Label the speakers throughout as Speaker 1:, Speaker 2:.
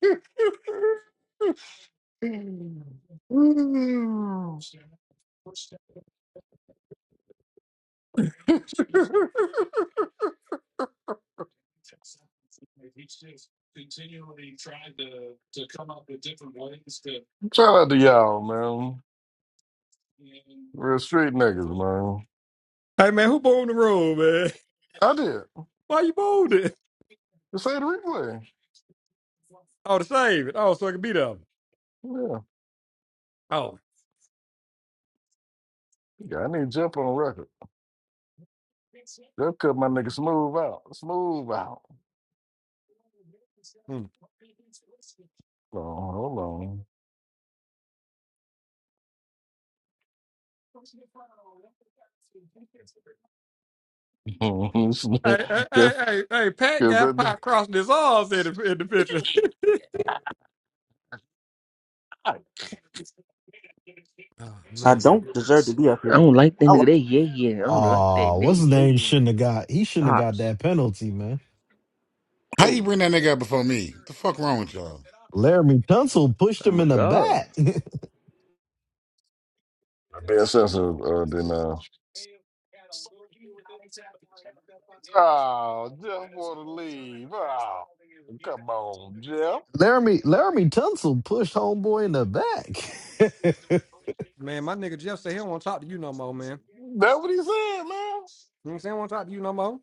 Speaker 1: Shout out to y'all, man. Real street niggas, man.
Speaker 2: Hey man, who boned the room, man?
Speaker 1: I did.
Speaker 2: Why you boned it?
Speaker 1: Just say the replay.
Speaker 2: Oh, to save it. Oh, so I can beat up.
Speaker 1: Yeah.
Speaker 2: Oh.
Speaker 1: Yeah, I need Jeff on record. Jeff cut my nigga smooth out. Smooth out.
Speaker 2: Hmm.
Speaker 1: Hold on, hold on.
Speaker 2: Hey, hey, hey,
Speaker 1: Jeff,
Speaker 2: hey, hey, Pat
Speaker 1: Jeff,
Speaker 2: got
Speaker 1: that nigga.
Speaker 2: pop crossing his arms in the, in the picture. oh
Speaker 3: I
Speaker 2: man.
Speaker 3: don't deserve to be up
Speaker 4: I
Speaker 3: here.
Speaker 4: don't like that
Speaker 3: I
Speaker 4: nigga.
Speaker 3: lost.
Speaker 4: They yeah yeah. I
Speaker 3: I
Speaker 4: don't
Speaker 3: don't.
Speaker 4: like that.
Speaker 5: Oh,
Speaker 4: They
Speaker 3: yeah.
Speaker 5: what's his
Speaker 4: yeah
Speaker 5: name?
Speaker 4: yeah.
Speaker 5: Shouldn't have got. He shouldn't have got
Speaker 4: Pops.
Speaker 5: that penalty, man.
Speaker 6: How you
Speaker 4: Oh,
Speaker 6: bring that nigga up before me? The fuck wrong with y'all?
Speaker 5: Laramie Tunsil pushed him
Speaker 4: I'm a
Speaker 5: in the
Speaker 4: god.
Speaker 5: back.
Speaker 1: Being sensitive, uh, then, uh, oh, Jeff want to leave. Oh, come on, Jeff.
Speaker 5: Laramie Laramie Tunsil pushed homeboy in the back.
Speaker 2: Man, my nigga Jeff said he don't want to talk to you no more, man. You know
Speaker 1: That what he said, man.
Speaker 2: what I'm saying? I don't want to talk to you no more.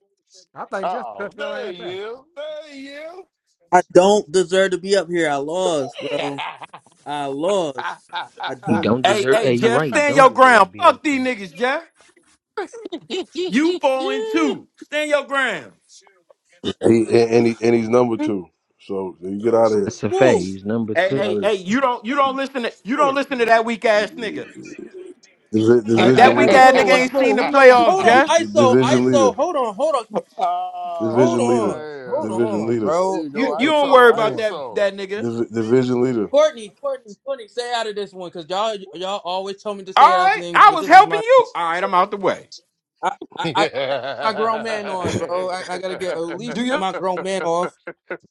Speaker 2: I think Jeff
Speaker 1: Oh,
Speaker 2: cut your
Speaker 1: there
Speaker 2: ass out.
Speaker 1: you, there you.
Speaker 3: I don't deserve to be up here. I lost, bro. I lost. I
Speaker 4: You
Speaker 3: don't.
Speaker 4: don't
Speaker 7: Hey,
Speaker 4: deserve.
Speaker 7: hey,
Speaker 4: Hey, you
Speaker 7: Jeff,
Speaker 4: right. You
Speaker 7: stand
Speaker 4: don't
Speaker 7: your
Speaker 4: deserve to
Speaker 7: ground.
Speaker 4: be up
Speaker 7: Fuck these
Speaker 4: there.
Speaker 7: niggas, Jeff. You four and two. Stand your ground.
Speaker 8: And, he, and, and he, and he's number two. So so you get out of here.
Speaker 4: That's a
Speaker 3: Full
Speaker 4: phase number
Speaker 7: Hey,
Speaker 4: two.
Speaker 8: Get out
Speaker 7: hey,
Speaker 8: of here.
Speaker 7: hey, you don't you don't listen to you don't
Speaker 3: score.
Speaker 7: listen to that weak ass nigga.
Speaker 8: Divi-
Speaker 2: Hey,
Speaker 7: That
Speaker 2: hey,
Speaker 8: division
Speaker 2: hey,
Speaker 7: weak
Speaker 8: leader.
Speaker 7: ass nigga
Speaker 3: What?
Speaker 2: smooth,
Speaker 7: ain't seen
Speaker 2: smooth.
Speaker 7: the
Speaker 2: Who number?
Speaker 8: Di-
Speaker 7: playoffs,
Speaker 3: Hold on.
Speaker 7: Jeff.
Speaker 8: di-
Speaker 3: ISO.
Speaker 8: division
Speaker 3: ISO.
Speaker 8: leader.
Speaker 3: Hold on. Hold on. Hold
Speaker 8: Division
Speaker 1: oh
Speaker 8: leader.
Speaker 3: on. Hold
Speaker 1: man,
Speaker 8: Division
Speaker 3: on,
Speaker 8: leader.
Speaker 1: there
Speaker 3: bro.
Speaker 1: you
Speaker 7: You
Speaker 1: go,
Speaker 3: Hold
Speaker 7: you
Speaker 3: the
Speaker 7: don't
Speaker 3: fuck
Speaker 7: worry about
Speaker 3: on.
Speaker 7: that
Speaker 1: ISO, ISO.
Speaker 7: that nigga.
Speaker 8: Divi- division leader.
Speaker 3: Courtney, Courtney, Courtney, stay out of this one, cause y'all, y'all always tell me to
Speaker 7: All
Speaker 3: stay out of
Speaker 7: right,
Speaker 3: things,
Speaker 7: I
Speaker 3: but
Speaker 7: was
Speaker 3: this is
Speaker 7: helping
Speaker 3: my, thing.
Speaker 7: you. All right, I'm out the way.
Speaker 3: I, I, I I gotta get my grown man on, bro. I, I gotta get at
Speaker 7: Do
Speaker 3: least
Speaker 7: you?
Speaker 3: my grown man off.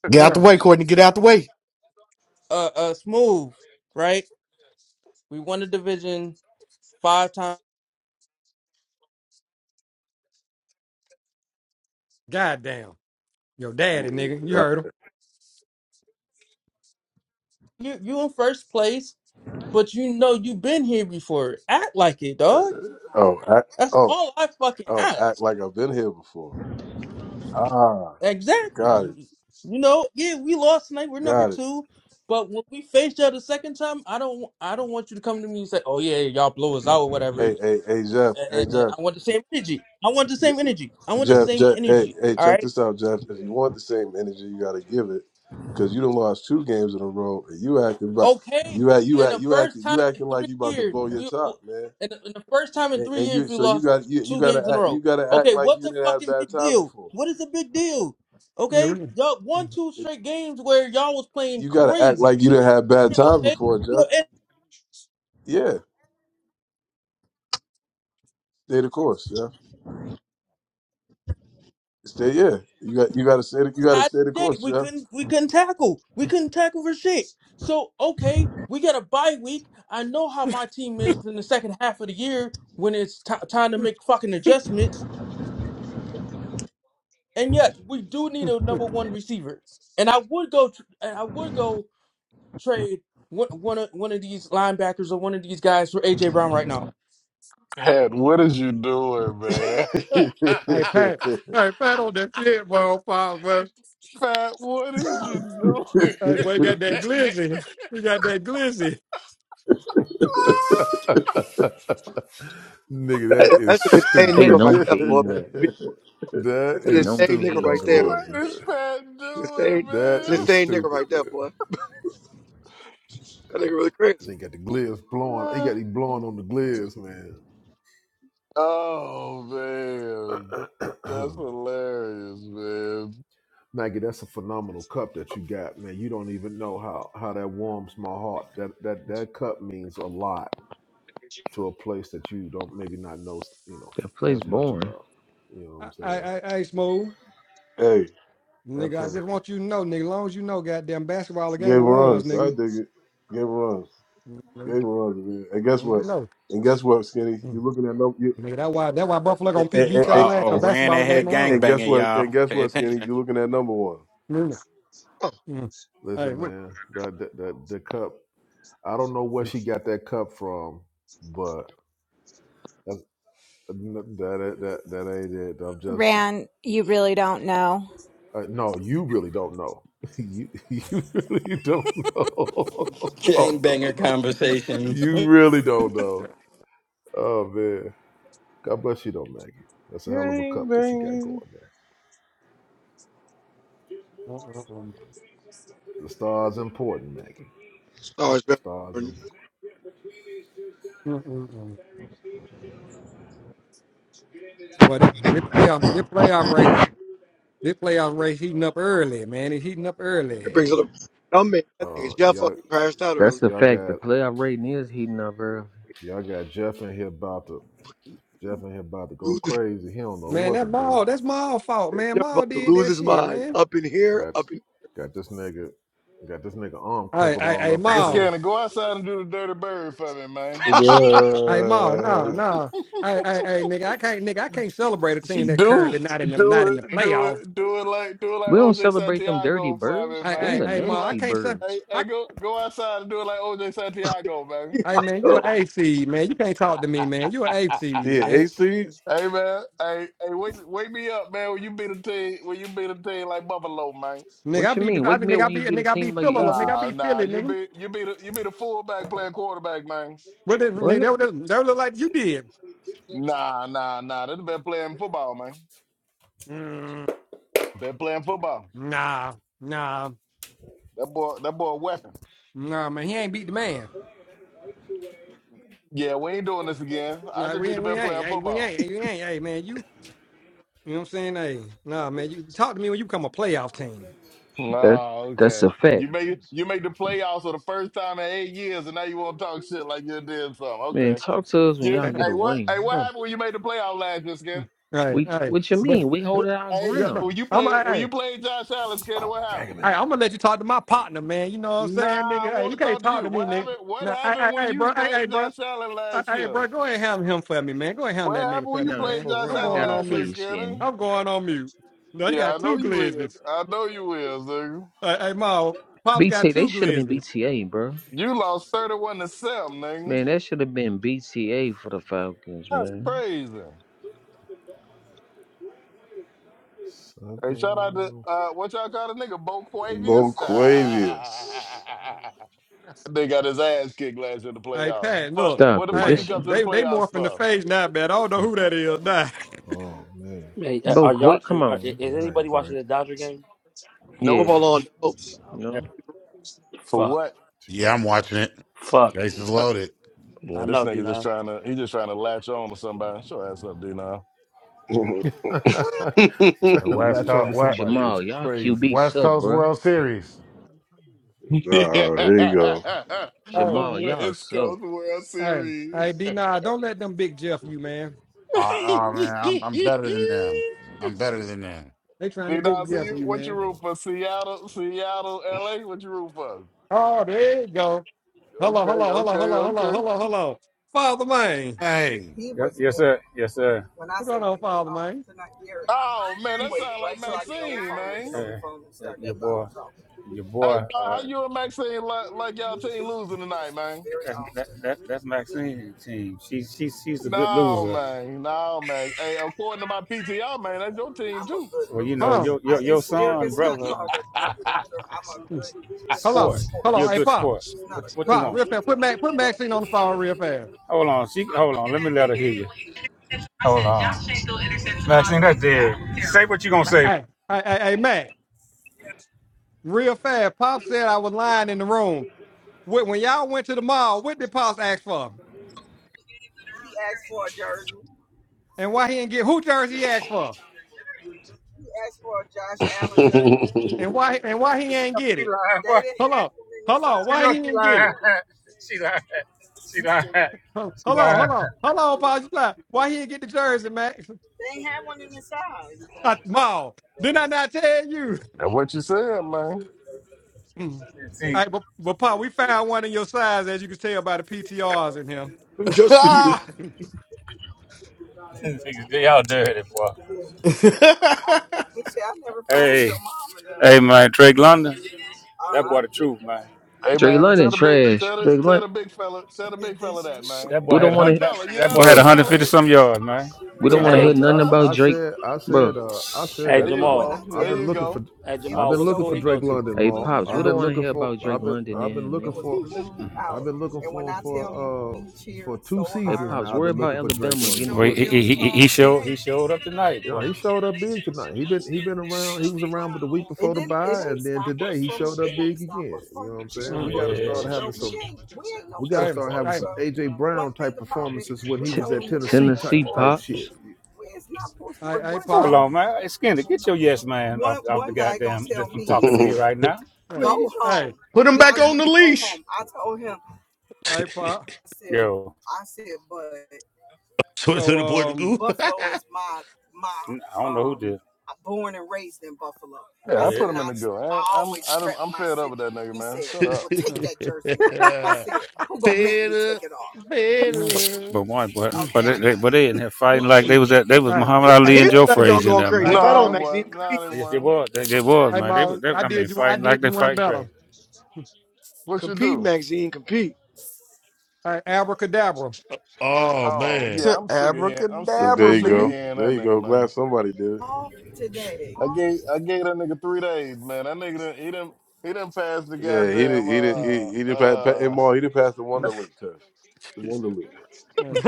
Speaker 9: Get out the
Speaker 2: yeah.
Speaker 9: way, Courtney. Get out the way.
Speaker 3: Uh, uh, smooth, right? We won the division five times.
Speaker 2: Goddamn. Yo, daddy, nigga. You
Speaker 8: Uh,
Speaker 2: heard him.
Speaker 3: You you in first place, but you know you've been here before. Act like it, dog.
Speaker 8: Oh, act,
Speaker 3: That's
Speaker 8: oh,
Speaker 3: all I fucking
Speaker 8: oh, act
Speaker 3: ask.
Speaker 8: like I've been here before. Ah,
Speaker 3: Exactly.
Speaker 8: got it.
Speaker 3: You you know, yeah, we lost tonight. We're number
Speaker 8: Got it.
Speaker 3: two. But when we face y'all the second time, I don't I don't want you to come to me and say, "Oh yeah, y'all blow us out or whatever."
Speaker 8: Hey, hey, hey, Jeff.
Speaker 3: And,
Speaker 8: Hey,
Speaker 3: and- and
Speaker 8: Jeff.
Speaker 3: I want the same energy. I want the same energy. I want the
Speaker 8: Jeff,
Speaker 3: same
Speaker 8: Jeff, hey,
Speaker 3: energy.
Speaker 8: hey,
Speaker 3: All right.
Speaker 8: check this out, Jeff. If you want the same energy, you got to give it, because you done lost two games in a row, and you acting about
Speaker 3: Okay,
Speaker 8: you act you
Speaker 3: in
Speaker 8: act
Speaker 3: the
Speaker 8: you
Speaker 3: first
Speaker 8: acting
Speaker 3: time
Speaker 8: you
Speaker 3: in
Speaker 8: acting
Speaker 3: three
Speaker 8: like you about to
Speaker 3: years,
Speaker 8: blow your
Speaker 3: we
Speaker 8: top, man.
Speaker 3: in the, in the first time in
Speaker 8: And,
Speaker 3: three
Speaker 8: and you
Speaker 3: years we
Speaker 8: so you
Speaker 3: lost
Speaker 8: got you you
Speaker 3: two
Speaker 8: got to
Speaker 3: games in a
Speaker 8: act you
Speaker 3: row.
Speaker 8: got to act
Speaker 3: Okay,
Speaker 8: like
Speaker 3: what
Speaker 8: you
Speaker 3: the
Speaker 8: didn't have
Speaker 3: fucking
Speaker 8: bad
Speaker 3: big
Speaker 8: times
Speaker 3: deal?
Speaker 8: before.
Speaker 3: What is the big deal? Okay,
Speaker 2: You
Speaker 3: y'all
Speaker 2: know,
Speaker 3: won two
Speaker 8: It-
Speaker 3: straight games where y'all was playing
Speaker 8: You got to act
Speaker 3: crazy.
Speaker 8: like you didn't have bad times
Speaker 3: Okay,
Speaker 8: before,
Speaker 3: so
Speaker 8: Jeff.
Speaker 3: it's
Speaker 8: Yeah, stay the course, Jeff. Stay yeah. You got you got to stay the, you got to
Speaker 3: high
Speaker 8: stay the
Speaker 3: day.
Speaker 8: course,
Speaker 3: We
Speaker 8: Jeff.
Speaker 3: couldn't we couldn't tackle. We couldn't tackle for shit. So okay, we got a bye week. I know how my team is in the second half of the year when it's ti time to make fucking adjustments. And yes, we do need a number one receiver. And I would go, tr- and I would go trade one one of, one of these linebackers or one of these guys for AJ Brown right now.
Speaker 1: Pat, what is you doing, man?
Speaker 2: Hey Pat, hey Pat on that shit, boy, on fire, bro.
Speaker 1: Pat, what is you doing?
Speaker 2: Hey boy, you got that glizzy. You got that glizzy.
Speaker 10: Nigga, that
Speaker 11: That- That's
Speaker 10: is
Speaker 11: an
Speaker 1: man?
Speaker 11: insane
Speaker 4: They
Speaker 10: stupid.
Speaker 11: nigga right
Speaker 4: known for
Speaker 11: there, boy.
Speaker 4: eating that.
Speaker 10: That
Speaker 11: That's an
Speaker 4: They
Speaker 10: is
Speaker 11: insane
Speaker 4: known for
Speaker 11: nigga
Speaker 10: stupid
Speaker 4: eating
Speaker 10: as
Speaker 11: right there.
Speaker 10: fuck.
Speaker 1: what is
Speaker 4: glazes.
Speaker 1: Pat doing,
Speaker 11: Insane,
Speaker 10: That
Speaker 11: it's an
Speaker 1: man?
Speaker 10: is
Speaker 11: insane nigga
Speaker 10: stupid,
Speaker 11: right
Speaker 10: man.
Speaker 11: there, boy. That nigga really crazy.
Speaker 10: They got the glizz blowing. He got it blowing on the glizz,
Speaker 1: Oh man, that's
Speaker 10: man.
Speaker 1: hilarious, man.
Speaker 10: Maggie, that's a phenomenal cup that you got, man. You don't even know how how that warms my heart. That that that cup means a lot to a place that you don't maybe not know, you
Speaker 4: That
Speaker 10: know,
Speaker 4: place
Speaker 10: as much
Speaker 4: boring.
Speaker 10: about. You know what
Speaker 2: I,
Speaker 10: I'm saying?
Speaker 2: I, I, hey, smooth,
Speaker 8: hey,
Speaker 10: That
Speaker 2: nigga. I
Speaker 10: place.
Speaker 2: just want you to know, nigga. Long as you know, goddamn basketball, a game
Speaker 8: Gave
Speaker 2: of runs,
Speaker 8: runs. I
Speaker 2: nigga.
Speaker 8: dig it. Gave runs.
Speaker 2: Mhm.
Speaker 8: Gave runs, man. And guess
Speaker 2: Long as you
Speaker 8: what?
Speaker 2: know.
Speaker 8: And guess what, Skinny?
Speaker 2: Mm.
Speaker 8: You're looking at number. You,
Speaker 2: Nigga, that why that why Buffalo
Speaker 8: and,
Speaker 2: gonna pick
Speaker 8: and,
Speaker 2: beat
Speaker 8: and,
Speaker 2: y'all
Speaker 7: Uh
Speaker 2: ass for
Speaker 7: oh, ran
Speaker 2: basketball
Speaker 7: in here
Speaker 8: and,
Speaker 2: game around.
Speaker 8: and guess
Speaker 7: gangbanging,
Speaker 8: what?
Speaker 7: y'all.
Speaker 8: And guess
Speaker 7: Pay
Speaker 8: what, Skinny?
Speaker 7: attention.
Speaker 8: You're looking at number one.
Speaker 2: Mm. Mm. Hey,
Speaker 10: Listen,
Speaker 2: what?
Speaker 10: man. That that that the cup. I don't know where
Speaker 2: Mm.
Speaker 10: she got that cup from, but that's, that that that ain't it. I'm just
Speaker 12: Ran, you really don't know.
Speaker 10: uh, no. You really don't know. You you really don't know. Oh no no
Speaker 7: Gangbanger
Speaker 10: no.
Speaker 7: conversations.
Speaker 10: You really don't know. Oh man. God bless you though, Maggie. That's a hell of a
Speaker 8: Gang
Speaker 10: cup that you got
Speaker 8: banging.
Speaker 10: going there.
Speaker 2: Mm, mm, mm.
Speaker 10: The stars important, Maggie.
Speaker 11: Stars,
Speaker 10: The
Speaker 11: man.
Speaker 10: stars important.
Speaker 11: It
Speaker 2: Mm, mm, mm. But it this playoff this playoff race this playoff race heating up early, man. It's heating up early.
Speaker 11: brings up. I mean, that nigga
Speaker 10: Uh,
Speaker 11: Jeff
Speaker 10: y'all
Speaker 11: fucking crashed out early.
Speaker 4: That's a
Speaker 10: y'all
Speaker 4: fact. The
Speaker 10: got
Speaker 4: playoff rating is heating up early.
Speaker 10: y'all got Jeff in here about to Jeff in here about to go
Speaker 11: Lose his,
Speaker 10: crazy. He don't know
Speaker 2: Man,
Speaker 10: what to
Speaker 2: that
Speaker 10: do.
Speaker 2: Maul, that's Maul fault, man.
Speaker 11: Jeff
Speaker 2: Maul
Speaker 11: about to
Speaker 2: did
Speaker 11: lose
Speaker 2: that
Speaker 11: his
Speaker 2: shit,
Speaker 11: mind.
Speaker 2: man.
Speaker 11: Up in here,
Speaker 10: Got.
Speaker 11: up in.
Speaker 10: Got this nigga, got this nigga arm
Speaker 2: Hey,
Speaker 10: crinkled
Speaker 2: hey,
Speaker 10: all
Speaker 2: hey,
Speaker 10: up and
Speaker 1: Hey,
Speaker 10: shit.
Speaker 2: Maul.
Speaker 1: Scanner, go outside and do the dirty bird for me, man.
Speaker 2: Hey, Maul, no,
Speaker 8: Yeah.
Speaker 2: no, Hey, hey, hey, nigga, I can't nigga, I can't celebrate a team that
Speaker 1: Do it,
Speaker 2: currently not in the not
Speaker 1: do
Speaker 2: in the
Speaker 1: it, do
Speaker 2: playoff.
Speaker 1: it, do it like, do it like
Speaker 4: We don't
Speaker 1: OJ
Speaker 4: celebrate them dirty
Speaker 1: Santiago for
Speaker 4: birds.
Speaker 1: me,
Speaker 2: Hey,
Speaker 4: Them
Speaker 2: hey,
Speaker 4: the
Speaker 1: man.
Speaker 2: hey,
Speaker 1: Do it
Speaker 2: Maul, I
Speaker 1: like,
Speaker 4: nasty
Speaker 2: can't
Speaker 1: hey,
Speaker 4: birds.
Speaker 2: say.
Speaker 1: hey, go, go outside and do it like OJ Santiago, man.
Speaker 11: yeah,
Speaker 2: Hey
Speaker 11: I
Speaker 2: man, you
Speaker 11: know.
Speaker 2: an AC man. You can't talk to me, man. You an AC
Speaker 8: The
Speaker 2: man.
Speaker 8: AC
Speaker 1: Hey, man, hey, hey, wake, wake me up, man. When you beat a team, when you beat a team like Buffalo, man.
Speaker 2: Nigga, I
Speaker 4: What you
Speaker 2: be,
Speaker 4: mean?
Speaker 2: I
Speaker 4: Wake
Speaker 2: be,
Speaker 4: me
Speaker 2: nigga,
Speaker 4: up
Speaker 2: I
Speaker 4: when
Speaker 2: be,
Speaker 4: you beat a
Speaker 2: nigga, I be
Speaker 4: team like the
Speaker 2: feeling, nigga, I
Speaker 4: Eagles.
Speaker 1: Nah,
Speaker 2: be
Speaker 1: nah,
Speaker 2: feeling,
Speaker 1: you
Speaker 2: nigga.
Speaker 1: be you be the you be the fullback playing quarterback, man.
Speaker 2: What is, nigga,
Speaker 4: What?
Speaker 2: they, look- they look like you did.
Speaker 1: Nah, nah, nah. That's the best playing football, man.
Speaker 2: Mm,
Speaker 1: Best playing football.
Speaker 2: nah, nah,
Speaker 1: That boy, that boy, a weapon.
Speaker 2: nah, man. He ain't beat the man.
Speaker 1: Yeah, we ain't doing this again. I
Speaker 2: Nah,
Speaker 1: just
Speaker 2: we
Speaker 1: be the
Speaker 2: ain't, we
Speaker 1: best
Speaker 2: ain't,
Speaker 1: playing
Speaker 2: hey, we
Speaker 1: football.
Speaker 2: ain't, hey, we ain't, hey, man. You, you know what I'm saying? Hey, nah, man. You talk to me when you become a playoff team.
Speaker 4: That
Speaker 1: Nah,
Speaker 4: that's
Speaker 1: okay.
Speaker 4: a
Speaker 1: You
Speaker 4: fact.
Speaker 1: made you made the playoffs for the first time in eight years, and now you want to talk shit like you did something.
Speaker 4: Man,
Speaker 1: Okay.
Speaker 4: talk to us when
Speaker 1: You,
Speaker 4: y'all get a
Speaker 1: hey, what?
Speaker 4: ring.
Speaker 1: Hey, what happened when you made the playoff last year, Skinner?
Speaker 2: Hey,
Speaker 4: We
Speaker 2: hey,
Speaker 4: what you
Speaker 2: but
Speaker 4: mean? We
Speaker 2: what?
Speaker 4: holding our
Speaker 1: Hey,
Speaker 2: Yeah,
Speaker 1: hey,
Speaker 2: no,
Speaker 4: ground.
Speaker 1: when you
Speaker 2: I'm, hey,
Speaker 1: played
Speaker 2: hey.
Speaker 1: when you played Josh Allen, Skinner, what happened?
Speaker 2: Hey, I'm gonna let you talk to my partner, man. You know what I'm
Speaker 1: Nah,
Speaker 2: saying,
Speaker 1: I
Speaker 2: nigga? Hey,
Speaker 1: want
Speaker 2: you
Speaker 1: to
Speaker 2: can't
Speaker 1: talk to
Speaker 2: talk
Speaker 1: you.
Speaker 2: to me,
Speaker 1: What
Speaker 2: nigga.
Speaker 1: happened? What
Speaker 2: Man, hey, hey,
Speaker 1: happened when
Speaker 2: hey,
Speaker 1: you
Speaker 2: bro, hey, hey,
Speaker 1: played
Speaker 2: bro,
Speaker 1: Josh Allen
Speaker 2: hey,
Speaker 1: last
Speaker 2: hey,
Speaker 1: year?
Speaker 2: bro, go ahead and handle him for me, man. Go ahead and
Speaker 1: What
Speaker 2: handle that nigga
Speaker 1: happened when
Speaker 2: for me,
Speaker 1: you
Speaker 4: Nah,
Speaker 1: played
Speaker 2: man.
Speaker 4: for
Speaker 1: Josh
Speaker 4: real,
Speaker 2: I'm
Speaker 4: I
Speaker 1: Allen
Speaker 4: got
Speaker 2: going
Speaker 4: them
Speaker 2: on
Speaker 1: last
Speaker 4: for
Speaker 1: year,
Speaker 2: mute.
Speaker 4: you,
Speaker 1: Skinner?
Speaker 4: skinny.
Speaker 2: I'm going on mute. No, he
Speaker 1: Yeah, I
Speaker 2: got
Speaker 1: know
Speaker 2: two
Speaker 1: you
Speaker 2: glizzies.
Speaker 1: is. I know you is, nigga.
Speaker 2: Hey, hey, Ma, Pop's got
Speaker 4: BT, they
Speaker 2: two
Speaker 4: should have been
Speaker 2: glizzies.
Speaker 4: BTA, bro.
Speaker 1: You lost thirty-one to seven, nigga.
Speaker 4: Man, that should have been BTA for the Falcons,
Speaker 1: That's
Speaker 4: man.
Speaker 1: crazy. Hey, shout out to
Speaker 10: Seven
Speaker 1: uh, what y'all call the nigga, Bo Quavius.
Speaker 10: Vegas.
Speaker 8: Boquavius.
Speaker 1: they got his ass kicked last year in the
Speaker 2: Hey,
Speaker 1: playoff.
Speaker 2: Pat,
Speaker 1: Fuck,
Speaker 2: look,
Speaker 1: what
Speaker 4: Stop
Speaker 1: the
Speaker 4: it.
Speaker 1: fuck
Speaker 2: hey,
Speaker 1: he
Speaker 4: This,
Speaker 1: come to the
Speaker 2: they they
Speaker 1: playoffs
Speaker 2: morphing the
Speaker 1: for?
Speaker 2: phase now, man. I don't know
Speaker 10: Oh,
Speaker 2: who that is now.
Speaker 10: oh, man,
Speaker 13: Hey, uh,
Speaker 4: bro,
Speaker 13: are y'all?
Speaker 4: quit.
Speaker 13: Are,
Speaker 4: Come
Speaker 13: are-
Speaker 4: on.
Speaker 13: is
Speaker 10: that
Speaker 13: anybody
Speaker 10: ain't
Speaker 13: watching
Speaker 10: great.
Speaker 13: the Dodger game?
Speaker 1: Nope.
Speaker 4: Yeah,
Speaker 11: Football on, though.
Speaker 13: Oh,
Speaker 4: no.
Speaker 13: never-
Speaker 1: For what?
Speaker 13: Fuck,
Speaker 6: Yeah, I'm
Speaker 10: Tinkle.
Speaker 6: watching it.
Speaker 13: fuck.
Speaker 6: Case is loaded.
Speaker 1: Yeah,
Speaker 13: I
Speaker 1: this
Speaker 13: know,
Speaker 1: nigga just
Speaker 13: Dinas.
Speaker 1: trying to he just trying to latch on to somebody. Show ass up, D now.
Speaker 10: Trying
Speaker 6: The
Speaker 10: to
Speaker 6: West
Speaker 10: latch on
Speaker 6: Coast
Speaker 10: to
Speaker 6: West,
Speaker 10: somebody is
Speaker 4: Jamal, y'all
Speaker 10: crazy.
Speaker 4: QB
Speaker 6: West
Speaker 4: suck,
Speaker 6: Coast
Speaker 4: bro.
Speaker 6: World Series.
Speaker 1: Yeah.
Speaker 8: Oh, here you go.
Speaker 2: Hey,
Speaker 4: Jamal, y'all
Speaker 1: West
Speaker 4: suck.
Speaker 1: Coast World
Speaker 2: hey, hey,
Speaker 1: Series.
Speaker 2: D, nah, don't let them big Jeff you, man.
Speaker 6: Uh, oh
Speaker 1: D
Speaker 6: man, I'm I'm better than
Speaker 10: Oh
Speaker 6: them.
Speaker 10: man.
Speaker 6: I'm better than them.
Speaker 2: They trying to
Speaker 1: now,
Speaker 2: big
Speaker 1: so
Speaker 2: Jeff
Speaker 1: you
Speaker 2: you,
Speaker 10: Oh
Speaker 1: what you
Speaker 2: man.
Speaker 10: man.
Speaker 1: root for? Seattle, Seattle, LA? What you root for?
Speaker 2: Oh, there you go. Hello,
Speaker 1: Okay,
Speaker 2: hello, hello,
Speaker 1: okay,
Speaker 2: hello, hello,
Speaker 1: okay.
Speaker 2: hello, hello. Father Main.
Speaker 6: Hey,
Speaker 14: Yes, yes sir. Yes, sir.
Speaker 2: What's going on, Father Main?
Speaker 1: Oh man, that sound like Maxine, man.
Speaker 14: Uh, uh, your boy, your boy.
Speaker 1: Hey, Pa, how
Speaker 14: Uh,
Speaker 1: you and Maxine like, like y'all team losing tonight, man?
Speaker 14: that, that that that's Maxine's team. She she she's a good
Speaker 1: No,
Speaker 14: loser.
Speaker 1: man, no, man. Hey, according to my PTR, man, that's your team too.
Speaker 14: loser. Well, you know
Speaker 2: Huh?
Speaker 14: your your your son, brother, I'm
Speaker 2: Hmm.
Speaker 14: sport.
Speaker 2: Hello.
Speaker 14: sport.
Speaker 2: Hello.
Speaker 14: You're a
Speaker 2: Hey,
Speaker 14: good
Speaker 2: Pop.
Speaker 14: sport. What what you
Speaker 2: Pop,
Speaker 14: want,
Speaker 2: real
Speaker 14: man?
Speaker 2: fast. Put Mac, put Maxine on the phone real fast.
Speaker 14: Hold on, she hold on. Let me let her hear you. Hold on, Maxine, that's dead. Say what you gonna
Speaker 2: Hey,
Speaker 14: say,
Speaker 2: hey, hey, hey, hey, Mac. Real fast. Pop said I was lying in the room. When when y'all went to the mall, what did Pop ask for? And why he ain't get who jersey he asked for? And why and why he ain't get
Speaker 14: She
Speaker 2: it?
Speaker 14: lying.
Speaker 2: Hello. Hello.
Speaker 14: house. She
Speaker 2: Why
Speaker 14: know
Speaker 2: he
Speaker 14: she
Speaker 2: didn't get
Speaker 14: lying.
Speaker 2: it?
Speaker 14: She lying. She lying.
Speaker 2: Huh.
Speaker 14: She
Speaker 2: Hello,
Speaker 14: lying.
Speaker 2: hello, hello, Pop. You lying. Why he didn't get the jersey, Max? At the mall. Didn't I not tell you?
Speaker 1: That's what you said, man.
Speaker 2: Mm.
Speaker 14: See,
Speaker 2: All right, but, but Pa, we found one in your size, as you can tell by the PTRs in him.
Speaker 11: Just for you.
Speaker 9: Put
Speaker 2: Mm,
Speaker 14: they all dirty, boy. Hey, hey, man, Drake London. That That boy, the truth, man.
Speaker 1: Hey
Speaker 4: Drake
Speaker 1: man, tell
Speaker 4: London
Speaker 1: the big
Speaker 4: trash.
Speaker 1: tell the
Speaker 4: Drake
Speaker 1: tell the
Speaker 4: London,
Speaker 1: big fella tell the big fella that man.
Speaker 14: That boy
Speaker 4: we
Speaker 1: Hey
Speaker 14: had
Speaker 4: don't
Speaker 14: a
Speaker 4: want
Speaker 14: hundred.
Speaker 1: big
Speaker 4: to,
Speaker 14: That,
Speaker 1: fella, you
Speaker 14: that
Speaker 1: there,
Speaker 14: boy had
Speaker 10: No,
Speaker 14: a
Speaker 1: big
Speaker 4: bro.
Speaker 14: hundred
Speaker 1: fella?
Speaker 14: fifty
Speaker 10: hey,
Speaker 14: some yards, man.
Speaker 4: We
Speaker 10: I,
Speaker 4: don't
Speaker 14: Ten
Speaker 1: Big
Speaker 4: want to
Speaker 10: I,
Speaker 1: fella,
Speaker 4: hear
Speaker 14: catches.
Speaker 13: Hey,
Speaker 1: you
Speaker 10: I,
Speaker 4: nothing
Speaker 10: I
Speaker 4: about
Speaker 1: there?
Speaker 10: I
Speaker 4: Drake,
Speaker 10: said, I said,
Speaker 4: bro.
Speaker 10: uh, I said
Speaker 13: hey,
Speaker 10: that
Speaker 1: There you
Speaker 13: Jamal.
Speaker 10: uh,
Speaker 1: go.
Speaker 10: I've
Speaker 1: There
Speaker 10: been
Speaker 1: you
Speaker 10: looking for,
Speaker 1: go.
Speaker 13: Hey,
Speaker 10: I've
Speaker 13: Jamal.
Speaker 10: been
Speaker 13: What
Speaker 10: looking
Speaker 13: school
Speaker 10: for
Speaker 13: he go
Speaker 10: Drake
Speaker 13: to?
Speaker 10: London,
Speaker 4: Hey,
Speaker 10: Maul.
Speaker 4: pops,
Speaker 10: I've
Speaker 4: we don't
Speaker 10: been
Speaker 4: want to
Speaker 10: looking
Speaker 4: hear
Speaker 10: for,
Speaker 4: about Drake
Speaker 10: I've been,
Speaker 4: London
Speaker 10: I've
Speaker 4: in
Speaker 10: been
Speaker 4: here,
Speaker 10: looking
Speaker 4: nigga.
Speaker 10: for. I've been looking for him for uh for two
Speaker 4: Hey,
Speaker 10: seasons
Speaker 4: pops,
Speaker 10: now. I've
Speaker 4: worry
Speaker 10: been
Speaker 4: about
Speaker 10: looking for Drake
Speaker 4: Alabama getting
Speaker 10: London,
Speaker 14: Boy,
Speaker 10: man.
Speaker 14: he,
Speaker 4: whooped.
Speaker 14: he, he, he showed he showed up tonight,
Speaker 10: You know,
Speaker 14: boy.
Speaker 10: he showed up big tonight. He been he been around. He was around but the week before the bye, and then today he showed up big again. You know what I'm saying? We
Speaker 2: mm.
Speaker 10: got to start
Speaker 14: Yeah.
Speaker 10: having some. We
Speaker 2: All
Speaker 10: got to
Speaker 2: right, all
Speaker 10: start having
Speaker 2: right,
Speaker 10: some
Speaker 14: though.
Speaker 10: AJ Brown type performances when he
Speaker 4: T-
Speaker 10: was at Tennessee type
Speaker 4: Tennessee
Speaker 10: type
Speaker 2: Mm.
Speaker 4: Pops.
Speaker 10: shit.
Speaker 2: all right,
Speaker 14: sports.
Speaker 2: all right,
Speaker 14: Hold
Speaker 2: Pa.
Speaker 14: on, man. Hey, Skinner, get your yes man off, off the goddamn from talking to
Speaker 2: Mm,
Speaker 14: me right now,
Speaker 2: All
Speaker 14: Please.
Speaker 2: right,
Speaker 14: "Go
Speaker 2: all right,
Speaker 9: him back on the leash.
Speaker 2: all right, Pop.
Speaker 14: Yo,
Speaker 15: so to
Speaker 2: So,
Speaker 15: the boy to
Speaker 2: um,
Speaker 15: goo.
Speaker 14: I don't know who did.
Speaker 1: Yeah,
Speaker 14: yeah.
Speaker 1: I put
Speaker 14: Yeah.
Speaker 1: him in the goo. I ain't, I'm I done- I'm fed up with that nigga, man. Shut up.
Speaker 2: uh,
Speaker 15: fed up, fed
Speaker 2: mm,
Speaker 15: up.
Speaker 14: But one, but
Speaker 2: mm,
Speaker 14: but they, they, but they in here fighting like they
Speaker 2: mm.
Speaker 14: was at they
Speaker 2: all
Speaker 14: was
Speaker 2: right, all
Speaker 14: Muhammad
Speaker 11: Yeah, I
Speaker 14: Ali
Speaker 11: hear
Speaker 2: right,
Speaker 14: and
Speaker 11: the
Speaker 14: Joe
Speaker 11: background
Speaker 14: Frazier in
Speaker 11: going
Speaker 14: there,
Speaker 2: all
Speaker 11: crazy.
Speaker 14: man.
Speaker 2: right,
Speaker 11: Fight
Speaker 1: No, they
Speaker 11: on,
Speaker 2: Marlon, all
Speaker 11: Maxine.
Speaker 1: weren't. No,
Speaker 11: Compete,
Speaker 1: they
Speaker 14: Yes, they
Speaker 1: weren't.
Speaker 14: was. They, they was,
Speaker 2: right,
Speaker 14: man. They, was-
Speaker 2: Marlon.
Speaker 14: they,
Speaker 2: I
Speaker 14: I mean,
Speaker 2: did you, I
Speaker 14: fighting like
Speaker 2: did
Speaker 14: they
Speaker 2: you one
Speaker 14: fight
Speaker 2: better.
Speaker 14: crazy.
Speaker 1: What you
Speaker 11: compete,
Speaker 1: do?
Speaker 11: Maxine. Compete.
Speaker 2: All right, abracadabra.
Speaker 15: Oh
Speaker 1: Oh
Speaker 15: man,
Speaker 1: yeah,
Speaker 9: Said
Speaker 1: I'm sick of hearing. I'm sick. I'm
Speaker 8: there
Speaker 9: abracadabra,
Speaker 8: you
Speaker 1: sick of
Speaker 9: B.
Speaker 8: go.
Speaker 1: hearing
Speaker 8: There
Speaker 1: that
Speaker 8: you
Speaker 1: nigga,
Speaker 8: go. Glad
Speaker 1: man.
Speaker 8: somebody did it.
Speaker 1: I gave I gave that nigga three days, man. That nigga didn't, he didn't he didn't pass the
Speaker 8: Yeah, he didn't.
Speaker 1: goddamn
Speaker 8: He didn't.
Speaker 2: Mm,
Speaker 8: He,
Speaker 1: uh
Speaker 8: he didn't pass. Pa, and
Speaker 1: uh
Speaker 8: more, he didn't pass the
Speaker 2: mm,
Speaker 8: Wonderlick test. The Wonderlick.
Speaker 2: mm.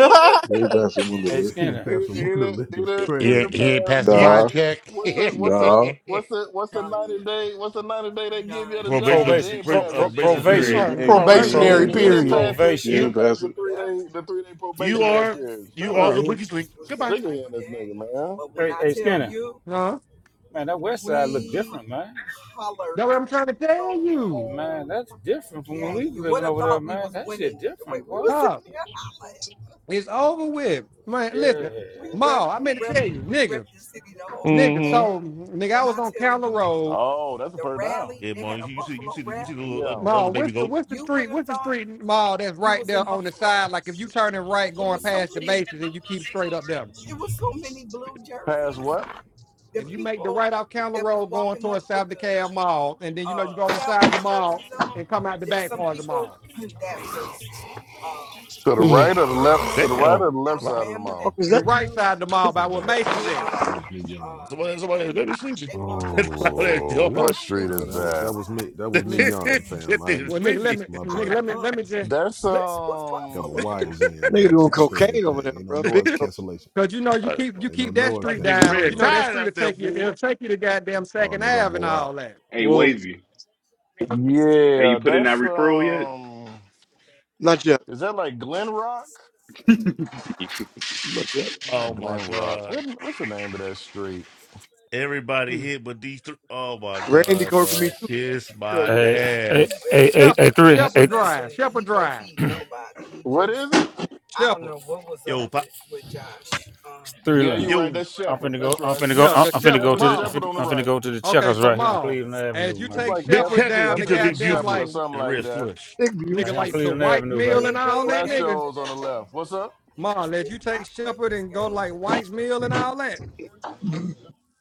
Speaker 8: He ain't passed the
Speaker 14: Hey,
Speaker 8: Wonderlick.
Speaker 10: He didn't
Speaker 14: Skinner.
Speaker 10: pass a
Speaker 1: It
Speaker 10: wonder
Speaker 1: it
Speaker 10: lick. It's
Speaker 6: he,
Speaker 1: it
Speaker 6: he
Speaker 1: it
Speaker 6: ain't
Speaker 10: crazy.
Speaker 6: he ain't passed the
Speaker 15: you
Speaker 6: vibe
Speaker 8: Nah,
Speaker 1: what
Speaker 6: check.
Speaker 1: what's it what's it
Speaker 8: nah.
Speaker 1: what's it what's the ninety day what's the ninety day they give you at a job? He
Speaker 14: Probation.
Speaker 15: probation
Speaker 1: ain't
Speaker 15: uh,
Speaker 14: Pro,
Speaker 1: passed
Speaker 14: pro,
Speaker 1: that
Speaker 15: probation
Speaker 1: shit.
Speaker 8: Yeah,
Speaker 15: period.
Speaker 2: All
Speaker 8: he
Speaker 14: probation.
Speaker 2: right, the
Speaker 8: ain't. He ain't,
Speaker 2: probation
Speaker 14: Pro,
Speaker 8: he
Speaker 1: He
Speaker 9: Probationary
Speaker 2: is,
Speaker 8: ain't
Speaker 1: he
Speaker 14: pro,
Speaker 8: pass
Speaker 1: didn't
Speaker 8: it.
Speaker 9: period.
Speaker 1: pass it. He
Speaker 8: He
Speaker 15: You
Speaker 8: ain't
Speaker 1: didn't
Speaker 14: probation.
Speaker 1: pass
Speaker 8: pass
Speaker 1: the
Speaker 8: it.
Speaker 1: three day the three day
Speaker 15: you
Speaker 1: probationary
Speaker 15: are
Speaker 1: period.
Speaker 15: you
Speaker 1: Shut
Speaker 15: are the
Speaker 1: up.
Speaker 15: weakest link. Goodbye.
Speaker 1: Stick it in this nigga, man.
Speaker 14: Hey, hey, Skinner.
Speaker 2: huh?
Speaker 14: man, that West Side look different, man.
Speaker 2: That's what I'm trying to tell you,
Speaker 14: Man, that's different from yeah, when we lived over there, man. Was, That shit different, bro. was it?
Speaker 2: Pop. It's over with, man.
Speaker 14: Yeah.
Speaker 2: Listen,
Speaker 14: We We We rep.
Speaker 2: Ma, I meant to
Speaker 14: rep.
Speaker 2: tell you, nigga.
Speaker 14: rep the city,
Speaker 2: Nigga,
Speaker 1: Mm-hmm.
Speaker 2: so nigga, I was on Counter Road.
Speaker 1: Oh, that's a first down.
Speaker 15: Yeah, man. You, you see you see the, you see
Speaker 10: Tennessee,
Speaker 15: the little uh,
Speaker 1: Yeah.
Speaker 15: the
Speaker 2: Ma,
Speaker 15: other baby
Speaker 2: what's the
Speaker 15: goat.
Speaker 2: what's the street? What's the street mall that's right there on the side? Like if you turning right going
Speaker 10: Tennessee,
Speaker 2: past the Macy's and you keep straight up there.
Speaker 1: Pass what?
Speaker 2: If you make the right off Counter Road going towards South DeKalb Mall, and then you know you go on the side of the mall and come out the back part of the mall.
Speaker 1: To the
Speaker 10: Lake.
Speaker 1: right or the left? To the right
Speaker 15: Damn.
Speaker 1: or the left
Speaker 15: Wow.
Speaker 1: side of the
Speaker 11: What
Speaker 1: mall?
Speaker 11: is
Speaker 2: The
Speaker 11: that?
Speaker 2: right side of the mall by
Speaker 10: My
Speaker 2: where
Speaker 10: bad.
Speaker 2: Macy's at.
Speaker 10: That was me yawning.
Speaker 15: Somebody somebody has baby sleepy. That's loud as
Speaker 1: Oh, what
Speaker 15: yard.
Speaker 1: street
Speaker 10: No,
Speaker 1: is
Speaker 10: that was that
Speaker 1: that?
Speaker 10: was me. That was me
Speaker 2: Nigga.
Speaker 10: yawning,
Speaker 15: That
Speaker 10: fam. I
Speaker 15: thing is
Speaker 10: didn't.
Speaker 2: Well nigga, let
Speaker 15: sleepy.
Speaker 2: me
Speaker 10: My
Speaker 2: nigga,
Speaker 10: bad.
Speaker 2: let me let me just
Speaker 1: That's
Speaker 2: let,
Speaker 10: Got
Speaker 1: um
Speaker 10: my wires in, man.
Speaker 11: Nigga
Speaker 10: They
Speaker 11: doing
Speaker 10: pick up
Speaker 11: cocaine over there,
Speaker 10: everything. Ain't no
Speaker 11: bro. Big
Speaker 10: noise
Speaker 11: coke.
Speaker 10: cancellation.
Speaker 2: cause you know you keep you
Speaker 10: Ain't no
Speaker 2: keep that
Speaker 10: noise
Speaker 15: My
Speaker 2: street
Speaker 15: nigga
Speaker 2: down.
Speaker 10: cancellation
Speaker 2: You
Speaker 15: red
Speaker 10: on
Speaker 2: know that
Speaker 10: them.
Speaker 15: tired
Speaker 2: street'll
Speaker 15: out there,
Speaker 2: take you it'll
Speaker 15: boy.
Speaker 2: take you to goddamn
Speaker 10: Oh,
Speaker 2: Second
Speaker 10: they gonna
Speaker 2: Ave and
Speaker 10: blow
Speaker 2: all
Speaker 10: out.
Speaker 2: that.
Speaker 16: Hey,
Speaker 11: Whoa.
Speaker 16: Wavy. Hey,
Speaker 1: yeah,
Speaker 16: you put in that
Speaker 1: that's
Speaker 16: referral yet?
Speaker 1: um
Speaker 11: Not yet.
Speaker 1: is that like Glen Rock?
Speaker 11: Not yet.
Speaker 15: Oh
Speaker 1: Not
Speaker 15: my
Speaker 1: Glen Rock.
Speaker 15: god.
Speaker 1: What, what's the name of that street?
Speaker 15: Everybody
Speaker 2: Hmm.
Speaker 15: hit with these three. Oh my
Speaker 11: Randy
Speaker 15: god,
Speaker 11: covered for me
Speaker 15: dog.
Speaker 11: too.
Speaker 15: Kiss
Speaker 11: So,
Speaker 15: my
Speaker 11: you know,
Speaker 14: Hey, hey,
Speaker 15: ass.
Speaker 14: hey, hey, hey,
Speaker 2: Shepherd,
Speaker 14: three. Hey,
Speaker 2: Shepherd
Speaker 14: Listen,
Speaker 2: Drive,
Speaker 14: he
Speaker 2: Shepherd
Speaker 14: He wasn't
Speaker 2: Drive,
Speaker 14: feeding nobody. He
Speaker 1: What
Speaker 14: just.
Speaker 1: is it?
Speaker 2: Shepherd.
Speaker 15: Yo, pop,
Speaker 14: Three
Speaker 1: Yeah, you're
Speaker 14: line.
Speaker 1: right.
Speaker 15: yo,
Speaker 1: That's
Speaker 14: I'm
Speaker 1: Shepherd.
Speaker 14: finna go.
Speaker 1: That's
Speaker 14: I'm
Speaker 1: right.
Speaker 14: finna go.
Speaker 2: Yeah,
Speaker 14: I'm
Speaker 2: cause
Speaker 14: I'm finna go
Speaker 2: Shepherd
Speaker 14: to
Speaker 1: Shepherd
Speaker 14: the. I'm
Speaker 2: Mall.
Speaker 1: Shepherd
Speaker 14: finna,
Speaker 1: on the
Speaker 14: I'm finna
Speaker 1: right.
Speaker 14: go to the
Speaker 2: Okay,
Speaker 14: checkers
Speaker 2: so
Speaker 14: right here on
Speaker 2: Mall.
Speaker 14: Cleveland
Speaker 2: As
Speaker 14: Avenue,
Speaker 2: you
Speaker 1: It's
Speaker 14: man.
Speaker 2: take
Speaker 1: like
Speaker 15: big
Speaker 1: F
Speaker 2: Shepherd
Speaker 15: checkers,
Speaker 2: down
Speaker 1: F
Speaker 2: the
Speaker 15: get your
Speaker 1: H
Speaker 15: big
Speaker 2: goddamn
Speaker 1: Shepherd
Speaker 15: Buford
Speaker 1: or
Speaker 2: like
Speaker 1: something
Speaker 15: and the
Speaker 1: like
Speaker 15: red
Speaker 1: that.
Speaker 15: slush.
Speaker 11: big view.
Speaker 14: Right
Speaker 2: nigga
Speaker 14: here
Speaker 11: It's
Speaker 14: on
Speaker 2: like to
Speaker 14: Cleveland
Speaker 2: White's
Speaker 14: Avenue, he baby.
Speaker 2: Mill and all that
Speaker 1: Flash
Speaker 2: nigga.
Speaker 1: shows on the left. What's up?
Speaker 2: Mall, as you take Shepherd and go like White's Mill and all that.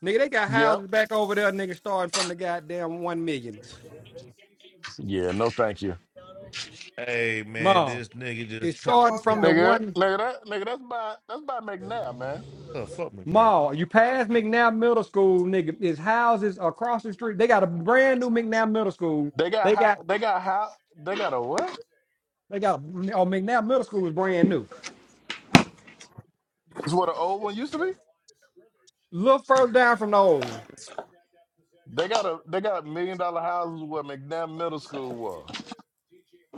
Speaker 2: Nigga, they got
Speaker 1: Yeah.
Speaker 2: houses back over there, nigga, starting from the goddamn one millions.
Speaker 1: Yeah, no thank you.
Speaker 15: Hey man,
Speaker 2: Mall.
Speaker 15: this nigga
Speaker 2: It's
Speaker 15: just tr-
Speaker 2: starting from the
Speaker 1: Nigga,
Speaker 2: one
Speaker 1: nigga that nigga that's by that's by McNair, man.
Speaker 15: oh, fuck me, man.
Speaker 2: mall. You pass McNabb Middle School, nigga. It's houses across the street. They got a brand new McNabb Middle School.
Speaker 1: They got
Speaker 2: They
Speaker 1: how
Speaker 2: got
Speaker 1: they got how they got a what?
Speaker 2: They got oh McNabb Middle School was brand new.
Speaker 1: It's what an old one used to be.
Speaker 2: little further down from the old one,
Speaker 15: It's-
Speaker 1: They got a they got million dollar houses where McNabb Middle School was.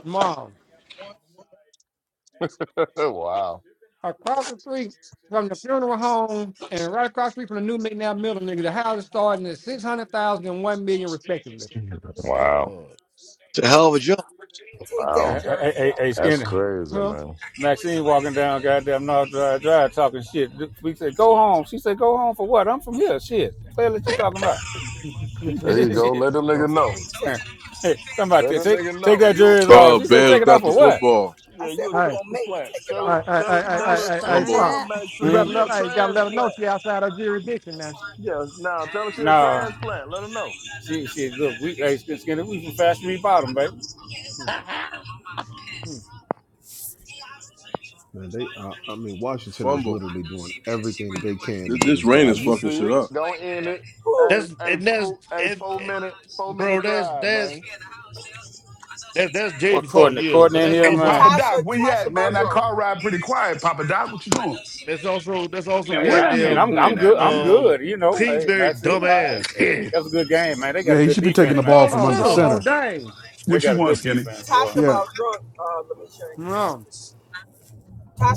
Speaker 2: mom.
Speaker 1: wow.
Speaker 2: Across the street from the funeral home and right across the street from the new McNabb Middle nigga, the houses starting at six hundred thousand and one million respectively.
Speaker 15: Good
Speaker 1: Wow.
Speaker 15: lord.
Speaker 11: a hell of a jump.
Speaker 14: He
Speaker 1: Wow.
Speaker 14: Hey, hey, hey, off. hey,
Speaker 1: That's
Speaker 14: Skinny.
Speaker 1: crazy,
Speaker 2: Huh?
Speaker 1: man.
Speaker 14: Maxine walking down goddamn North Drive Drive talking shit. We said, go home. She said, go home for what? I'm from here. Shit. What the hell that you talking about?
Speaker 2: hey,
Speaker 1: There you
Speaker 14: shit.
Speaker 1: go.
Speaker 14: You
Speaker 1: Let the
Speaker 11: Yeah.
Speaker 1: nigga know.
Speaker 14: Hey, somebody
Speaker 1: Let the
Speaker 14: take,
Speaker 1: nigga
Speaker 14: take
Speaker 1: know.
Speaker 14: that
Speaker 1: You
Speaker 14: jersey
Speaker 1: you
Speaker 14: off.
Speaker 8: Oh,
Speaker 14: She
Speaker 1: you
Speaker 14: said, take
Speaker 8: Bears
Speaker 14: it off
Speaker 8: got
Speaker 14: for
Speaker 8: the
Speaker 1: you
Speaker 14: what?
Speaker 8: football.
Speaker 1: yeah, you a
Speaker 2: hey,
Speaker 1: transplant.
Speaker 2: hey,
Speaker 1: Tell it
Speaker 2: hey,
Speaker 1: tell it
Speaker 2: hey,
Speaker 1: tell
Speaker 2: hey,
Speaker 12: Gosh
Speaker 1: it
Speaker 2: hey, hey,
Speaker 12: darn
Speaker 8: Fumble,
Speaker 1: tell
Speaker 2: Pop.
Speaker 1: her
Speaker 12: it.
Speaker 2: You
Speaker 14: Hmm?
Speaker 1: Maxine,
Speaker 2: better
Speaker 1: you
Speaker 2: let
Speaker 1: a
Speaker 2: hey, you gotta let her know
Speaker 1: transplant.
Speaker 2: she outside her jurisdiction now.
Speaker 1: Yeah, now tell her she a
Speaker 14: No.
Speaker 1: transplant. Let her know.
Speaker 14: She, she, look, we, hey, Skinner, we from Fast Street Bottom, baby.
Speaker 2: Hmm, hmm.
Speaker 10: Man, they. Uh, I mean, Washington is
Speaker 8: fumble.
Speaker 10: literally doing everything that they can
Speaker 8: This,
Speaker 10: to get
Speaker 8: this
Speaker 10: his
Speaker 8: rain
Speaker 1: Uh,
Speaker 10: game
Speaker 8: is
Speaker 1: you
Speaker 10: away.
Speaker 8: fucking
Speaker 1: see
Speaker 8: shit
Speaker 1: it.
Speaker 8: up.
Speaker 1: Go end it. Hey,
Speaker 15: That's
Speaker 1: hey,
Speaker 15: and that's
Speaker 1: four, hey,
Speaker 15: and,
Speaker 1: four
Speaker 15: and
Speaker 1: minute, four
Speaker 15: bro,
Speaker 1: minute
Speaker 15: that's
Speaker 1: drive, man.
Speaker 15: that's that, that's
Speaker 14: What
Speaker 15: Jaden's fault,
Speaker 14: Courtney?
Speaker 15: yeah.
Speaker 14: Courtney
Speaker 15: But
Speaker 14: in
Speaker 15: that's
Speaker 14: here,
Speaker 17: Hey,
Speaker 14: man.
Speaker 15: also
Speaker 17: Papa Doc, where you at, man? That car ride pretty quiet. Papa Doc, what you doing?
Speaker 15: that's also that's also
Speaker 16: Man,
Speaker 14: Hey,
Speaker 16: where that
Speaker 14: I mean,
Speaker 16: nigga
Speaker 14: I'm
Speaker 15: goddamn
Speaker 14: I'm
Speaker 16: Quinn
Speaker 14: good.
Speaker 16: at,
Speaker 14: I'm
Speaker 16: man?
Speaker 15: um
Speaker 14: good. You know, hey,
Speaker 15: Kingsbury
Speaker 14: Maxine, all right.
Speaker 15: dumbass.
Speaker 14: Hey,
Speaker 17: Yeah.
Speaker 14: that was a good game, man. They got a
Speaker 18: Yeah, he
Speaker 14: good
Speaker 18: should be taking
Speaker 14: defense,
Speaker 18: the
Speaker 15: Big
Speaker 14: man.
Speaker 15: ball
Speaker 18: ball
Speaker 15: in the
Speaker 18: from
Speaker 2: Oh,
Speaker 18: under
Speaker 2: oh,
Speaker 15: center.
Speaker 2: oh,
Speaker 18: center.
Speaker 2: dang.
Speaker 14: They
Speaker 17: What you
Speaker 14: got a
Speaker 17: want,
Speaker 14: good
Speaker 17: Skinny?
Speaker 14: defense, Tasha boy.
Speaker 18: Yeah,
Speaker 2: No.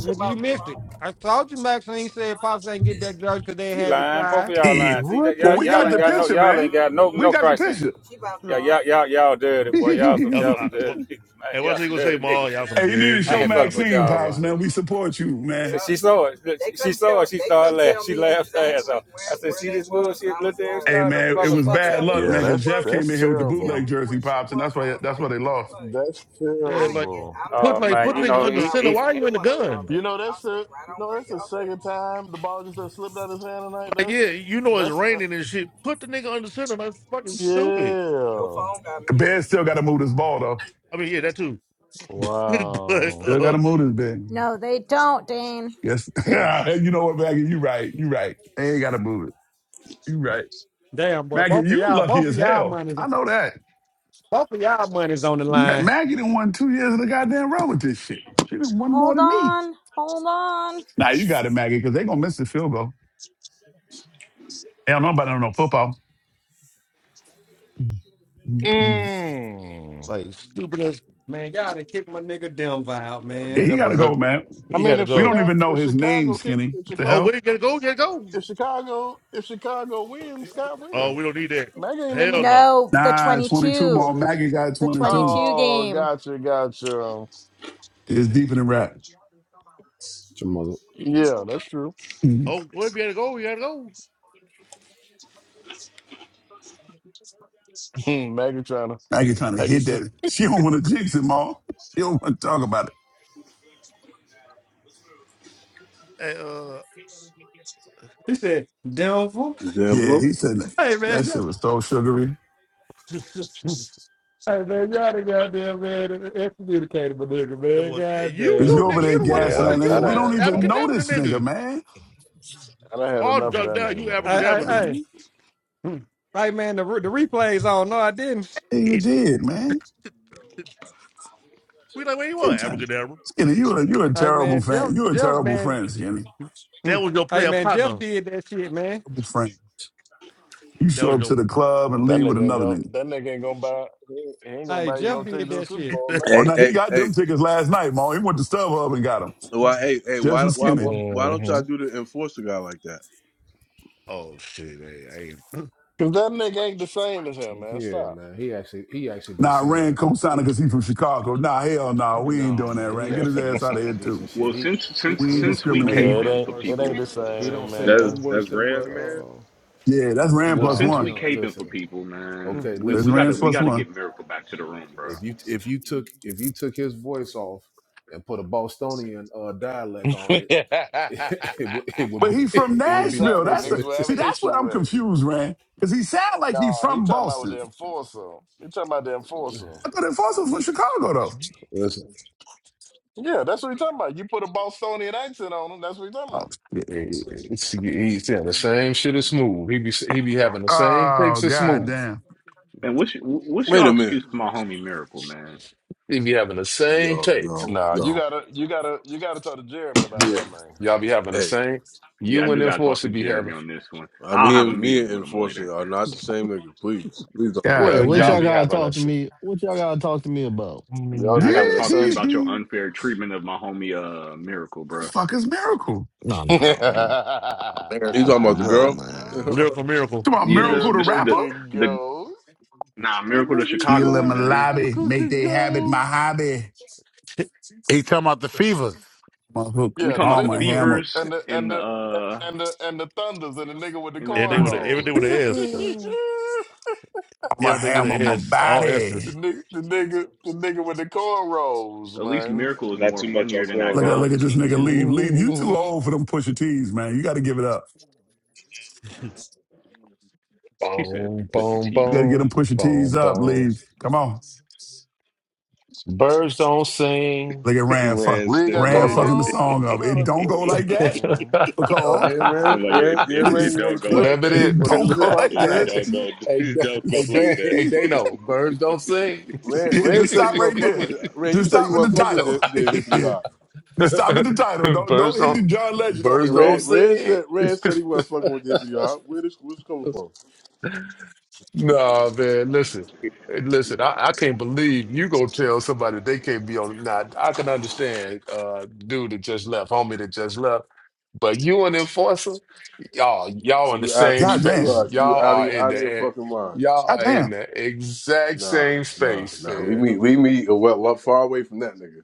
Speaker 2: You missed it. I told you Maxine said Pops ain't get that judge because they
Speaker 14: She
Speaker 2: have his
Speaker 14: lying. Both
Speaker 2: side.
Speaker 14: of y'all
Speaker 17: Yeah.
Speaker 14: lying. See that
Speaker 1: What
Speaker 17: Well,
Speaker 14: y'all
Speaker 1: the
Speaker 17: we
Speaker 14: y'all
Speaker 17: got
Speaker 14: ain't
Speaker 17: the
Speaker 14: got no
Speaker 1: hell?
Speaker 17: picture,
Speaker 14: y'all ain't
Speaker 17: man.
Speaker 14: got no
Speaker 17: We
Speaker 14: no
Speaker 17: got the
Speaker 14: Christ in.
Speaker 17: picture.
Speaker 14: She about Yeah,
Speaker 2: No,
Speaker 14: y'all y'all y'all dirty boy. Y'all
Speaker 2: no.
Speaker 14: some y'all some dirty niggas, man.
Speaker 15: And
Speaker 14: Y'all
Speaker 15: what's he
Speaker 14: some
Speaker 15: gonna say,
Speaker 14: dirty
Speaker 15: Ma,
Speaker 14: niggas.
Speaker 15: y'all some
Speaker 17: Hey, you need to
Speaker 15: dead
Speaker 14: I
Speaker 17: show
Speaker 15: nigga,
Speaker 14: ain't
Speaker 15: y'all
Speaker 14: fucking with
Speaker 15: some
Speaker 17: Maxine,
Speaker 14: y'all, boy.
Speaker 17: Pops,
Speaker 15: dead
Speaker 17: man.
Speaker 15: niggas
Speaker 17: We support you,
Speaker 14: So
Speaker 17: man.
Speaker 14: she saw it. She saw it. She started laughing. She laughed her ass off. I said, "See this bullshit, little ass
Speaker 17: Hey,
Speaker 14: guy, the
Speaker 17: man,
Speaker 14: motherfucker."
Speaker 17: it was
Speaker 14: She she
Speaker 17: bad luck,
Speaker 1: Yeah,
Speaker 17: man,
Speaker 14: she
Speaker 17: because
Speaker 1: that's
Speaker 17: Jeff
Speaker 14: couldn't
Speaker 17: came
Speaker 1: that's
Speaker 17: in here with the
Speaker 14: couldn't tell tell
Speaker 17: bootleg
Speaker 1: terrible.
Speaker 14: me me where where
Speaker 17: jersey,
Speaker 14: was.
Speaker 17: Pops, and that's
Speaker 14: was. was Lisa I I
Speaker 17: why that's
Speaker 14: like,
Speaker 17: why they
Speaker 14: you know
Speaker 17: lost.
Speaker 14: what?
Speaker 1: That's
Speaker 15: Yeah,
Speaker 14: I ain't
Speaker 15: like
Speaker 14: get.
Speaker 1: terrible.
Speaker 14: I'm
Speaker 15: put
Speaker 14: Oh
Speaker 15: like put
Speaker 14: man,
Speaker 15: the
Speaker 14: you
Speaker 15: nigga
Speaker 14: know he
Speaker 15: under
Speaker 14: Neither one
Speaker 15: center.
Speaker 14: of
Speaker 15: Why are
Speaker 14: y'all
Speaker 15: you in the
Speaker 14: Y'all
Speaker 15: gun?
Speaker 1: You know,
Speaker 14: y'all
Speaker 1: that's
Speaker 14: at. stay
Speaker 1: the
Speaker 14: right
Speaker 1: you
Speaker 14: on
Speaker 1: know
Speaker 14: where
Speaker 1: that's the
Speaker 14: y'all at.
Speaker 1: second time the ball just done slipped out of his hand tonight.
Speaker 15: Like, yeah,
Speaker 1: That's
Speaker 15: you know it's
Speaker 1: that's uh,
Speaker 15: raining and shit. Put the nigga under center. That's fucking stupid.
Speaker 1: yeah.
Speaker 17: Ben still got to move this ball, though.
Speaker 15: I mean, yeah, that too. but
Speaker 1: Wow.
Speaker 17: Still got
Speaker 15: uh
Speaker 17: to move this, Ben.
Speaker 12: No, they don't, Dane.
Speaker 17: Yes. you know what, Maggie? You right. You right. They ain't got to move it. You right.
Speaker 2: Damn, boy,
Speaker 17: Maggie,
Speaker 2: both of
Speaker 17: you
Speaker 2: y'all,
Speaker 17: lucky
Speaker 2: both of
Speaker 17: as
Speaker 2: y'all
Speaker 17: hell.
Speaker 2: money,
Speaker 17: I know that.
Speaker 2: both of y'all money's on the
Speaker 17: Ma-
Speaker 2: line.
Speaker 17: Maggie done won two years of the goddamn row with this shit. She done won more
Speaker 12: Hold
Speaker 17: than me.
Speaker 12: on. Hold on.
Speaker 17: Now you got it, Maggie, because they gonna miss the field goal. They don't know about no football. Mm-mm.
Speaker 1: Mm.
Speaker 15: like stupid as
Speaker 2: Man, y'all done kicked my nigga Denver out,
Speaker 15: uh,
Speaker 17: Yeah,
Speaker 2: man.
Speaker 15: man,
Speaker 17: He
Speaker 15: that
Speaker 17: gotta
Speaker 15: brother
Speaker 17: go, man.
Speaker 1: I
Speaker 15: he had
Speaker 1: mean,
Speaker 15: to
Speaker 1: if
Speaker 17: We
Speaker 15: go.
Speaker 17: don't
Speaker 1: Chicago
Speaker 17: even know
Speaker 1: if
Speaker 17: his name,
Speaker 1: Chicago kick
Speaker 17: Skinny.
Speaker 1: if
Speaker 17: What the
Speaker 15: Oh,
Speaker 1: Chicago
Speaker 15: where
Speaker 17: hell?
Speaker 15: you gotta go, you gotta go.
Speaker 1: if Chicago if Chicago wins, Scott
Speaker 15: Oh,
Speaker 1: win.
Speaker 15: we don't need that.
Speaker 1: Mag ain't in
Speaker 15: Hell
Speaker 1: this.
Speaker 15: no.
Speaker 12: No, the
Speaker 17: Nah, 22
Speaker 12: 22.
Speaker 17: more. Maggie got
Speaker 12: The
Speaker 17: 22.
Speaker 12: 22
Speaker 1: Oh,
Speaker 12: game.
Speaker 1: gotcha, gotcha.
Speaker 17: It's deeper than rap.
Speaker 10: It's your mother.
Speaker 1: Yeah, that's true.
Speaker 17: Mhm.
Speaker 15: Oh, well, if you gotta go, you gotta go.
Speaker 1: Megatron,
Speaker 17: Maggie trying to hit
Speaker 1: Legacy.
Speaker 17: that. She don't want to jinx him all. He don't want to talk about it.
Speaker 15: And, uh
Speaker 2: He said, Denver?
Speaker 8: Damn,
Speaker 17: Yeah, he said that.
Speaker 2: Hey,
Speaker 17: That
Speaker 2: man,
Speaker 17: shit was so sugary.
Speaker 2: y'all- hey, man, y'all done goddamn, man, excommunicated my nigga,
Speaker 15: that
Speaker 2: man,
Speaker 15: was, hey, you
Speaker 17: Cause
Speaker 2: goddamn.
Speaker 15: too,
Speaker 17: you
Speaker 15: nigga.
Speaker 17: over there
Speaker 15: You don't want to
Speaker 17: gassing
Speaker 1: Yeah,
Speaker 10: Yeah,
Speaker 15: put
Speaker 17: that
Speaker 15: the
Speaker 1: I'm-
Speaker 15: you
Speaker 1: I
Speaker 10: it's
Speaker 17: nigga.
Speaker 15: don't
Speaker 17: We
Speaker 15: want
Speaker 10: good.
Speaker 17: don't
Speaker 1: done,
Speaker 15: to
Speaker 1: I
Speaker 17: even
Speaker 1: done,
Speaker 17: know
Speaker 15: abracadabra
Speaker 17: this
Speaker 15: the nigga.
Speaker 17: nigga, man.
Speaker 1: I done had
Speaker 15: All
Speaker 1: enough of
Speaker 15: drunk
Speaker 1: that
Speaker 15: down,
Speaker 1: nigga,
Speaker 15: you
Speaker 1: man.
Speaker 2: Hey, hey,
Speaker 15: abracadabra
Speaker 17: Yeah,
Speaker 15: them.
Speaker 2: hey.
Speaker 17: man.
Speaker 2: Hmm. Hey, man, the, re- the replay's on. No, I didn't.
Speaker 17: Yeah, you
Speaker 15: It,
Speaker 17: did, man.
Speaker 15: we like, where you want
Speaker 17: Skinny,
Speaker 15: abracadabra?
Speaker 17: Skinny, you a you a
Speaker 2: Hey,
Speaker 17: terrible
Speaker 2: man, Jeff,
Speaker 17: fan. You a
Speaker 2: Jeff,
Speaker 17: terrible
Speaker 2: man.
Speaker 17: friend, Skinny.
Speaker 2: Hmm.
Speaker 15: That was your
Speaker 2: Hey,
Speaker 15: player
Speaker 2: man, Jeff
Speaker 15: partner.
Speaker 2: did that shit, man.
Speaker 17: Terrible friend. You
Speaker 15: That
Speaker 17: show
Speaker 15: was
Speaker 17: up to
Speaker 15: your.
Speaker 17: the club and
Speaker 1: That
Speaker 17: leave with
Speaker 1: nigga ain't
Speaker 17: another
Speaker 1: gonna,
Speaker 17: nigga.
Speaker 1: that nigga ain't gonna buy, he ain't he ain't gonna
Speaker 2: Hey,
Speaker 1: buy you
Speaker 2: Jeff
Speaker 1: no
Speaker 2: did
Speaker 1: ticket to the
Speaker 2: that
Speaker 1: Super
Speaker 2: shit.
Speaker 1: Bowl
Speaker 17: Oh
Speaker 1: now.
Speaker 8: Hey,
Speaker 17: no, he
Speaker 8: hey,
Speaker 17: got
Speaker 8: hey.
Speaker 17: them tickets last night, Mo. He went to StubHub and got them.
Speaker 8: Why, hey, hey, why,
Speaker 17: Justin
Speaker 8: why,
Speaker 17: Skinny.
Speaker 8: why, why don't y'all
Speaker 1: hmm
Speaker 8: do the enforcer guy like that?
Speaker 15: oh shit! I, I,
Speaker 1: Cause that nigga ain't the same as him, man.
Speaker 10: Yeah,
Speaker 1: Stop.
Speaker 10: man. He actually, he actually be
Speaker 17: Nah, Rand
Speaker 10: saying, he,
Speaker 17: co-signing because he from Chicago. Nah, hell no, nah, we ain't
Speaker 10: no,
Speaker 17: doing that,
Speaker 10: man. He
Speaker 17: Rand. Get his
Speaker 10: actually be
Speaker 17: ass out of
Speaker 10: saying
Speaker 17: here
Speaker 10: decent
Speaker 17: too.
Speaker 10: shit.
Speaker 16: Well,
Speaker 10: He,
Speaker 16: since
Speaker 10: he,
Speaker 16: since
Speaker 17: We
Speaker 10: he
Speaker 17: ain't
Speaker 10: don't,
Speaker 16: since
Speaker 10: he
Speaker 16: we
Speaker 1: Yeah,
Speaker 10: don't say
Speaker 17: discriminating.
Speaker 1: it
Speaker 16: caping
Speaker 10: nothing
Speaker 1: ain't,
Speaker 16: for
Speaker 10: worse.
Speaker 1: it ain't
Speaker 16: people,
Speaker 1: the
Speaker 10: He don't
Speaker 1: same,
Speaker 10: say
Speaker 19: That's
Speaker 10: nothing
Speaker 1: man.
Speaker 10: worse
Speaker 19: that's
Speaker 10: than what.
Speaker 19: Rand's man.
Speaker 10: uh
Speaker 17: Yeah, that's Rand
Speaker 16: well,
Speaker 17: plus
Speaker 10: No,
Speaker 16: since
Speaker 10: he
Speaker 17: one.
Speaker 16: we
Speaker 10: don't.
Speaker 16: caping for
Speaker 10: Listen,
Speaker 16: people, man,
Speaker 10: Okay,
Speaker 16: we,
Speaker 17: That's
Speaker 16: we
Speaker 10: listen.
Speaker 16: gotta
Speaker 17: Rand
Speaker 10: If,
Speaker 16: we
Speaker 17: plus
Speaker 16: gotta
Speaker 17: one.
Speaker 16: get Miracle back to the room, bro.
Speaker 10: if you if you took if you took his voice off and put a Bostonian uh, dialect on it,
Speaker 1: exactly.
Speaker 10: it would it would
Speaker 17: But
Speaker 10: be
Speaker 17: he from
Speaker 10: it would be the
Speaker 17: Nashville. That's
Speaker 10: person
Speaker 17: the
Speaker 1: Niggas will
Speaker 10: that's
Speaker 1: have
Speaker 17: see.
Speaker 1: an
Speaker 17: That's where
Speaker 1: issue
Speaker 17: I'm
Speaker 1: with it.
Speaker 17: confused, Rand, because he sound like he
Speaker 1: Nah, he
Speaker 17: from
Speaker 1: talking about with
Speaker 17: Boston.
Speaker 1: the enforcer. He talking about the enforcer.
Speaker 17: I thought it was from Chicago though.
Speaker 10: listen.
Speaker 1: Yeah, that's what he talking about. You put a Bostonian accent on him. That's what he talking
Speaker 17: Oh,
Speaker 1: about.
Speaker 17: shit.
Speaker 10: He's, he's saying the same shit as smooth. He be he be having the same
Speaker 17: Oh
Speaker 10: takes as smooth.
Speaker 17: goddamn!
Speaker 16: Man, what's y- what's
Speaker 8: Wait
Speaker 16: your
Speaker 8: a minute.
Speaker 16: excuse for my homie Miracle, man?
Speaker 10: He be having the same
Speaker 8: No,
Speaker 10: takes.
Speaker 8: no,
Speaker 1: Nah, you
Speaker 8: no.
Speaker 1: gotta, you gotta, you gotta talk to Jeremy about
Speaker 10: Yeah,
Speaker 1: that name.
Speaker 10: y'all be having the
Speaker 8: Hey,
Speaker 10: same.
Speaker 16: Yeah, I
Speaker 10: You and
Speaker 16: do gotta talk
Speaker 10: enforcer
Speaker 16: to
Speaker 10: be
Speaker 16: Jeremy
Speaker 10: having.
Speaker 16: on this one.
Speaker 8: I
Speaker 16: I'll have a
Speaker 8: mean, me
Speaker 16: meeting
Speaker 8: and
Speaker 16: with him later.
Speaker 8: enforcer are not the same nigga. Please, please don't do
Speaker 10: Yeah,
Speaker 5: Wait,
Speaker 8: that.
Speaker 17: damn. God
Speaker 5: what
Speaker 10: y'all
Speaker 5: y'all
Speaker 17: damn.
Speaker 10: be
Speaker 5: gotta
Speaker 10: having a
Speaker 5: talk to me? What y'all gotta talk to me about?
Speaker 10: y'all
Speaker 16: Man,
Speaker 10: be
Speaker 16: I gotta
Speaker 10: having a
Speaker 16: talk to you
Speaker 10: sense.
Speaker 16: about your
Speaker 17: the
Speaker 16: unfair treatment of my homie, uh, Miracle, bro.
Speaker 17: fuck is miracle?
Speaker 5: No, no,
Speaker 8: You
Speaker 5: America
Speaker 8: talking about
Speaker 5: could
Speaker 8: the
Speaker 5: go,
Speaker 8: girl?
Speaker 5: man.
Speaker 8: oh
Speaker 15: lyrical miracle.
Speaker 17: Come on,
Speaker 16: Yeah, this
Speaker 17: miracle the
Speaker 16: this
Speaker 1: Miracle
Speaker 16: the
Speaker 17: rapper?
Speaker 1: can
Speaker 16: the
Speaker 1: go.
Speaker 16: nah,
Speaker 1: That
Speaker 16: Miracle the
Speaker 1: nigga
Speaker 17: Deal in
Speaker 16: Chicagoan,
Speaker 1: said
Speaker 17: my
Speaker 16: man.
Speaker 17: lobby,
Speaker 1: Miracle
Speaker 17: make
Speaker 1: can
Speaker 17: they habit
Speaker 1: go.
Speaker 17: my hobby.
Speaker 6: he talking about the fevers.
Speaker 17: My hook,
Speaker 16: We
Speaker 1: Yeah, the
Speaker 16: talking about
Speaker 17: arm
Speaker 16: the
Speaker 17: my
Speaker 1: Fevers
Speaker 17: hammer,
Speaker 16: fevers
Speaker 1: and the and
Speaker 16: and the
Speaker 1: the
Speaker 16: uh
Speaker 1: and the and the Thunders and the nigga with the
Speaker 16: and the
Speaker 15: Everything with a
Speaker 16: thunders.
Speaker 15: everything with
Speaker 1: cornrows.
Speaker 15: an S.
Speaker 17: arm a
Speaker 15: Everything with
Speaker 17: hammer,
Speaker 15: an
Speaker 17: my
Speaker 15: S. All
Speaker 1: the
Speaker 15: S's.
Speaker 17: body.
Speaker 1: nigga, the nigga, the nigga with the cornrows,
Speaker 16: At least
Speaker 1: man.
Speaker 16: Miracle is
Speaker 19: Not
Speaker 16: more
Speaker 19: too much on
Speaker 16: funnier than that
Speaker 17: Look at look
Speaker 16: God's
Speaker 17: at
Speaker 19: cornrows.
Speaker 17: this
Speaker 16: King
Speaker 17: nigga
Speaker 16: dude.
Speaker 17: leave. Leave. You too old for them pusher tees, man. You gotta give it up.
Speaker 16: He said
Speaker 10: Boom,
Speaker 16: Pusha
Speaker 10: boom,
Speaker 17: You gotta
Speaker 16: T.
Speaker 17: get
Speaker 10: boom,
Speaker 17: them pusher tees
Speaker 10: boom,
Speaker 17: up,
Speaker 10: boom.
Speaker 17: leave. Come on.
Speaker 10: Birds don't sing.
Speaker 17: Look at Ran fuck
Speaker 19: Rand's
Speaker 1: League got
Speaker 10: Let
Speaker 19: stupid.
Speaker 17: Ran
Speaker 10: them know.
Speaker 17: fucking the
Speaker 1: cornrows.
Speaker 17: song up.
Speaker 1: Shout
Speaker 17: It
Speaker 1: out the
Speaker 17: don't go
Speaker 1: league,
Speaker 17: like that
Speaker 1: man.
Speaker 17: because
Speaker 8: yeah, Rand,
Speaker 19: I'm like it,
Speaker 8: Rand, yeah,
Speaker 19: it.
Speaker 8: Rand.
Speaker 19: It
Speaker 8: You want a
Speaker 19: don't go
Speaker 8: clip?
Speaker 19: like
Speaker 10: Whatever it
Speaker 19: that.
Speaker 17: it
Speaker 8: You want a new
Speaker 17: don't
Speaker 8: hip
Speaker 17: go
Speaker 8: hop,
Speaker 17: like
Speaker 19: It, it
Speaker 8: Rand?
Speaker 17: that
Speaker 10: is.
Speaker 19: don't go.
Speaker 10: hey,
Speaker 19: It
Speaker 10: D-
Speaker 19: don't go
Speaker 10: hey,
Speaker 19: like
Speaker 10: Dan,
Speaker 19: that.
Speaker 17: yeah,
Speaker 10: hey, Dano, birds don't sing.
Speaker 8: Rand, Rand
Speaker 17: just
Speaker 8: said he
Speaker 17: stop
Speaker 8: wasn't
Speaker 17: right
Speaker 8: fuck with.
Speaker 17: there.
Speaker 8: The, Rand, you
Speaker 17: Just
Speaker 8: said
Speaker 17: stop
Speaker 8: you
Speaker 17: with the
Speaker 8: wasn't fuck with
Speaker 17: title.
Speaker 8: the, the hippity hop.
Speaker 17: just stop with the title. Don't
Speaker 10: birds
Speaker 17: don't hit the
Speaker 10: don't.
Speaker 17: John Legend on me,
Speaker 10: Birds don't
Speaker 8: Rand,
Speaker 17: Rand.
Speaker 8: Rand
Speaker 10: sing.
Speaker 8: said Rand said he wasn't fucking with the hippity hop. Where this where's this coming from?
Speaker 10: no, man. Listen, hey, listen. I, I can't believe you go tell somebody they can't be on. Now, I can understand, uh, dude that just left, homie that just left, but you an enforcer. Y'all, y'all in the
Speaker 8: You
Speaker 10: same
Speaker 17: God
Speaker 8: actually you
Speaker 10: space.
Speaker 8: are
Speaker 17: damn.
Speaker 8: you
Speaker 10: Y'all
Speaker 8: out of
Speaker 10: are
Speaker 8: your,
Speaker 10: in
Speaker 8: out
Speaker 10: the
Speaker 8: of your
Speaker 10: eh,
Speaker 8: fucking mind.
Speaker 10: y'all
Speaker 17: God
Speaker 10: are in
Speaker 17: damn.
Speaker 10: the exact
Speaker 8: Nah,
Speaker 10: same
Speaker 8: nah,
Speaker 10: space,
Speaker 8: nah. Leave
Speaker 10: man.
Speaker 8: me leave me a well up far away from that nigga.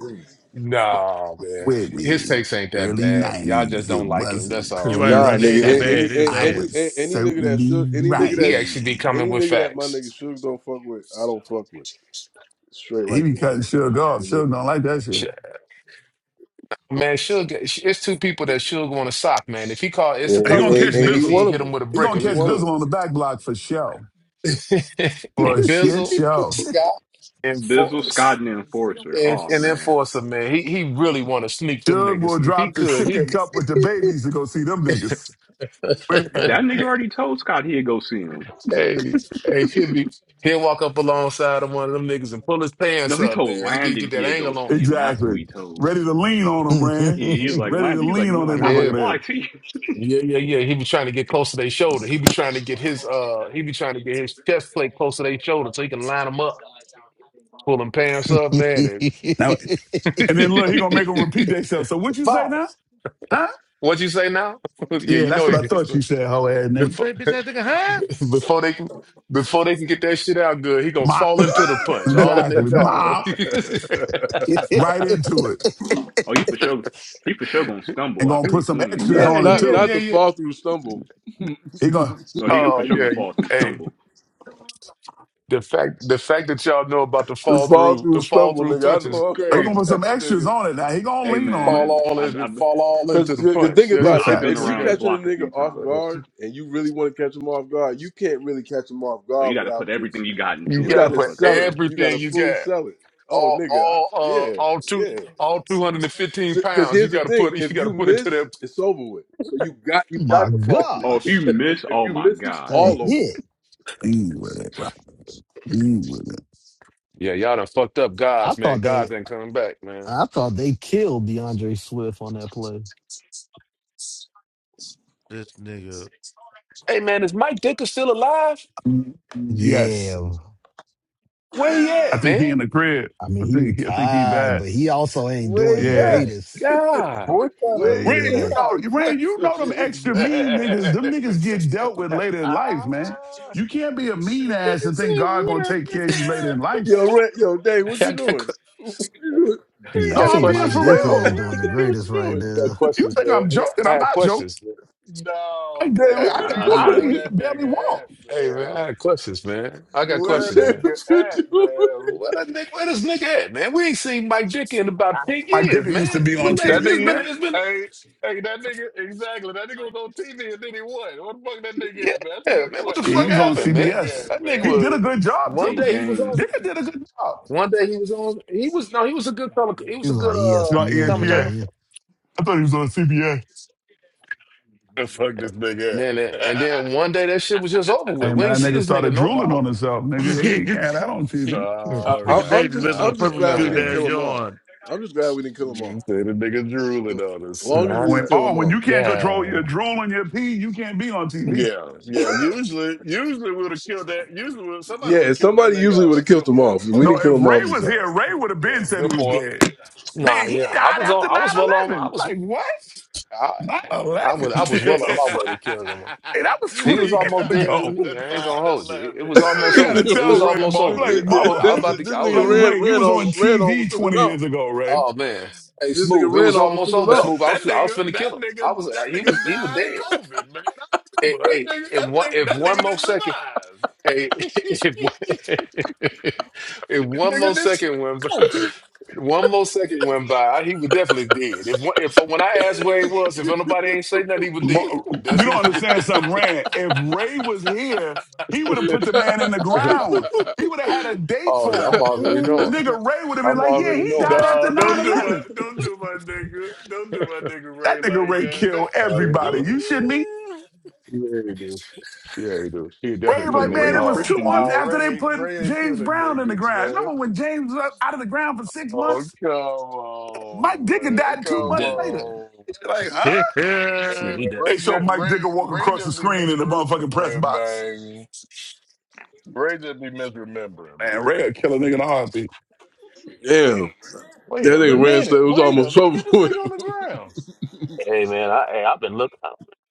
Speaker 8: Please.
Speaker 10: Nah, man.
Speaker 17: With
Speaker 10: His
Speaker 17: me,
Speaker 10: takes ain't that
Speaker 17: early
Speaker 10: bad. Y'all just
Speaker 17: 90s, it
Speaker 10: don't like him. That's
Speaker 17: wasn't
Speaker 10: all.
Speaker 15: You ain't
Speaker 17: pearly
Speaker 8: Nah,
Speaker 17: and
Speaker 10: He
Speaker 15: Renee
Speaker 8: nigga.
Speaker 15: ain't
Speaker 10: he he
Speaker 15: that
Speaker 10: ju-
Speaker 8: Any
Speaker 15: bad.
Speaker 8: any
Speaker 17: shiny.
Speaker 15: It is
Speaker 8: a-
Speaker 17: I
Speaker 8: any
Speaker 17: was
Speaker 15: ass.
Speaker 8: a- any nigga that
Speaker 17: certainly
Speaker 8: should any
Speaker 10: he,
Speaker 8: nigga
Speaker 10: he
Speaker 8: that
Speaker 10: actually be
Speaker 17: rhymey.
Speaker 10: coming
Speaker 8: any
Speaker 10: with
Speaker 8: nigga that my
Speaker 10: facts.
Speaker 8: nigga should don't fuck with, I don't fuck with. Straight
Speaker 17: He
Speaker 8: like
Speaker 17: be
Speaker 8: that.
Speaker 17: cutting Suge off.
Speaker 8: nigga.
Speaker 17: Suge don't like that
Speaker 10: Sh-
Speaker 17: shit.
Speaker 10: Man, Suge, it's two people that Suge want to sock, man. If he call, it's a
Speaker 8: And,
Speaker 17: He
Speaker 10: couple
Speaker 17: gonna
Speaker 10: of
Speaker 8: and-
Speaker 17: catch
Speaker 10: these
Speaker 8: and he
Speaker 10: niggas.
Speaker 17: Bizzle.
Speaker 10: He
Speaker 8: one of
Speaker 10: hit him
Speaker 8: them.
Speaker 10: with a
Speaker 17: He
Speaker 10: brick
Speaker 8: Man,
Speaker 17: gonna
Speaker 8: he
Speaker 10: if he
Speaker 17: catch
Speaker 8: one of
Speaker 10: could.
Speaker 17: Bizzle
Speaker 8: them.
Speaker 17: on the back block for show. For shit
Speaker 10: Bizzle,
Speaker 17: show.
Speaker 10: Scott, and
Speaker 16: Bizzle,
Speaker 10: Force.
Speaker 16: Scott, and the Enforcer.
Speaker 10: And,
Speaker 16: Oh
Speaker 10: and
Speaker 16: man,
Speaker 10: enforcer, man, he he really want to sneak them
Speaker 17: Suge
Speaker 10: niggas.
Speaker 17: will
Speaker 10: If he
Speaker 17: drop the
Speaker 10: could,
Speaker 17: sippy
Speaker 10: he'll
Speaker 17: cup with the babies to go see them niggas. Ready,
Speaker 16: that nigga already told Scott he'd go see him.
Speaker 10: hey hey he'll be he'll walk up alongside of one of them niggas and pull his
Speaker 16: No,
Speaker 10: pants
Speaker 16: he
Speaker 10: up,
Speaker 16: told
Speaker 10: man. He get
Speaker 16: Landon
Speaker 10: get that
Speaker 16: he'd go
Speaker 10: angle on
Speaker 16: see him. That's who
Speaker 17: exactly.
Speaker 16: he told.
Speaker 17: Ready to lean on them, man.
Speaker 16: He, he was like
Speaker 17: Ready to
Speaker 16: Landon. He's like,
Speaker 17: lean on them
Speaker 16: Landon,
Speaker 10: him.
Speaker 16: I will
Speaker 10: Yeah,
Speaker 17: motherfucker
Speaker 16: fly
Speaker 17: ass.
Speaker 16: to you.
Speaker 10: yeah, yeah, yeah. He be trying to get close to their shoulder. He be trying to get his uh he be trying to get his chest plate close to their shoulder so he can line them up, pull them pants up, man.
Speaker 17: Now,
Speaker 10: And
Speaker 17: and then look, he gonna make them repeat themselves. So what you say
Speaker 10: fire.
Speaker 17: now? Huh?
Speaker 10: What you say now? yeah,
Speaker 17: Yeah,
Speaker 10: you
Speaker 17: that's
Speaker 10: know he
Speaker 17: what I
Speaker 10: did.
Speaker 17: thought you said, hoe ass
Speaker 15: What
Speaker 17: nigga.
Speaker 15: you say, bitch? That nigga huh?
Speaker 10: before they can before they can get that shit out good, he gonna
Speaker 17: Mop.
Speaker 10: fall into the punch, all in their
Speaker 17: Exactly.
Speaker 10: jaw.
Speaker 17: Mop. Right into it.
Speaker 16: Oh, he for sure. He for sure gonna
Speaker 17: And
Speaker 16: stumble
Speaker 17: gonna
Speaker 16: after he
Speaker 17: put some
Speaker 16: swing
Speaker 17: extras
Speaker 10: yeah,
Speaker 16: too.
Speaker 8: not,
Speaker 17: on it
Speaker 8: not,
Speaker 10: yeah,
Speaker 8: not
Speaker 17: too.
Speaker 10: yeah,
Speaker 8: the
Speaker 10: yeah.
Speaker 8: fall through stumble.
Speaker 17: He gonna
Speaker 16: No, he for
Speaker 10: Oh
Speaker 16: sure gonna
Speaker 10: yeah, yeah.
Speaker 16: fall through
Speaker 10: Hey,
Speaker 16: stumble.
Speaker 10: the fact the fact that y'all know about the
Speaker 8: The
Speaker 10: fall
Speaker 8: fall
Speaker 10: through the
Speaker 8: through
Speaker 10: fall
Speaker 8: stumble,
Speaker 10: through
Speaker 8: nigga. I
Speaker 10: punch
Speaker 8: know
Speaker 10: is
Speaker 8: I'm
Speaker 17: he
Speaker 8: off
Speaker 17: gonna put
Speaker 10: crazy.
Speaker 8: that
Speaker 17: some extras
Speaker 8: nigga.
Speaker 17: on it now. He gonna
Speaker 16: Hey
Speaker 17: lean on it.
Speaker 10: Fall
Speaker 16: man,
Speaker 10: all
Speaker 16: I've
Speaker 10: in
Speaker 16: I've,
Speaker 10: fall all
Speaker 8: Cause,
Speaker 10: into the
Speaker 8: cause
Speaker 10: punch.
Speaker 8: think
Speaker 10: That's
Speaker 17: Big
Speaker 8: about it.
Speaker 10: what you
Speaker 16: I've
Speaker 8: If,
Speaker 16: been
Speaker 10: that's
Speaker 8: if
Speaker 10: what
Speaker 17: facts.
Speaker 8: you
Speaker 10: you
Speaker 16: around the
Speaker 10: gotta
Speaker 8: catching a
Speaker 16: block a
Speaker 8: nigga
Speaker 16: few
Speaker 8: off
Speaker 16: times.
Speaker 10: uh,
Speaker 8: guard and you really want to catch him off guard, you can't really catch him off
Speaker 16: Oh, you
Speaker 8: guard
Speaker 16: got to put
Speaker 8: without
Speaker 16: everything
Speaker 8: just.
Speaker 16: you got
Speaker 10: you
Speaker 8: You
Speaker 16: into that
Speaker 10: gotta
Speaker 8: gotta
Speaker 10: put
Speaker 16: motherfucker,
Speaker 8: sell it.
Speaker 16: man.
Speaker 8: You gotta
Speaker 10: everything you
Speaker 8: fully
Speaker 10: got.
Speaker 8: sell it. Oh,
Speaker 10: All
Speaker 8: nigga. I,
Speaker 10: all
Speaker 8: yeah,
Speaker 10: uh all two
Speaker 8: yeah.
Speaker 10: all 215
Speaker 8: Because
Speaker 10: pounds. You
Speaker 8: here's the
Speaker 10: gotta
Speaker 8: thing:
Speaker 10: put it you
Speaker 8: if
Speaker 10: gotta
Speaker 8: you
Speaker 10: put it to
Speaker 8: miss,
Speaker 10: them.
Speaker 8: it's over with. So you got you
Speaker 5: My
Speaker 8: got to fall through.
Speaker 16: Oh, if you
Speaker 5: gosh,
Speaker 16: miss,
Speaker 8: If
Speaker 16: oh
Speaker 8: you
Speaker 16: my
Speaker 8: miss, it's
Speaker 16: God.
Speaker 5: that
Speaker 8: all over
Speaker 5: hit!
Speaker 8: with.
Speaker 17: Lean with it, right? Lean with it.
Speaker 10: Yeah, y'all done fucked up
Speaker 5: I
Speaker 10: gods, man.
Speaker 5: thought they,
Speaker 10: Gods ain't coming back, man.
Speaker 5: I thought they killed DeAndre Swift on that play.
Speaker 15: This nigga.
Speaker 10: Hey man, is Mike Dicker still alive?
Speaker 17: Mm, Yes.
Speaker 5: Yeah,
Speaker 10: Where he
Speaker 17: I
Speaker 10: at,
Speaker 17: think he
Speaker 10: man?
Speaker 17: in the crib.
Speaker 5: I mean,
Speaker 17: I
Speaker 5: he
Speaker 17: think I think he
Speaker 5: retired,
Speaker 17: bad.
Speaker 5: but he also ain't
Speaker 8: Where
Speaker 5: doing the
Speaker 8: you
Speaker 17: Yeah.
Speaker 8: at?
Speaker 5: greatest.
Speaker 10: God,
Speaker 1: What kind of
Speaker 8: Where you
Speaker 17: Rand,
Speaker 1: what
Speaker 17: you
Speaker 5: Yeah,
Speaker 8: at?
Speaker 1: kind
Speaker 17: know,
Speaker 1: of
Speaker 17: Rand, you
Speaker 1: question
Speaker 17: know them
Speaker 1: is
Speaker 17: extra mean niggas. Them
Speaker 1: that?
Speaker 17: niggas get dealt with later in life, man.
Speaker 1: ah,
Speaker 17: You can't be a
Speaker 1: he
Speaker 17: mean ass and
Speaker 1: said,
Speaker 17: think God
Speaker 1: "What
Speaker 17: gonna
Speaker 1: a
Speaker 17: take care of
Speaker 1: nigga!"
Speaker 17: you later in
Speaker 1: at?"
Speaker 8: Yo,
Speaker 17: life.
Speaker 8: Red, yo, Dave,
Speaker 10: I
Speaker 8: what you
Speaker 10: got,
Speaker 8: doing?
Speaker 10: que-
Speaker 8: What you doing?
Speaker 1: He
Speaker 10: I
Speaker 1: said,
Speaker 5: yeah.
Speaker 17: No,
Speaker 5: I
Speaker 10: got
Speaker 17: I'm
Speaker 5: think
Speaker 17: being
Speaker 5: Mike
Speaker 1: "What
Speaker 10: questions.
Speaker 17: for
Speaker 1: a
Speaker 8: Dave,
Speaker 5: Ditka
Speaker 8: what?
Speaker 5: ain't
Speaker 17: real.
Speaker 1: nigga!"
Speaker 5: doing the
Speaker 8: Dave, what
Speaker 5: greatest
Speaker 8: you
Speaker 5: right
Speaker 8: doing?
Speaker 10: I got
Speaker 5: there.
Speaker 17: You
Speaker 10: questions,
Speaker 17: think
Speaker 10: man.
Speaker 17: I'm
Speaker 10: I, got,
Speaker 17: joking?
Speaker 10: I
Speaker 17: I'm
Speaker 10: had
Speaker 17: not joking.
Speaker 10: questions. Man.
Speaker 1: at?"
Speaker 17: I,
Speaker 1: No,
Speaker 8: Dave, what
Speaker 1: man,
Speaker 17: I
Speaker 16: Nah,
Speaker 8: you
Speaker 17: could,
Speaker 1: Rand
Speaker 16: I'm
Speaker 17: I
Speaker 1: said,
Speaker 17: think he
Speaker 1: "What
Speaker 16: not.
Speaker 8: doing?
Speaker 1: a
Speaker 17: could barely
Speaker 1: nigga at,
Speaker 17: walk.
Speaker 10: Hey man, I
Speaker 1: man?
Speaker 10: had questions, man. I got
Speaker 1: What
Speaker 8: What,
Speaker 1: a
Speaker 10: questions,
Speaker 8: Dave,
Speaker 10: man.
Speaker 1: nigga
Speaker 8: what you
Speaker 1: at,
Speaker 8: doing?
Speaker 1: man?
Speaker 10: Where that nigga, where this nigga at, man? We ain't seen Mike Dicker in about ten
Speaker 17: Mike
Speaker 10: years,
Speaker 17: Dicker used to
Speaker 10: man.
Speaker 17: be
Speaker 10: When
Speaker 17: on
Speaker 10: last,
Speaker 1: That
Speaker 17: TV,
Speaker 10: it's
Speaker 1: nigga,
Speaker 10: been,
Speaker 17: man.
Speaker 10: it's been,
Speaker 1: hey." Hey, that nigga, exactly. That nigga was on TV and then he won. What the fuck that nigga
Speaker 10: yeah,
Speaker 1: at, man? That's a good
Speaker 10: man. What the
Speaker 1: question.
Speaker 17: Yeah, he
Speaker 10: fuck
Speaker 1: What
Speaker 17: was
Speaker 1: the fuck
Speaker 17: on
Speaker 1: this
Speaker 10: happened, man?
Speaker 1: nigga
Speaker 17: CBS.
Speaker 1: at,
Speaker 10: That nigga
Speaker 17: He
Speaker 1: man?
Speaker 17: did a
Speaker 10: was
Speaker 17: good job
Speaker 10: one
Speaker 16: Hey,
Speaker 17: too.
Speaker 10: day he was
Speaker 16: dang.
Speaker 10: on,
Speaker 17: Dicker did a good job.
Speaker 10: one day he was on. He was no, he was a good color. He
Speaker 5: He
Speaker 10: was a
Speaker 5: was
Speaker 10: good
Speaker 5: on
Speaker 17: He's
Speaker 10: uh
Speaker 17: on ESPN.
Speaker 10: commentator.
Speaker 5: ESPN.
Speaker 17: I thought he was on CBS.
Speaker 1: The fuck this
Speaker 10: And
Speaker 1: nigga
Speaker 10: then and
Speaker 1: at?
Speaker 10: then one day that shit was just over with.
Speaker 17: Hey
Speaker 10: We ain't
Speaker 17: man, that
Speaker 10: see
Speaker 17: nigga
Speaker 10: this nigga
Speaker 17: started
Speaker 10: no
Speaker 17: drooling on
Speaker 10: more.
Speaker 17: himself, nigga. You can't have that on TV.
Speaker 8: I,
Speaker 1: All
Speaker 8: I,
Speaker 15: nigga
Speaker 1: right.
Speaker 8: I'm
Speaker 15: Davis
Speaker 8: just,
Speaker 15: messing on
Speaker 8: I'm just
Speaker 15: perfectly
Speaker 8: glad
Speaker 1: Okay.
Speaker 8: we
Speaker 15: good
Speaker 8: didn't
Speaker 10: Uh,
Speaker 15: damn
Speaker 8: kill him off.
Speaker 15: yawn.
Speaker 8: I'm just glad we didn't kill him
Speaker 1: You
Speaker 8: off.
Speaker 1: say the nigga drooling
Speaker 8: Well,
Speaker 1: on
Speaker 8: As long as
Speaker 1: himself,
Speaker 8: we
Speaker 10: not
Speaker 8: didn't
Speaker 17: When
Speaker 8: kill
Speaker 1: man.
Speaker 8: him
Speaker 17: Maul, when
Speaker 8: off.
Speaker 17: you can't control your
Speaker 10: down.
Speaker 17: drool and your pee, you can't be on TV.
Speaker 1: yeah, yeah. Usually, usually we would have killed that. Usually, would've- somebody would
Speaker 8: Yeah,
Speaker 1: have killed that
Speaker 8: somebody
Speaker 1: nigga.
Speaker 8: usually
Speaker 1: out.
Speaker 8: would have
Speaker 1: that's a
Speaker 8: killed
Speaker 1: good
Speaker 8: him
Speaker 1: point,
Speaker 8: off. We
Speaker 17: No,
Speaker 8: didn't
Speaker 1: Simone.
Speaker 8: kill
Speaker 17: if
Speaker 8: him off
Speaker 17: Ray
Speaker 8: this
Speaker 17: was
Speaker 8: time.
Speaker 17: here, Ray
Speaker 1: Yeah,
Speaker 17: would have been
Speaker 1: yeah,
Speaker 17: said he
Speaker 1: good
Speaker 17: was
Speaker 1: point.
Speaker 17: dead.
Speaker 10: Nah,
Speaker 17: Man, he
Speaker 10: yeah, I
Speaker 17: died
Speaker 10: was on.
Speaker 17: after
Speaker 10: I
Speaker 17: nine
Speaker 10: was well on. I
Speaker 17: eleven.
Speaker 10: was.
Speaker 17: Like, what?
Speaker 10: I,
Speaker 17: Nine
Speaker 10: I was.
Speaker 1: he
Speaker 10: I
Speaker 17: eleven?
Speaker 10: was well on
Speaker 17: The
Speaker 10: my way
Speaker 17: fuck?
Speaker 10: to killing him.
Speaker 17: Hey, that
Speaker 1: died after 9 11.
Speaker 17: was
Speaker 10: He
Speaker 17: 20
Speaker 10: was
Speaker 17: years
Speaker 10: almost dead with
Speaker 17: ago.
Speaker 10: me. I ain't gonna hold you. It, it was almost
Speaker 17: You
Speaker 8: this
Speaker 17: gotta
Speaker 10: over. It
Speaker 17: tell
Speaker 10: was
Speaker 8: nigga,
Speaker 17: Ray
Speaker 10: almost
Speaker 17: Maul.
Speaker 8: this,
Speaker 10: over.
Speaker 17: Like
Speaker 8: this,
Speaker 10: It- I was.
Speaker 17: Maul,
Speaker 10: I was
Speaker 8: this,
Speaker 10: about to.
Speaker 8: this
Speaker 10: I was.
Speaker 8: nigga
Speaker 17: like
Speaker 8: ran,
Speaker 17: Ray, he
Speaker 8: ran
Speaker 17: was
Speaker 8: on,
Speaker 17: on
Speaker 8: ran
Speaker 17: TV
Speaker 8: almost took him
Speaker 17: 20
Speaker 8: out.
Speaker 17: years ago, Ray.
Speaker 10: Oh man. Hey,
Speaker 8: This nigga
Speaker 10: smooth. It
Speaker 8: ran
Speaker 10: was
Speaker 8: almost
Speaker 10: almost
Speaker 8: took him
Speaker 10: over.
Speaker 1: that,
Speaker 8: out.
Speaker 10: Smooth. I
Speaker 1: that
Speaker 10: was. I was
Speaker 1: nigga,
Speaker 10: finna
Speaker 1: that
Speaker 10: kill him. I
Speaker 1: nigga,
Speaker 10: was.
Speaker 1: that
Speaker 10: He was.
Speaker 1: nigga
Speaker 10: He was
Speaker 1: died of
Speaker 10: dead.
Speaker 1: COVID, man. I
Speaker 10: Hey,
Speaker 1: remember that
Speaker 10: hey,
Speaker 1: nigga, that
Speaker 10: and one.
Speaker 1: nigga,
Speaker 10: If
Speaker 1: that
Speaker 10: one
Speaker 1: nigga
Speaker 10: more
Speaker 1: didn't
Speaker 10: second.
Speaker 1: survive.
Speaker 10: Hey, if, if one
Speaker 1: nigga
Speaker 10: more
Speaker 1: didn't
Speaker 10: second went by,
Speaker 1: survive
Speaker 10: one more second went by, he was definitely dead. If one, if when I asked where
Speaker 1: no,
Speaker 10: he was, if nobody ain't say nothing, he was dead.
Speaker 17: Mo- You
Speaker 10: That's
Speaker 17: don't understand something, Rand. If Ray was here, he would have put the man in the ground. He would have had a date
Speaker 10: oh, yeah,
Speaker 17: for
Speaker 10: I'm
Speaker 17: him.
Speaker 10: already
Speaker 17: The
Speaker 10: knowing.
Speaker 17: nigga Ray would have been
Speaker 10: I'm
Speaker 17: like, yeah,
Speaker 10: already
Speaker 17: he
Speaker 10: knowing.
Speaker 17: died after 9
Speaker 1: don't do my
Speaker 17: 11.
Speaker 1: don't do my nigga. Don't do my nigga Ray
Speaker 17: That nigga
Speaker 1: like
Speaker 17: Ray killed
Speaker 1: that.
Speaker 10: oh yeah,
Speaker 17: everybody.
Speaker 10: right.
Speaker 17: You shouldn't be.
Speaker 10: yeah, he do. Yeah, he do. He
Speaker 17: Ray
Speaker 10: definitely
Speaker 17: was
Speaker 10: put a
Speaker 16: Either
Speaker 17: like,
Speaker 10: nigga in
Speaker 16: Ray
Speaker 17: man,
Speaker 10: the
Speaker 17: it
Speaker 16: or
Speaker 17: was
Speaker 10: hall.
Speaker 17: two
Speaker 16: Christian
Speaker 17: months
Speaker 1: Nah,
Speaker 16: do.
Speaker 17: after they
Speaker 1: Ray
Speaker 17: put
Speaker 1: Ray ain't
Speaker 17: James
Speaker 1: killing
Speaker 17: Brown in the
Speaker 1: niggas,
Speaker 17: ground.
Speaker 1: man.
Speaker 17: Remember when James was out of the ground for six
Speaker 1: Oh
Speaker 17: months?
Speaker 1: come
Speaker 17: Mike
Speaker 1: on,
Speaker 17: Dicker
Speaker 1: man.
Speaker 17: died
Speaker 1: Come
Speaker 17: two months
Speaker 10: Damn,
Speaker 17: later.
Speaker 10: yeah,
Speaker 1: on.
Speaker 17: He's like, huh?
Speaker 10: yeah,
Speaker 1: Hey,
Speaker 10: he
Speaker 1: man.
Speaker 10: definitely.
Speaker 17: They
Speaker 1: Ray,
Speaker 17: show
Speaker 1: just,
Speaker 17: Mike
Speaker 1: Ray,
Speaker 17: Dicker walk
Speaker 1: Ray
Speaker 17: across the
Speaker 1: just be
Speaker 17: screen in the motherfucking press
Speaker 1: misremembering,
Speaker 17: box.
Speaker 1: man. Ray just be misremembering,
Speaker 17: Man, Ray
Speaker 1: man.
Speaker 17: would kill a nigga in a heartbeat.
Speaker 8: Damn, that
Speaker 1: Wait a
Speaker 8: nigga ran, so
Speaker 1: minute.
Speaker 8: it was
Speaker 1: Wait a
Speaker 8: almost
Speaker 1: minute.
Speaker 8: over
Speaker 1: Get this
Speaker 8: with.
Speaker 1: nigga on the ground.
Speaker 10: Hey man, I hey, I've been looking.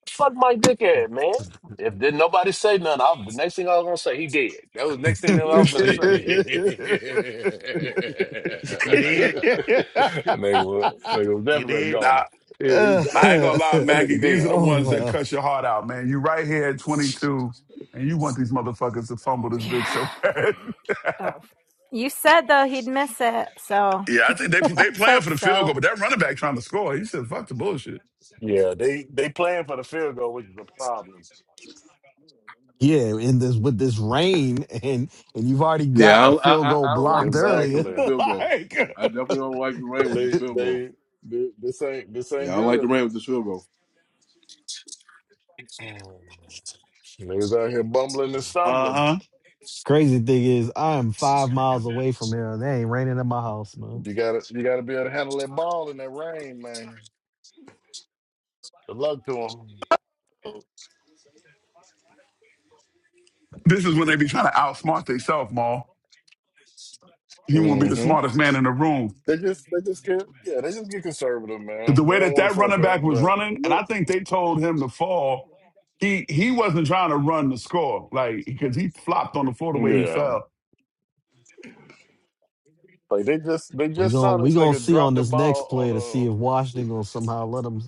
Speaker 10: Fuck my dickhead, man. If didn't nobody say nothing, I, the next thing I was gonna say, he dead. That was the next thing that I was gonna
Speaker 1: the
Speaker 10: say.
Speaker 5: Yeah, yeah.
Speaker 15: you did.
Speaker 1: nigga was, nigga was
Speaker 15: You
Speaker 1: definitely a
Speaker 15: did.
Speaker 17: Nah,
Speaker 1: goner.
Speaker 10: Yeah, he
Speaker 17: And I
Speaker 10: gone.
Speaker 17: ain't gonna lie,
Speaker 10: That
Speaker 17: Maggie.
Speaker 10: nigga
Speaker 17: These
Speaker 10: dead.
Speaker 17: are the
Speaker 5: oh,
Speaker 17: ones that
Speaker 5: uh,
Speaker 17: cut your heart out, man. You right here at 22, and you want these motherfuckers to fumble this bitch so
Speaker 12: Yeah.
Speaker 17: bad.
Speaker 12: Oh. You said, though, he'd miss it. So
Speaker 17: yeah, I think they they
Speaker 12: let's
Speaker 17: playing for
Speaker 12: hope
Speaker 17: the field goal,
Speaker 12: so.
Speaker 17: but that running back trying to score. He said, "Fuck the bullshit."
Speaker 1: Yeah, they they playing for the field goal, which is a problem.
Speaker 5: yeah. In this with this rain, and and you've already
Speaker 8: Yeah,
Speaker 5: got a
Speaker 8: I, I,
Speaker 5: field
Speaker 8: I
Speaker 5: goal
Speaker 8: I don't like
Speaker 5: blocked
Speaker 8: this rain
Speaker 5: earlier.
Speaker 8: with this
Speaker 1: Exactly.
Speaker 8: field goal. I
Speaker 5: like,
Speaker 8: definitely don't like the rain with this
Speaker 1: They
Speaker 8: field goal.
Speaker 1: they, they this ain't this ain't
Speaker 8: Yeah, I don't like
Speaker 1: good.
Speaker 8: the rain with this field goal.
Speaker 1: Niggas out here bumbling and
Speaker 17: Uh
Speaker 1: stumbling.
Speaker 17: huh.
Speaker 5: crazy thing is, I am five miles away from here. and It ain't raining in my house, man.
Speaker 1: You gotta you gotta be able to handle that ball in that rain, man. Good luck to
Speaker 15: I
Speaker 17: This is when they be trying to outsmart themselves, Maul. He
Speaker 1: them.
Speaker 17: want to be the
Speaker 1: hmm
Speaker 17: smartest man in the room.
Speaker 1: They just they just get yeah they just get conservative,
Speaker 17: 'Cause The
Speaker 1: man. They
Speaker 17: way
Speaker 1: don't
Speaker 17: that
Speaker 1: want to
Speaker 17: that
Speaker 1: fuck
Speaker 17: running
Speaker 1: up,
Speaker 17: back was
Speaker 1: but
Speaker 17: running, and I
Speaker 1: look.
Speaker 17: think they told him to fall. He he wasn't trying to run the score, like because he flopped on the floor the way he
Speaker 1: Yeah,
Speaker 17: fell.
Speaker 1: Like they just they
Speaker 5: We
Speaker 1: just saw
Speaker 5: gon' we
Speaker 1: this
Speaker 5: gonna
Speaker 1: nigga
Speaker 5: see on
Speaker 1: drop the
Speaker 5: this next
Speaker 1: ball on
Speaker 5: play to see if
Speaker 1: a
Speaker 5: Washington gonna somehow let them.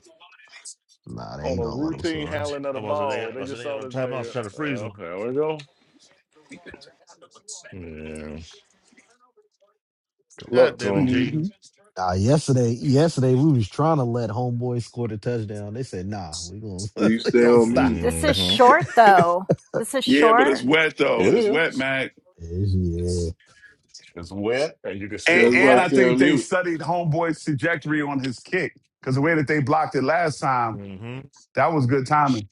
Speaker 5: Nah, they
Speaker 1: on
Speaker 5: ain't
Speaker 1: a
Speaker 5: gonna let them
Speaker 1: routine
Speaker 5: score.
Speaker 1: handling of the
Speaker 15: wasn't there.
Speaker 1: ball.
Speaker 15: I
Speaker 1: They
Speaker 15: wasn't
Speaker 1: just
Speaker 15: there
Speaker 1: saw
Speaker 15: on
Speaker 1: this
Speaker 15: time. I was
Speaker 1: nigga.
Speaker 15: trying to freeze
Speaker 1: Oh,
Speaker 15: him.
Speaker 1: there we go. Yeah, good luck
Speaker 15: God
Speaker 1: to
Speaker 15: damn it,
Speaker 1: him.
Speaker 15: Jaden.
Speaker 17: Mhm.
Speaker 5: Uh, yesterday, yesterday we was trying to let homeboy score the touchdown. They said, "Nah, we gonna
Speaker 8: You
Speaker 5: we
Speaker 8: stay
Speaker 5: gonna
Speaker 8: on
Speaker 5: stop."
Speaker 8: mute.
Speaker 12: This is
Speaker 1: hmm
Speaker 12: short, though. This is
Speaker 17: Yeah, but it's
Speaker 12: short.
Speaker 17: wet though.
Speaker 1: It
Speaker 17: It's wet,
Speaker 1: is.
Speaker 17: Mac.
Speaker 5: yeah.
Speaker 1: It's wet, and you can
Speaker 8: Stay,
Speaker 17: And
Speaker 1: still
Speaker 17: and
Speaker 8: everybody
Speaker 17: I
Speaker 1: block
Speaker 8: stay
Speaker 1: it.
Speaker 17: think
Speaker 8: on
Speaker 17: they
Speaker 8: mute.
Speaker 17: studied Homeboy's trajectory on his kick because the way that they blocked it last time,
Speaker 15: Mm-hmm.
Speaker 17: that was good timing.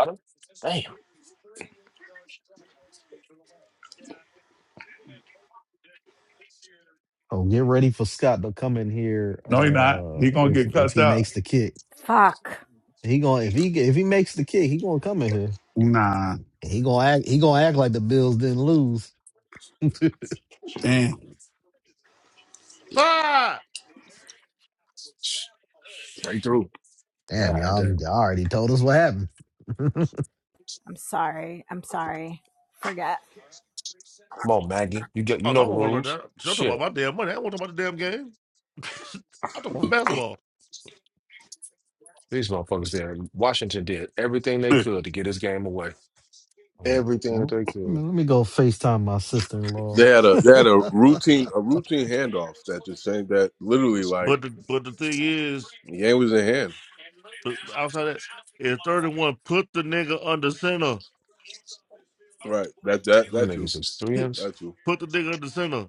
Speaker 10: I done-
Speaker 5: Oh, get ready for Scott to come in here.
Speaker 17: No, he not.
Speaker 5: Uh,
Speaker 17: He gonna
Speaker 5: if
Speaker 17: get
Speaker 5: if
Speaker 17: cussed
Speaker 5: he makes
Speaker 17: out.
Speaker 5: the kick,
Speaker 12: Fuck.
Speaker 5: he gonna if he if he makes the kick, he gonna come in here.
Speaker 17: Nah,
Speaker 5: And He gonna act he gonna act like the Bills didn't lose.
Speaker 17: damn.
Speaker 15: Five.
Speaker 10: Straight through.
Speaker 5: Damn,
Speaker 10: God
Speaker 5: y'all,
Speaker 10: damn.
Speaker 5: y'all already told us what happened. Man,
Speaker 12: I'm sorry. I'm sorry. Forget.
Speaker 10: Come on, Maggie. You get you
Speaker 15: Oh, no, I
Speaker 10: know the
Speaker 15: won't worry about
Speaker 10: rules.
Speaker 15: that. She'll talk about
Speaker 10: Shit.
Speaker 15: my damn money. I won't talk about the damn game. I'll talk about basketball.
Speaker 10: These motherfuckers there. Washington did everything they
Speaker 17: hey
Speaker 10: could to get his game away. Everything that
Speaker 1: Mhm.
Speaker 10: they could.
Speaker 5: Let me go FaceTime my sister in law.
Speaker 8: They had a they had a routine a routine handoff that just saying that literally like
Speaker 15: But the but the thing is,
Speaker 8: the game was in hand.
Speaker 15: uh, outside that, is third and one, put the nigga under center.
Speaker 8: Right. That that
Speaker 10: Some
Speaker 8: that too.
Speaker 10: niggas is three
Speaker 15: put
Speaker 10: ins.
Speaker 8: That too.
Speaker 15: the nigga under center.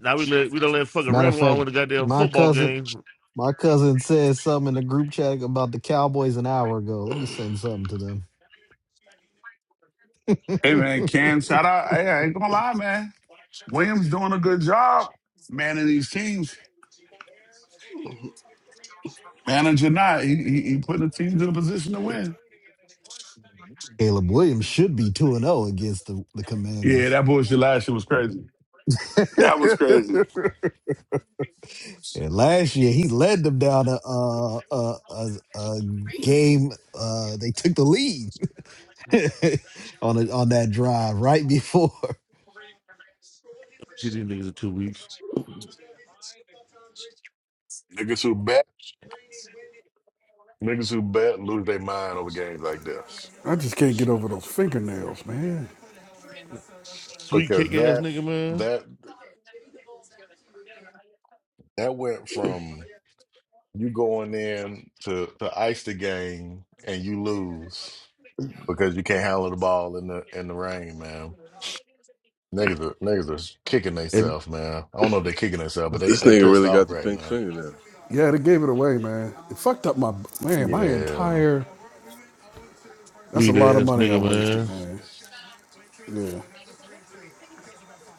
Speaker 15: Now we let we don't let fucking
Speaker 5: Matter of
Speaker 15: Revlon
Speaker 5: fact,
Speaker 15: win the goddamn
Speaker 5: my
Speaker 15: football
Speaker 5: cousin
Speaker 15: game.
Speaker 5: my cousin said something in the group chat about the Cowboys an hour ago. Let me send something to them.
Speaker 17: man, Cam, shout out. Hey, I ain't gonna lie, man. Williams doing a good job manning these teams. Manager not, he, he he putting the teams in a position to win.
Speaker 5: Caleb Williams should be 2 and 0 against the, the
Speaker 17: Yeah,
Speaker 5: Commanders.
Speaker 17: that bullshit last year was crazy. That was crazy.
Speaker 5: And last year he led them down a a a, a, a game uh they took the lead on a, on that drive right before.
Speaker 15: See these niggas in two weeks.
Speaker 1: Niggas who bet, niggas who bet lose their mind over games like this
Speaker 18: I just can't get over those fingernails, man.
Speaker 15: Sweet
Speaker 1: because
Speaker 15: cake ass
Speaker 1: that
Speaker 15: nigga man.
Speaker 1: that that went from. You going in to to ice the game and you lose because you can't handle the ball in the in the rain, man. Niggas are niggas are kicking
Speaker 15: And
Speaker 1: themselves, man. I don't know if they're kicking themselves, but they
Speaker 8: This
Speaker 1: they
Speaker 8: nigga
Speaker 1: pissed
Speaker 8: really got
Speaker 1: off
Speaker 8: the
Speaker 1: right
Speaker 8: pink
Speaker 1: now.
Speaker 8: fingernail.
Speaker 18: Yeah, they gave it away, man. It fucked up my man, my
Speaker 1: Yeah,
Speaker 18: entire. That's a
Speaker 15: sweet
Speaker 18: lot of
Speaker 15: ass
Speaker 18: money I
Speaker 15: nigga
Speaker 18: wasted,
Speaker 15: man.
Speaker 18: man. Yeah,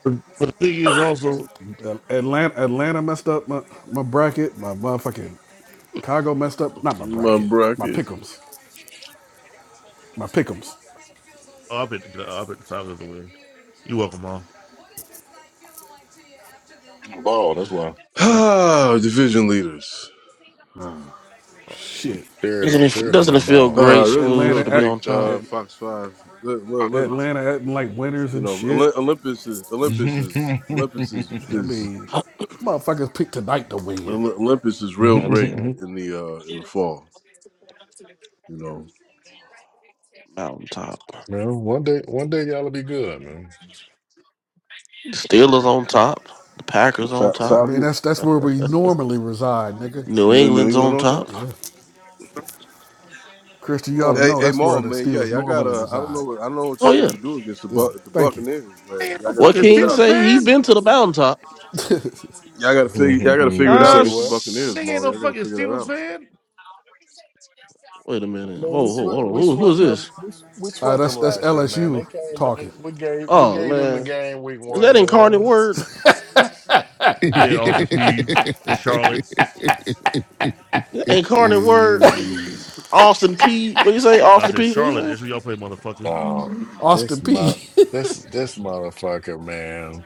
Speaker 15: But, but the thing is also
Speaker 18: Atlanta, Atlanta messed up my my bracket. My motherfucking Chicago messed up. Not my
Speaker 8: My
Speaker 18: bracket. My
Speaker 8: bracket.
Speaker 18: Pickems, My Pickems.
Speaker 15: oh, I bet the I bet the Falcons will win. You welcome all.
Speaker 1: ball. That's why
Speaker 15: You welcome.
Speaker 8: Ah, division leaders. Ah,
Speaker 18: Shit.
Speaker 1: Terry
Speaker 20: Doesn't
Speaker 1: don't
Speaker 20: it,
Speaker 1: Terry don't
Speaker 20: doesn't it
Speaker 1: know
Speaker 20: feel
Speaker 1: ball,
Speaker 8: Ah,
Speaker 20: great,
Speaker 1: man.
Speaker 8: doesn't feel
Speaker 20: smooth
Speaker 18: Atlanta
Speaker 20: to be
Speaker 18: act.
Speaker 8: great.
Speaker 20: on top?
Speaker 8: Uh,
Speaker 18: At,
Speaker 8: Fox Five. Well, well, look,
Speaker 18: Atlanta acting like winners
Speaker 8: you
Speaker 18: and
Speaker 8: know,
Speaker 18: shit.
Speaker 8: Olymp- Olympus is Olympus is Olympus is,
Speaker 18: I
Speaker 8: is
Speaker 18: mean, motherfuckers pick tonight to win.
Speaker 8: Oly- Olympus is real
Speaker 20: That's
Speaker 8: great
Speaker 20: uh,
Speaker 1: man,
Speaker 8: in the uh in the fall. You know,
Speaker 20: mountain top.
Speaker 1: one day one day y'all'll be good, man.
Speaker 20: The Steelers on top. The Packers on
Speaker 8: Fa-
Speaker 18: I
Speaker 20: top.
Speaker 18: mean,
Speaker 8: Falcon
Speaker 18: that's that's where we normally reside, nigga.
Speaker 20: New
Speaker 8: New New
Speaker 20: England's
Speaker 8: England
Speaker 20: on
Speaker 8: on top.
Speaker 20: top.
Speaker 18: Yeah. Christian, you ought to
Speaker 20: Oh,
Speaker 8: Hey,
Speaker 18: know
Speaker 8: hey,
Speaker 18: that's where
Speaker 8: Maul,
Speaker 18: the
Speaker 8: man, yeah,
Speaker 18: Steelers
Speaker 8: y'all
Speaker 18: normally
Speaker 8: gotta. I don't
Speaker 18: reside.
Speaker 8: know what I don't know what
Speaker 20: oh
Speaker 8: y'all need
Speaker 20: yeah.
Speaker 8: to do against the
Speaker 18: Yeah,
Speaker 8: Buc- the
Speaker 18: thank you.
Speaker 8: Buccaneers,
Speaker 15: Hey,
Speaker 8: man.
Speaker 15: I'm
Speaker 8: Y'all
Speaker 15: a
Speaker 8: gotta
Speaker 20: What
Speaker 15: fucking
Speaker 8: figure it
Speaker 20: King
Speaker 8: out.
Speaker 15: Steelers
Speaker 20: say? He's
Speaker 15: fan.
Speaker 20: been to the mountaintop.
Speaker 8: Y'all gotta figure. Y'all gotta figure it
Speaker 1: you
Speaker 8: out
Speaker 20: Ah,
Speaker 1: say
Speaker 8: against the
Speaker 1: what?
Speaker 8: Buccaneers,
Speaker 15: Nigga
Speaker 20: s-
Speaker 15: ain't
Speaker 8: Maul.
Speaker 15: no
Speaker 8: Y'all gotta
Speaker 15: fucking
Speaker 8: figure that
Speaker 15: Steelers
Speaker 8: out.
Speaker 15: fan.
Speaker 20: wait a minute.
Speaker 1: Man,
Speaker 20: Whoa,
Speaker 1: we
Speaker 20: whoa, hold
Speaker 1: swept
Speaker 20: on.
Speaker 1: we
Speaker 20: Who, who is
Speaker 1: swept them
Speaker 20: this?
Speaker 1: we, s- we
Speaker 18: Uh,
Speaker 1: swept
Speaker 18: that's
Speaker 1: them
Speaker 18: that's
Speaker 1: last year, man. They
Speaker 18: LSU
Speaker 1: came back.
Speaker 18: talking.
Speaker 1: We gave we
Speaker 20: Oh
Speaker 1: gave them the
Speaker 20: man,
Speaker 1: game week
Speaker 20: is that
Speaker 1: one,
Speaker 20: incarnate
Speaker 1: man.
Speaker 20: word?
Speaker 17: God
Speaker 15: Yeah, Austin Peeves and Charlotte.
Speaker 20: Is that Incarnate word. Austin P. What you say?
Speaker 15: And I
Speaker 20: Austin
Speaker 15: said,
Speaker 20: P. What you
Speaker 15: Charlotte,
Speaker 20: say?
Speaker 15: that's where y'all play, motherfuckers.
Speaker 1: Oh, this
Speaker 18: Austin
Speaker 1: my
Speaker 18: P,
Speaker 1: this this motherfucker, man.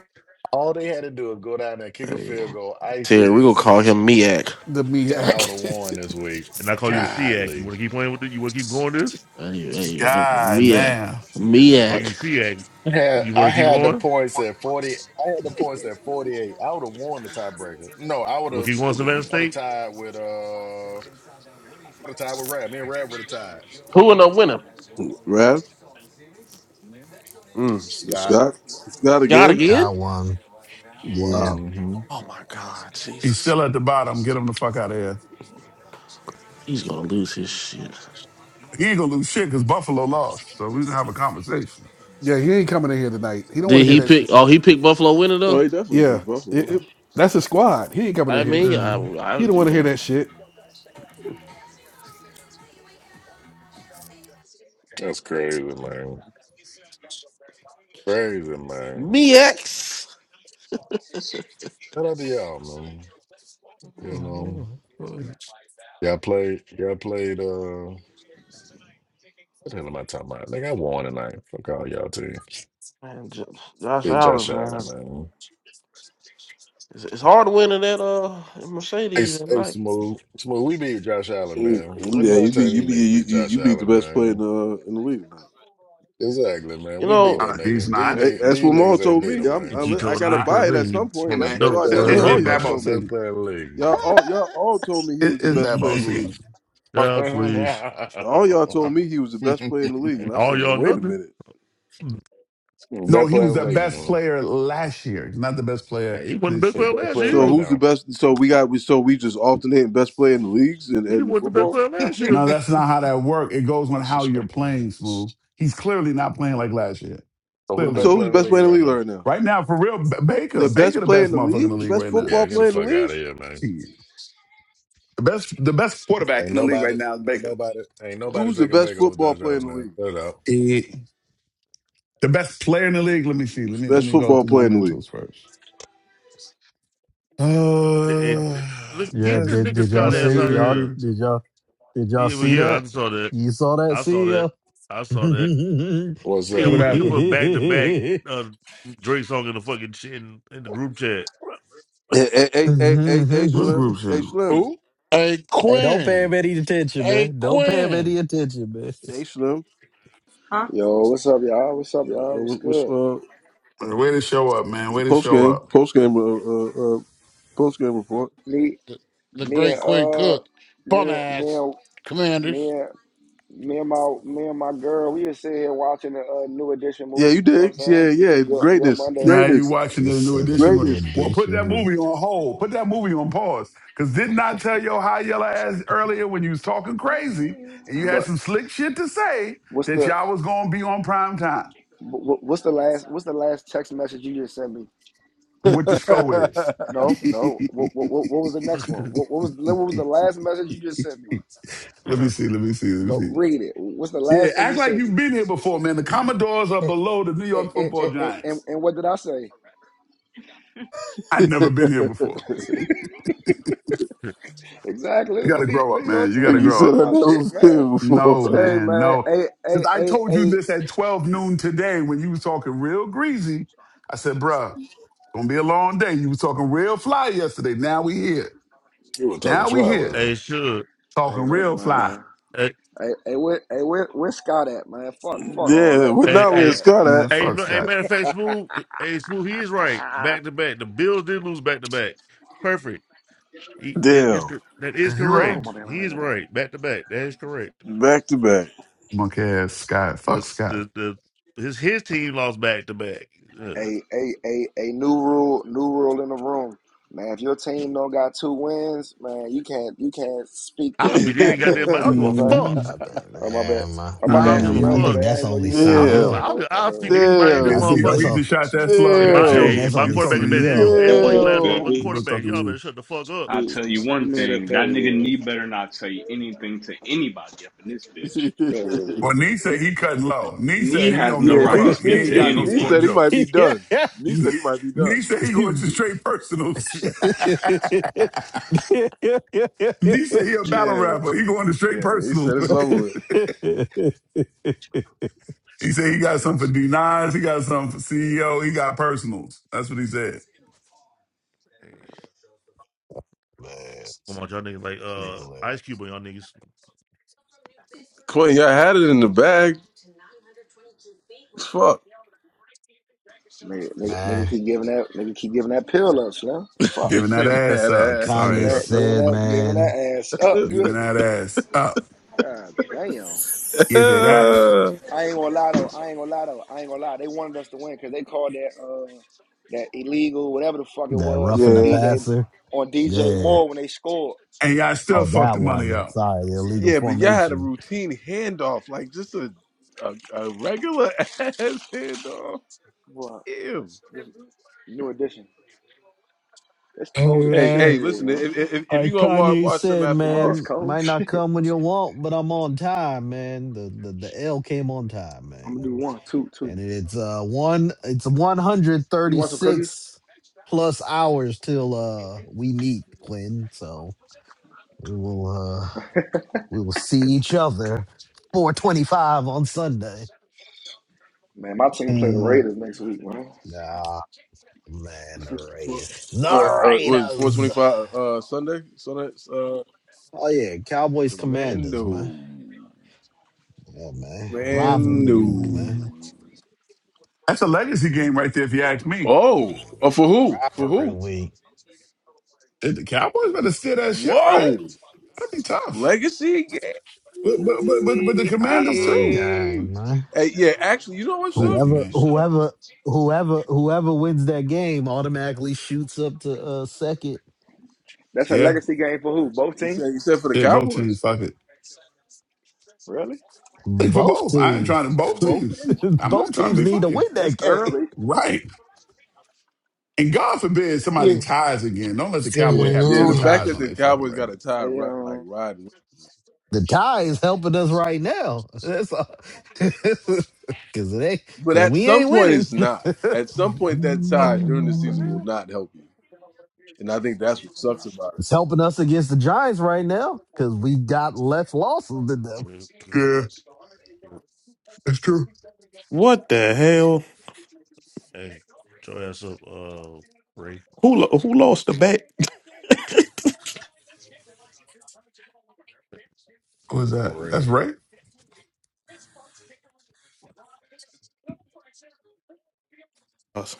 Speaker 1: All they had to do is go down there, kick a
Speaker 20: Hey,
Speaker 1: field goal, ice
Speaker 20: Terry, we gonna
Speaker 1: this,
Speaker 20: call him Miak.
Speaker 18: the
Speaker 1: and I would have
Speaker 18: MEAC.
Speaker 1: won this week.
Speaker 15: And I call you the SEAC. You
Speaker 1: Godly.
Speaker 15: want to keep playing with it? You want to keep going this?
Speaker 20: Hey, hey, Miak.
Speaker 17: damn.
Speaker 15: And I call you the
Speaker 20: Miak.
Speaker 15: SEAC.
Speaker 1: I had
Speaker 15: You
Speaker 1: I
Speaker 15: want to keep
Speaker 1: had the
Speaker 15: going?
Speaker 1: points at forty I had the points at forty eight. I would have won the tiebreaker. No, I would
Speaker 15: You want
Speaker 1: have
Speaker 15: to keep going Savannah
Speaker 1: I would have
Speaker 15: State?
Speaker 1: tied with uh I would have tied with Rad. Me and Rad would have tied.
Speaker 20: Who in the winner?
Speaker 8: Rev,
Speaker 20: Mm.
Speaker 8: the
Speaker 1: Scott.
Speaker 8: Scott, Scott
Speaker 20: Scott
Speaker 8: again.
Speaker 20: again?
Speaker 5: Taiwan. Yeah.
Speaker 8: Wow.
Speaker 1: hmm
Speaker 20: Oh my God,
Speaker 17: He's
Speaker 20: Jesus!
Speaker 17: still at the bottom. Get him the fuck out of here.
Speaker 20: He's gonna lose his shit.
Speaker 17: He ain't gonna lose shit because Buffalo lost. So we can have a conversation.
Speaker 18: yeah, he ain't coming in here tonight. He don't want
Speaker 20: Did
Speaker 18: to hear
Speaker 20: he
Speaker 17: Yeah.
Speaker 18: that
Speaker 20: pick?
Speaker 18: shit.
Speaker 20: Oh, he picked Buffalo winner
Speaker 8: Oh,
Speaker 20: though.
Speaker 8: he definitely
Speaker 18: Yeah,
Speaker 8: picked
Speaker 18: it,
Speaker 8: Buffalo.
Speaker 18: it- that's his squad. He ain't coming
Speaker 20: I
Speaker 18: in here.
Speaker 20: mean,
Speaker 17: yeah.
Speaker 20: I, I
Speaker 18: He don't
Speaker 20: you
Speaker 18: want to hear
Speaker 20: know,
Speaker 18: that shit.
Speaker 1: That's crazy, man. Crazy, man.
Speaker 20: me X,
Speaker 1: Shout out to y'all, man. You know, y'all played, y'all played, uh, what the hell am I talking about? Like, I won tonight. Fuck all y'all teams.
Speaker 20: Man, Jo- Josh
Speaker 1: Beat
Speaker 20: Allen,
Speaker 1: Josh
Speaker 20: man,
Speaker 1: Allen, man.
Speaker 20: it's, it's hard winning win that uh
Speaker 1: Hey,
Speaker 20: Mercedes
Speaker 1: S-
Speaker 20: at
Speaker 1: hey,
Speaker 20: night.
Speaker 1: Smooth. Smooth, we beat Josh Allen,
Speaker 8: Mm,
Speaker 1: man. When
Speaker 8: Yeah,
Speaker 1: the
Speaker 8: you
Speaker 1: last
Speaker 8: beat
Speaker 1: time
Speaker 8: you
Speaker 1: these
Speaker 8: beat
Speaker 1: niggas
Speaker 8: you,
Speaker 1: beat
Speaker 8: you,
Speaker 1: Josh
Speaker 8: you beat the
Speaker 1: Allen,
Speaker 8: best player in
Speaker 1: man?
Speaker 8: the in the league now.
Speaker 1: Exactly, man.
Speaker 20: You
Speaker 1: We beat
Speaker 20: know,
Speaker 1: that
Speaker 17: Uh, he's
Speaker 1: nigga. These,
Speaker 17: not.
Speaker 8: Hey,
Speaker 1: nigg-
Speaker 8: That's
Speaker 1: these
Speaker 8: what Maul
Speaker 1: niggas ain't
Speaker 8: told
Speaker 1: beat
Speaker 8: me.
Speaker 1: him,
Speaker 8: I'm, I
Speaker 15: If you
Speaker 8: li-
Speaker 1: man.
Speaker 8: I
Speaker 15: coming
Speaker 17: He's
Speaker 15: to
Speaker 8: gotta
Speaker 15: bed
Speaker 17: not.
Speaker 15: for
Speaker 8: buy it at
Speaker 15: me, you
Speaker 8: some point.
Speaker 17: Hey
Speaker 15: smoking
Speaker 8: That's
Speaker 17: man,
Speaker 8: what
Speaker 1: Best
Speaker 15: dope,
Speaker 8: y'all.
Speaker 1: player
Speaker 17: it,
Speaker 1: in
Speaker 15: boy.
Speaker 8: That's
Speaker 1: the
Speaker 15: I
Speaker 17: it,
Speaker 8: what
Speaker 15: know
Speaker 8: all
Speaker 15: that
Speaker 17: it's
Speaker 1: league,
Speaker 8: y'all
Speaker 17: bad
Speaker 15: much.
Speaker 17: ball
Speaker 1: man.
Speaker 8: told me.
Speaker 1: Best
Speaker 17: season.
Speaker 1: player in
Speaker 8: Y'all all y'all all told me he
Speaker 17: It,
Speaker 8: was the
Speaker 17: it's
Speaker 8: best
Speaker 17: bad
Speaker 8: player
Speaker 17: ball
Speaker 8: in the
Speaker 1: the
Speaker 8: league.
Speaker 17: season.
Speaker 15: God, please.
Speaker 8: All y'all
Speaker 1: league,
Speaker 8: told me he was the best
Speaker 1: man.
Speaker 8: player in the league,
Speaker 15: Hey,
Speaker 8: and I said,
Speaker 15: all y'all
Speaker 8: well, wait a
Speaker 15: nothing.
Speaker 8: minute.
Speaker 17: No,
Speaker 1: Best
Speaker 17: he
Speaker 1: player
Speaker 17: was
Speaker 1: in
Speaker 17: the
Speaker 1: the league,
Speaker 17: best
Speaker 1: man.
Speaker 17: player last year. He's not the best player
Speaker 15: Hey, he wasn't the best
Speaker 17: this
Speaker 1: The
Speaker 15: player
Speaker 17: year.
Speaker 1: best
Speaker 15: last
Speaker 1: player
Speaker 15: year
Speaker 8: So
Speaker 1: right
Speaker 15: either.
Speaker 8: who's the
Speaker 1: now.
Speaker 8: best? So we got we so we just alternating best player in the leagues and,
Speaker 15: He
Speaker 8: and
Speaker 15: wasn't the best
Speaker 8: football.
Speaker 15: player last year.
Speaker 17: No, that's not how that works. It goes on how you're
Speaker 10: Disrespectful.
Speaker 17: playing, Smooth. He's clearly not playing like last year.
Speaker 1: So who the
Speaker 17: Clearly
Speaker 1: best
Speaker 8: So
Speaker 17: not.
Speaker 8: who's the
Speaker 1: player in the
Speaker 8: best
Speaker 1: league
Speaker 8: player in the
Speaker 1: right
Speaker 8: league
Speaker 1: now?
Speaker 8: right now?
Speaker 17: Right now, for real, B- Baker,
Speaker 8: The
Speaker 17: Baker,
Speaker 8: best
Speaker 17: the
Speaker 8: player in
Speaker 17: best
Speaker 8: the
Speaker 17: motherfucker in the
Speaker 8: league, the
Speaker 17: league
Speaker 8: best
Speaker 17: right now.
Speaker 1: Yeah,
Speaker 8: football
Speaker 1: get the
Speaker 8: player in the
Speaker 1: fuck
Speaker 8: league.
Speaker 1: out of here, man.
Speaker 17: Period. The best, the best quarterback
Speaker 1: Ain't
Speaker 17: in the league right
Speaker 1: nobody,
Speaker 17: now is
Speaker 1: ain't
Speaker 17: Baker.
Speaker 1: nobody, ain't nobody
Speaker 8: Who's the
Speaker 1: taking
Speaker 8: best
Speaker 1: back over
Speaker 8: football
Speaker 1: Josh
Speaker 8: player in
Speaker 1: Allen,
Speaker 8: the
Speaker 1: man.
Speaker 8: league?
Speaker 1: Cut it out.
Speaker 17: Period. The best player in the league. Let me see. Let me let
Speaker 8: Best
Speaker 17: me go
Speaker 8: football
Speaker 17: through my
Speaker 8: player in the league.
Speaker 17: mentals first.
Speaker 15: And, and-
Speaker 17: Uh,
Speaker 15: look,
Speaker 5: Yeah,
Speaker 15: get this
Speaker 17: best
Speaker 5: did
Speaker 15: nigga
Speaker 5: did y'all
Speaker 15: Scott ass
Speaker 5: see
Speaker 15: out of
Speaker 5: y'all
Speaker 15: here.
Speaker 17: player.
Speaker 5: did y'all did y'all
Speaker 15: Yeah, well,
Speaker 5: see
Speaker 15: yeah, I
Speaker 5: that?
Speaker 15: just saw that.
Speaker 5: You saw that
Speaker 15: I saw
Speaker 5: see
Speaker 15: that.
Speaker 5: ya.
Speaker 15: I saw
Speaker 5: hey,
Speaker 15: that.
Speaker 1: What's
Speaker 15: He will
Speaker 17: What
Speaker 1: up?
Speaker 15: put he will
Speaker 17: happened?
Speaker 15: put back to back uh Drake song in the fucking shit in, in the group chat.
Speaker 8: Hey, hey, hey, hey, hey,
Speaker 17: What
Speaker 8: Slim.
Speaker 17: group's
Speaker 8: Hey,
Speaker 17: in?
Speaker 8: Slim.
Speaker 1: Who?
Speaker 6: Hey
Speaker 5: don't pay him
Speaker 6: Quinn.
Speaker 5: any attention,
Speaker 6: Hey
Speaker 5: man. Don't pay him any
Speaker 6: Quinn.
Speaker 5: attention, man.
Speaker 8: Hey, Slim.
Speaker 21: Yo, what's up, y'all? What's up,
Speaker 8: Uh,
Speaker 21: y'all?
Speaker 8: uh,
Speaker 21: What's
Speaker 8: what- What's
Speaker 21: good?
Speaker 8: uh,
Speaker 17: Way to show up, man. Way to
Speaker 8: post
Speaker 17: show
Speaker 8: game?
Speaker 17: up.
Speaker 8: Post game. Uh, uh, uh, post game report.
Speaker 21: Me,
Speaker 6: The, the
Speaker 21: me
Speaker 6: great
Speaker 21: and
Speaker 6: Quinn
Speaker 21: uh,
Speaker 6: Cook. Bum
Speaker 21: me, and- me,
Speaker 6: ass.
Speaker 21: and- me,
Speaker 6: Commanders.
Speaker 21: and- me and my, me and my girl, we just sit here watching the uh, new edition
Speaker 8: Yeah, you
Speaker 21: movie. You know what I'm
Speaker 8: did. Yeah,
Speaker 21: saying?
Speaker 8: yeah.
Speaker 21: Good, good
Speaker 8: Greatness.
Speaker 21: Monday
Speaker 17: Now
Speaker 21: night.
Speaker 17: you
Speaker 8: Greatness.
Speaker 17: watching
Speaker 5: You
Speaker 17: the new
Speaker 5: said a
Speaker 17: edition.
Speaker 5: new
Speaker 8: Greatness.
Speaker 17: Well, put that
Speaker 5: edition.
Speaker 17: movie on hold. Put that movie on pause. Cause didn't I tell your high yellow ass earlier when you was talking crazy and you had
Speaker 21: But
Speaker 17: some slick shit to say
Speaker 21: what's
Speaker 17: that
Speaker 21: the,
Speaker 17: y'all was gonna be on prime time?
Speaker 21: wh- wh- what's the last, what's the last text message you just sent me?
Speaker 8: you
Speaker 17: What the score is?
Speaker 21: No, no. What, what, what was the next one? What, what was, what was the
Speaker 17: let
Speaker 21: last message you just sent me?
Speaker 17: me see. Let me see. Let me
Speaker 21: Go
Speaker 17: see.
Speaker 21: read it. What's the
Speaker 17: Yeah,
Speaker 21: last thing
Speaker 17: act
Speaker 21: you
Speaker 17: like
Speaker 21: sent me?
Speaker 17: you've been here before, man. The Commodores are
Speaker 21: And,
Speaker 17: below the New York
Speaker 21: and, and,
Speaker 17: Football
Speaker 21: and, and,
Speaker 17: Giants.
Speaker 21: and what did I say?
Speaker 17: I've never been here before.
Speaker 21: Exactly.
Speaker 17: You got
Speaker 21: Let
Speaker 17: to
Speaker 21: me,
Speaker 17: grow
Speaker 21: let-
Speaker 17: up,
Speaker 21: you know what I'm
Speaker 17: man. You got
Speaker 21: saying?
Speaker 17: to
Speaker 21: Let me
Speaker 17: grow
Speaker 8: said
Speaker 21: talk
Speaker 8: I
Speaker 17: up.
Speaker 21: about shit,
Speaker 8: never
Speaker 21: man.
Speaker 8: been
Speaker 17: No,
Speaker 8: before.
Speaker 21: Hey,
Speaker 17: man,
Speaker 21: man.
Speaker 17: no.
Speaker 21: Hey, hey,
Speaker 17: Because I
Speaker 21: hey,
Speaker 17: told you
Speaker 21: hey,
Speaker 17: this at 12 noon today when you was talking real greasy. I said, bruh, it's gonna be a long day. You was talking real fly yesterday. Now we here.
Speaker 1: You were talking
Speaker 17: Now we
Speaker 21: man.
Speaker 1: fly,
Speaker 17: here.
Speaker 1: wasn't it?
Speaker 15: hey, sure.
Speaker 21: Hey,
Speaker 17: Talking
Speaker 21: look,
Speaker 17: real fly.
Speaker 21: man.
Speaker 15: Hey,
Speaker 21: Hey, hey, where, hey, where, where Scott at, man? Fuck, fuck all
Speaker 8: Yeah,
Speaker 21: that.
Speaker 8: we're
Speaker 21: Where
Speaker 15: hey,
Speaker 8: not
Speaker 21: Scott
Speaker 8: where
Speaker 21: at,
Speaker 15: hey.
Speaker 8: Scott
Speaker 21: man?
Speaker 8: at.
Speaker 17: Man,
Speaker 15: Hey,
Speaker 17: fuck
Speaker 15: no, hey,
Speaker 17: Scott.
Speaker 15: matter of fact, Smooth, hey, Smooth, he is right. Back to back. The Bills did lose back to back. Perfect. He, that, is,
Speaker 8: Damn.
Speaker 15: cor- that is
Speaker 17: And you
Speaker 21: Oh
Speaker 17: right.
Speaker 15: correct.
Speaker 21: my man, man,
Speaker 15: He
Speaker 21: man,
Speaker 15: is
Speaker 21: man. man.
Speaker 15: right. Back to back. That is correct.
Speaker 8: Back to back.
Speaker 17: Monkey ass Scott. Fuck
Speaker 15: This,
Speaker 17: Scott.
Speaker 15: the, the, his, his team lost back to back. Ugh.
Speaker 21: Hey, hey, hey, hey. New rule, new rule in the room, man. If your team don't got two wins, man, you can't, you can't speak to
Speaker 15: Osby didn't even
Speaker 21: anybody in
Speaker 15: goddamn, I
Speaker 21: here.
Speaker 15: don't
Speaker 21: You
Speaker 15: give
Speaker 21: know what
Speaker 15: a
Speaker 21: I'm saying?
Speaker 15: fuck.
Speaker 17: hmm
Speaker 5: I think,
Speaker 21: Oh my bad.
Speaker 5: damn, I-
Speaker 21: Oh my
Speaker 15: I don't
Speaker 21: bad,
Speaker 15: give a
Speaker 5: damn. I
Speaker 21: CEO. My
Speaker 17: hmm
Speaker 15: fuck.
Speaker 5: think
Speaker 21: bad. I
Speaker 5: that's
Speaker 21: didn't know
Speaker 5: only
Speaker 21: you was in
Speaker 15: I
Speaker 21: here.
Speaker 15: don't
Speaker 21: My
Speaker 15: give a fuck.
Speaker 21: bad,
Speaker 5: CEO.
Speaker 8: Damn.
Speaker 21: boy.
Speaker 15: I'll,
Speaker 21: My
Speaker 15: I'll
Speaker 21: bad,
Speaker 15: speak
Speaker 21: boy.
Speaker 15: to anybody in this
Speaker 5: I
Speaker 17: Yeah,
Speaker 8: Damn.
Speaker 5: I
Speaker 17: see,
Speaker 5: think
Speaker 17: yo,
Speaker 5: that's
Speaker 17: he
Speaker 15: motherfucker.
Speaker 5: all.
Speaker 17: just shot that slug
Speaker 15: And my
Speaker 5: I
Speaker 17: at
Speaker 5: think
Speaker 8: Bill,
Speaker 15: hey,
Speaker 17: you.
Speaker 5: that's
Speaker 15: my
Speaker 17: He
Speaker 5: only
Speaker 17: was
Speaker 15: quarterback
Speaker 17: talking
Speaker 15: has
Speaker 17: to
Speaker 15: been
Speaker 17: you.
Speaker 15: every,
Speaker 5: CEO.
Speaker 15: every one of you
Speaker 19: Oh,
Speaker 15: last
Speaker 19: man,
Speaker 15: motherfucking
Speaker 8: Bill.
Speaker 17: He
Speaker 19: who,
Speaker 17: was
Speaker 15: quarterbacks.
Speaker 17: talking to
Speaker 15: Y'all better
Speaker 17: you.
Speaker 15: shut the fuck up.
Speaker 16: I
Speaker 19: who
Speaker 16: tell you
Speaker 19: who
Speaker 16: one
Speaker 19: made up
Speaker 16: thing,
Speaker 19: that
Speaker 16: that nigga
Speaker 19: rule?
Speaker 16: Nee better not say anything to anybody up in this
Speaker 8: yeah,
Speaker 16: bitch.
Speaker 19: That rule.
Speaker 17: Well, Nee said he cutting low. Nee
Speaker 16: Nee
Speaker 17: said he
Speaker 16: has
Speaker 17: don't
Speaker 16: no
Speaker 17: give a
Speaker 16: right to
Speaker 8: Nee,
Speaker 17: fuck. He
Speaker 16: speak
Speaker 8: Nee,
Speaker 17: ain't
Speaker 16: to
Speaker 17: got
Speaker 8: Nee,
Speaker 17: no
Speaker 8: Nee
Speaker 17: sport
Speaker 16: anyone.
Speaker 8: said he might
Speaker 17: jokes.
Speaker 8: be done. Nee said he might be
Speaker 17: Nee
Speaker 8: done.
Speaker 17: said he going to
Speaker 5: yeah.
Speaker 17: straight personals.
Speaker 5: man,
Speaker 17: Nee said he a battle
Speaker 8: Yeah,
Speaker 17: rapper. He going to straight
Speaker 8: yeah, he
Speaker 17: personals.
Speaker 8: said it's over with.
Speaker 17: he said he got something for D9s. He got something for CEO. He got personals. That's what he said.
Speaker 15: Come on, y'all niggas like
Speaker 5: you
Speaker 15: uh
Speaker 5: hilarious.
Speaker 15: Ice Cube on y'all niggas.
Speaker 8: Clinton, y'all had it in the bag. Fuck.
Speaker 21: Nigga, nigga, nigga
Speaker 5: Man,
Speaker 21: keep giving that nigga keep giving that pill up, Slim. Fuck.
Speaker 17: Giving that ass
Speaker 8: that
Speaker 5: like
Speaker 17: up.
Speaker 8: ass.
Speaker 21: Giving
Speaker 17: Sorry,
Speaker 5: Kanye
Speaker 21: that, giving
Speaker 17: asses.
Speaker 5: said,
Speaker 21: that, giving
Speaker 5: man,
Speaker 21: that ass up. You hear
Speaker 17: Giving
Speaker 21: me?
Speaker 17: that ass up.
Speaker 21: God damn.
Speaker 17: Give it up.
Speaker 21: I ain't gonna lie though. I ain't gonna lie though. I ain't gonna lie. They wanted us to win because they called that uh that illegal, whatever the fuck it
Speaker 5: that
Speaker 21: was,
Speaker 5: roughing
Speaker 21: on
Speaker 5: the
Speaker 8: yeah.
Speaker 21: DJ
Speaker 5: passer.
Speaker 21: on DJ
Speaker 5: Yeah.
Speaker 21: Moore when they scored.
Speaker 17: And y'all still
Speaker 5: Oh,
Speaker 17: fuck the
Speaker 5: that
Speaker 17: money
Speaker 5: one.
Speaker 17: up.
Speaker 5: Sorry, the illegal
Speaker 8: Yeah, but y'all had a
Speaker 5: formation.
Speaker 8: routine handoff, like just a a, a regular ass handoff.
Speaker 21: What?
Speaker 8: Ew.
Speaker 21: new edition. It's
Speaker 5: Hey,
Speaker 21: cold as
Speaker 8: Hey,
Speaker 21: shit in
Speaker 5: man.
Speaker 8: hey,
Speaker 21: here,
Speaker 8: listen,
Speaker 21: man.
Speaker 8: if, if, if you
Speaker 5: Like
Speaker 8: going to watch,
Speaker 5: Kanye
Speaker 8: watch them
Speaker 5: said,
Speaker 8: after
Speaker 21: Not this
Speaker 5: man,
Speaker 8: loss,
Speaker 21: cold.
Speaker 5: might not
Speaker 21: Shit.
Speaker 5: come when you want, but I'm on time, man. The the, the L came on time,
Speaker 21: I'm gonna
Speaker 5: man.
Speaker 21: do one, two, two.
Speaker 5: and it's uh one it's
Speaker 21: You want some cookies?
Speaker 5: 136 plus hours till uh we meet Quinn. So we will uh we will see each other 425 on Sunday.
Speaker 21: Man, my team play the
Speaker 17: Mm,
Speaker 21: Raiders next week, man.
Speaker 5: Ah man, the
Speaker 8: Well,
Speaker 5: Raiders.
Speaker 8: Uh,
Speaker 5: The
Speaker 8: uh, was four
Speaker 5: Raiders.
Speaker 8: twenty five uh Sunday? Sunday uh
Speaker 5: Oh yeah, Cowboys Commanders, man.
Speaker 8: Mando.
Speaker 5: Yeah, man. Rivalry week, man.
Speaker 17: mm.
Speaker 8: Mando.
Speaker 17: That's a legacy game right there, if you ask me.
Speaker 8: Oh, oh for who? For
Speaker 5: Rivalry
Speaker 8: who?
Speaker 5: week.
Speaker 17: Did the Cowboys better steer that ship right?
Speaker 8: Whoa.
Speaker 17: That'd be tough.
Speaker 8: Legacy
Speaker 17: But but but but, but the
Speaker 8: game.
Speaker 17: Commanders
Speaker 5: Rivalry
Speaker 17: too.
Speaker 5: game, man.
Speaker 8: Hey, yeah, actually, you know what, Shook?
Speaker 17: Legacy
Speaker 5: Whoever,
Speaker 17: game.
Speaker 8: Shook.
Speaker 5: whoever, whoever, whoever wins that game automatically shoots up to uh, second.
Speaker 21: That's a
Speaker 17: Yeah.
Speaker 21: legacy game for who? Both
Speaker 8: He
Speaker 21: teams?
Speaker 8: said he said for the
Speaker 17: Shit, both teams.
Speaker 8: Cowboys.
Speaker 17: Fuck it.
Speaker 21: Really?
Speaker 17: Hey, For
Speaker 5: Both
Speaker 17: both. I ain't
Speaker 5: teams,
Speaker 17: trying to both
Speaker 8: Both
Speaker 17: teams.
Speaker 8: teams.
Speaker 17: I might
Speaker 5: both
Speaker 17: try and
Speaker 5: teams
Speaker 17: be
Speaker 5: need to
Speaker 17: funny.
Speaker 5: win
Speaker 21: This
Speaker 5: that game.
Speaker 21: early?
Speaker 17: Right. And God forbid somebody ties again. Don't let the Cowboy
Speaker 8: Yeah,
Speaker 17: have
Speaker 8: yeah. The
Speaker 17: two
Speaker 8: fact
Speaker 17: ties
Speaker 8: that
Speaker 17: on
Speaker 8: the
Speaker 17: their fucking
Speaker 8: Cowboys got a
Speaker 17: record.
Speaker 8: tie
Speaker 21: Hey,
Speaker 8: right like
Speaker 21: um,
Speaker 8: riding.
Speaker 5: The tie is helping us right now. That's all. Cause it ain't,
Speaker 8: But
Speaker 5: cause
Speaker 8: at
Speaker 5: we
Speaker 8: some
Speaker 5: ain't
Speaker 8: point
Speaker 5: winning.
Speaker 8: it's not. At some point that
Speaker 15: Oh,
Speaker 8: tie during the
Speaker 15: what the
Speaker 8: season will
Speaker 15: hell?
Speaker 8: not help you. And I think that's what sucks about it.
Speaker 5: It's helping us against the Giants right now because we got less losses than them.
Speaker 17: Yeah, that's true.
Speaker 22: What the hell?
Speaker 15: Hey, shut your ass up, uh, Ray.
Speaker 22: Who lo- who lost the bet?
Speaker 17: What was that?
Speaker 15: Ray,
Speaker 17: That's right.
Speaker 22: Us.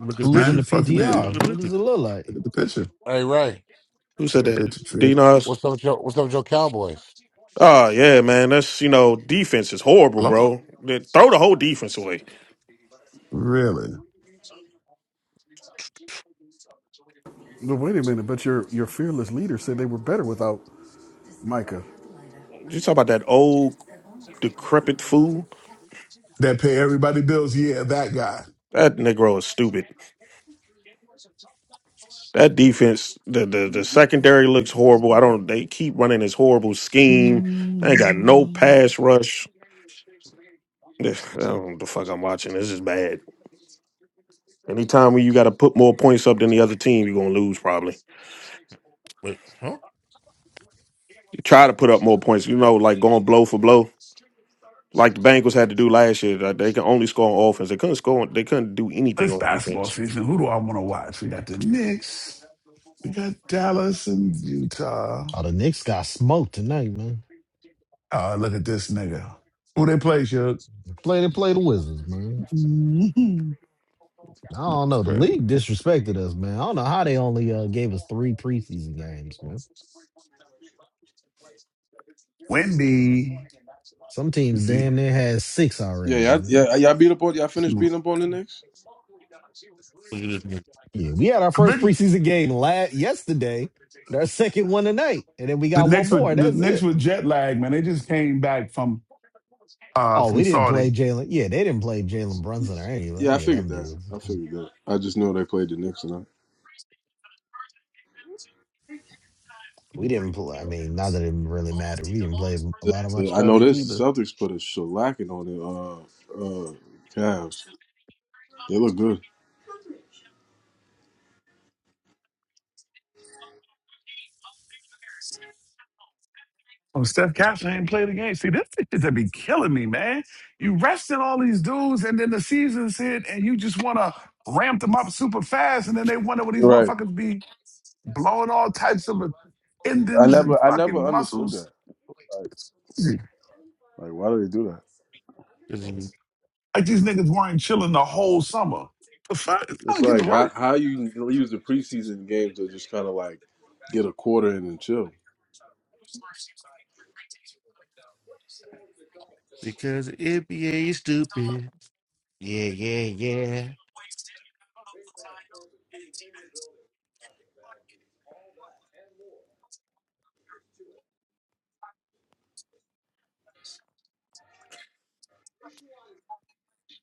Speaker 15: look at the
Speaker 5: Who's in
Speaker 17: Man,
Speaker 5: the
Speaker 15: picture.
Speaker 17: fuck you,
Speaker 15: look at
Speaker 5: PTR?
Speaker 17: man.
Speaker 15: the
Speaker 5: What
Speaker 15: picture.
Speaker 5: does it look
Speaker 17: Look
Speaker 5: like?
Speaker 17: at the picture.
Speaker 6: Hey Ray.
Speaker 22: Who
Speaker 17: Take
Speaker 22: said
Speaker 17: a
Speaker 22: that?
Speaker 17: picture, trick.
Speaker 22: Dinos.
Speaker 6: What's up with your What's up with your Cowboys?
Speaker 22: Oh yeah, man. That's you know defense is horrible,
Speaker 17: Hello?
Speaker 22: bro. They- Throw the whole defense away.
Speaker 17: Really?
Speaker 18: But wait a minute, but your your fearless leader said they were better without Micah.
Speaker 22: You talk about that old decrepit fool.
Speaker 17: That pay everybody bills? Yeah, that guy.
Speaker 22: That Negro is stupid. That defense, the, the the secondary looks horrible. I don't. They keep running this horrible scheme. They ain't got no pass rush. I don't know what the fuck I'm watching. This is bad. Anytime when you got to put more points up than the other team, you're gonna lose probably.
Speaker 15: Wait, huh?
Speaker 22: try to put up more points. You know, like going blow for blow, like the Bengals had to do last year. Like they can only score on offense. They couldn't score. On, they couldn't do anything
Speaker 17: It's
Speaker 22: on defense.
Speaker 17: basketball season. Who do I want to watch? We got the Knicks. We got Dallas and Utah.
Speaker 5: Oh, the Knicks got smoked tonight, man.
Speaker 17: Oh, look at this nigga. Who they play, Shug?
Speaker 5: Play to play the Wizards, man.
Speaker 17: Mhm.
Speaker 5: I don't
Speaker 17: It's
Speaker 5: know. The
Speaker 17: crazy.
Speaker 5: league disrespected us, man. I don't know how they only uh, gave us three preseason games, man.
Speaker 17: Wendy.
Speaker 5: Some teams
Speaker 17: Let's see.
Speaker 5: damn
Speaker 17: Let's
Speaker 5: near had six
Speaker 8: Yeah,
Speaker 5: already.
Speaker 8: yeah,
Speaker 5: Man.
Speaker 8: yeah. uh, Y'all beat up on y'all
Speaker 17: see
Speaker 8: finished
Speaker 17: what-
Speaker 8: beating up on the Knicks.
Speaker 15: Look at this nigga.
Speaker 5: Yeah, we had our first
Speaker 17: Maybe
Speaker 5: preseason game last yesterday, and our second one tonight, and then we
Speaker 17: the
Speaker 5: got one
Speaker 17: next
Speaker 5: more,
Speaker 17: with
Speaker 5: and
Speaker 17: the
Speaker 5: that's
Speaker 17: next
Speaker 5: it.
Speaker 17: with jet lag, man. They just came back from uh
Speaker 5: Oh,
Speaker 17: from
Speaker 5: we didn't play
Speaker 17: Saudi.
Speaker 5: Jalen. Yeah, they didn't play Jalen Brunson or any,
Speaker 8: Yeah, I
Speaker 5: any of
Speaker 8: figured
Speaker 5: them
Speaker 8: that.
Speaker 5: dudes.
Speaker 8: I figured that. I just know they played the Knicks, and I,
Speaker 5: We didn't play. I mean, not that it really mattered. We didn't play a
Speaker 8: the,
Speaker 5: lot of our
Speaker 8: the, I know
Speaker 5: starters
Speaker 8: this.
Speaker 5: either.
Speaker 8: The Celtics put a shellacking on the uh, uh, Cavs. They look good.
Speaker 17: Oh, Steph Castle ain't played the game. See, this shit that be killing me, man. You resting all these dudes, and then the season's hit, and you just want to ramp them up super fast, and then they wonder what these
Speaker 8: Right.
Speaker 17: motherfuckers be blowing all types of
Speaker 8: I
Speaker 17: endings and
Speaker 8: never, I never
Speaker 17: fucking
Speaker 8: understood
Speaker 17: muscles.
Speaker 8: that. Like, like why do they do that?
Speaker 15: This is-
Speaker 17: Like these niggas weren't chilling the whole summer. The fuck, it's time
Speaker 8: It's
Speaker 17: to get to
Speaker 8: like how,
Speaker 17: work.
Speaker 8: how you use the preseason games to just kind of like get a quarter in and chill.
Speaker 15: Because the NBA is stupid. Yeah, yeah,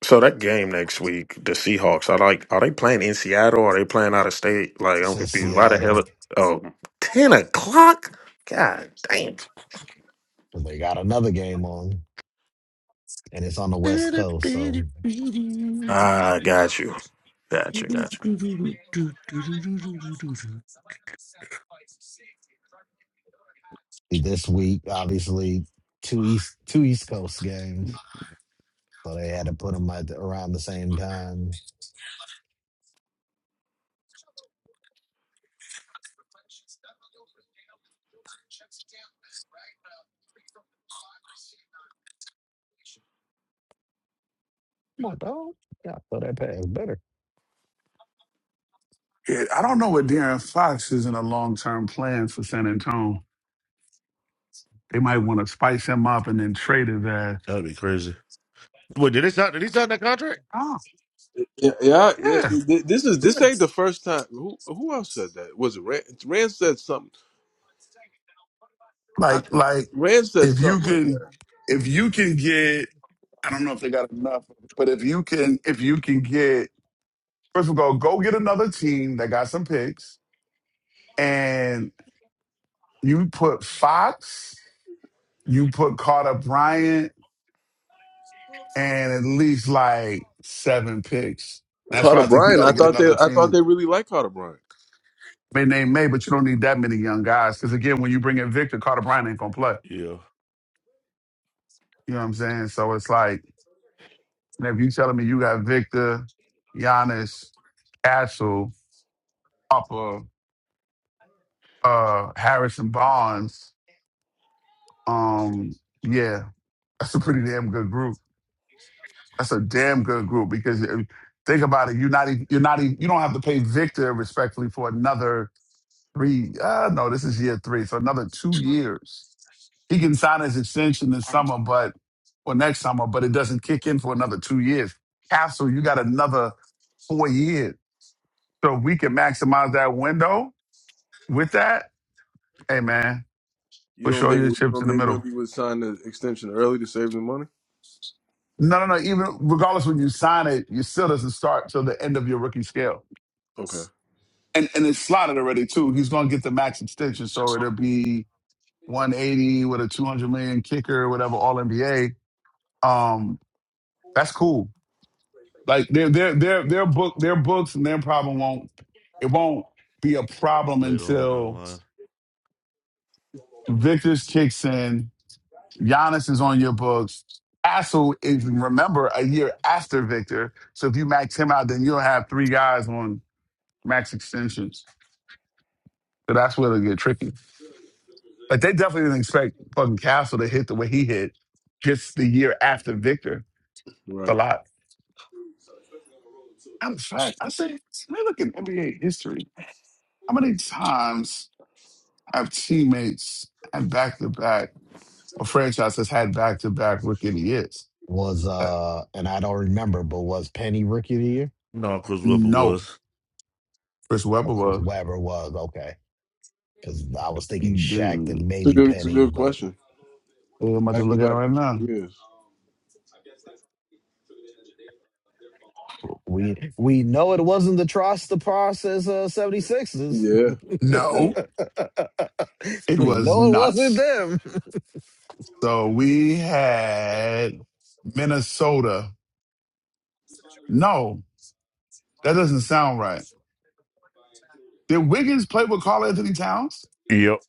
Speaker 22: So that game next week, the Seahawks. I like. Are they playing in Seattle? Are they playing out of state? Like I'm
Speaker 5: Since
Speaker 22: confused. Why the
Speaker 5: Seattle,
Speaker 22: hell? Oh, ten o'clock. God damn.
Speaker 5: but they got another game on, and it's on the West Coast, so.
Speaker 15: yeah.
Speaker 22: Ah, got you. Got
Speaker 15: That'd
Speaker 22: you. Got
Speaker 5: this week, obviously two East two East Coast games, so they had to put them at the, around the same time. My dog like, oh, yeah, so that pass better.
Speaker 17: Yeah, I don't know what Darren Fox is in a long term plan for San Antonio. They might want to spice him up and then trade his ass.
Speaker 15: be crazy. Wait, did they sign? Did he sign that contract?
Speaker 17: Oh,
Speaker 8: Yeah, yeah, yeah.
Speaker 17: yeah,
Speaker 8: Th- This is this
Speaker 17: yeah.
Speaker 8: ain't the first time. Who who else said that? Was it Rand? Rand said something. I, I,
Speaker 17: Like, like
Speaker 8: Rand said
Speaker 17: if you
Speaker 8: something like
Speaker 17: can,
Speaker 8: that.
Speaker 17: if you can get, I don't know if they got enough, but if you can, if you can get, first of all, go get another team that got some picks, and you put Fox, you put Carter Bryant. and at least like seven picks. That's why
Speaker 8: Carter
Speaker 17: I think you
Speaker 8: Bryant.
Speaker 17: got
Speaker 8: I
Speaker 17: to get
Speaker 8: thought they.
Speaker 17: another
Speaker 8: I thought
Speaker 17: team.
Speaker 8: they really liked Carter Bryant.
Speaker 17: May name may, but you don't need that many young guys. Because again, when you bring in Victor, Carter Bryant ain't gonna play.
Speaker 15: Yeah,
Speaker 17: You know what I'm saying? So it's like, and if you telling me you got Victor, Giannis, Castle, Upper, uh, Harrison Barnes, um, yeah, that's a pretty damn good group. That's a damn good group because uh, think about it. You're not even, you're not even, you don't have to pay Victor respectfully for another three. Uh, no, this is year three. So another two years. He can sign his extension this summer, but or next summer, but it doesn't kick in for another two years. Castle, you got another four years. So if we can maximize that window with that, hey man,
Speaker 8: You
Speaker 17: we'll
Speaker 8: don't
Speaker 17: show
Speaker 8: think?
Speaker 17: you the
Speaker 8: You
Speaker 17: chips
Speaker 8: don't
Speaker 17: in the
Speaker 8: think
Speaker 17: middle.
Speaker 8: Wimby would sign the extension early to save the money?
Speaker 17: No, no, no. Even regardless when you sign it, you still doesn't start till the end of your rookie scale.
Speaker 8: Okay,
Speaker 17: And and it's slotted already too. He's gonna get the max extension. So
Speaker 22: you.
Speaker 17: it'll be 180 with a 200 million kicker, whatever, all NBA. Um. That's cool. Like their their their their book their books and their problem won't it won't be a problem
Speaker 15: later on down the
Speaker 17: until
Speaker 15: line.
Speaker 17: Victor's kicks in, Giannis is on your books. Assel is remember a year after Victor. So if you max him out, then you'll have three guys on max extensions. So that's where it'll get tricky. But they definitely didn't expect fucking Castle to hit the way he hit just the year after Victor. It's a
Speaker 8: right.
Speaker 17: lot.
Speaker 8: It's
Speaker 17: I'm fact, I say let me look at NBA history. How many times have teammates and back to back or franchise has had back to back rookie of the years.
Speaker 5: Was
Speaker 17: Uh,
Speaker 5: uh, and I don't remember, but was Penny rookie of the year?
Speaker 15: No, Chris Webber
Speaker 17: no,
Speaker 15: was
Speaker 17: Chris
Speaker 5: Oh,
Speaker 17: Webber
Speaker 5: Chris
Speaker 17: was.
Speaker 5: Webber was okay. Because I was thinking Shaq,
Speaker 17: Dude,
Speaker 5: and
Speaker 8: a
Speaker 5: maybe
Speaker 8: good. It's a
Speaker 5: Penny,
Speaker 8: good
Speaker 5: but
Speaker 8: question.
Speaker 17: I'm about to
Speaker 8: Back to
Speaker 17: look at it
Speaker 8: back
Speaker 17: right now.
Speaker 8: years.
Speaker 5: we we know it wasn't the trust the process uh, 76ers.
Speaker 8: Yeah. Yeah.
Speaker 17: No, it
Speaker 5: we
Speaker 17: was
Speaker 5: know it wasn't
Speaker 17: nuts.
Speaker 5: them.
Speaker 17: So we had Minnesota. No, that doesn't sound right. Did Wiggins play with Carl Anthony Towns?
Speaker 15: Yep.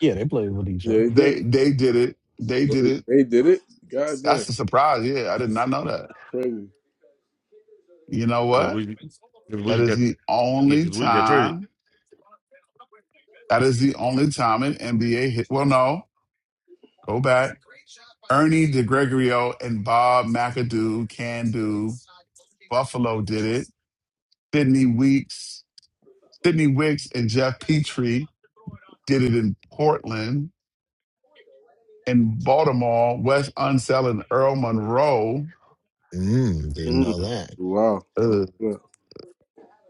Speaker 5: Yeah, they played with each
Speaker 8: Yeah.
Speaker 5: other.
Speaker 8: He did.
Speaker 17: They they did it. They
Speaker 8: They,
Speaker 17: did it.
Speaker 8: they did it. God damn.
Speaker 17: That's a surprise. Yeah, I did not know that.
Speaker 8: Crazy.
Speaker 17: You know
Speaker 15: because
Speaker 17: what?
Speaker 15: we, cause
Speaker 17: That
Speaker 15: we
Speaker 17: is
Speaker 15: got
Speaker 17: the
Speaker 15: yeah,
Speaker 17: only
Speaker 15: because we got traded.
Speaker 17: time That is the only time an NBA hit. Well, no, go back. Ernie DeGregorio and Bob McAdoo can do. Buffalo did it. Sidney Weeks, Sidney Wicks, and Jeff Petrie did it in Portland. In Baltimore, Wes Unseld and Earl Monroe.
Speaker 5: Mm, didn't know
Speaker 8: Mm.
Speaker 5: that.
Speaker 8: Wow.
Speaker 17: Ugh.
Speaker 8: Yeah.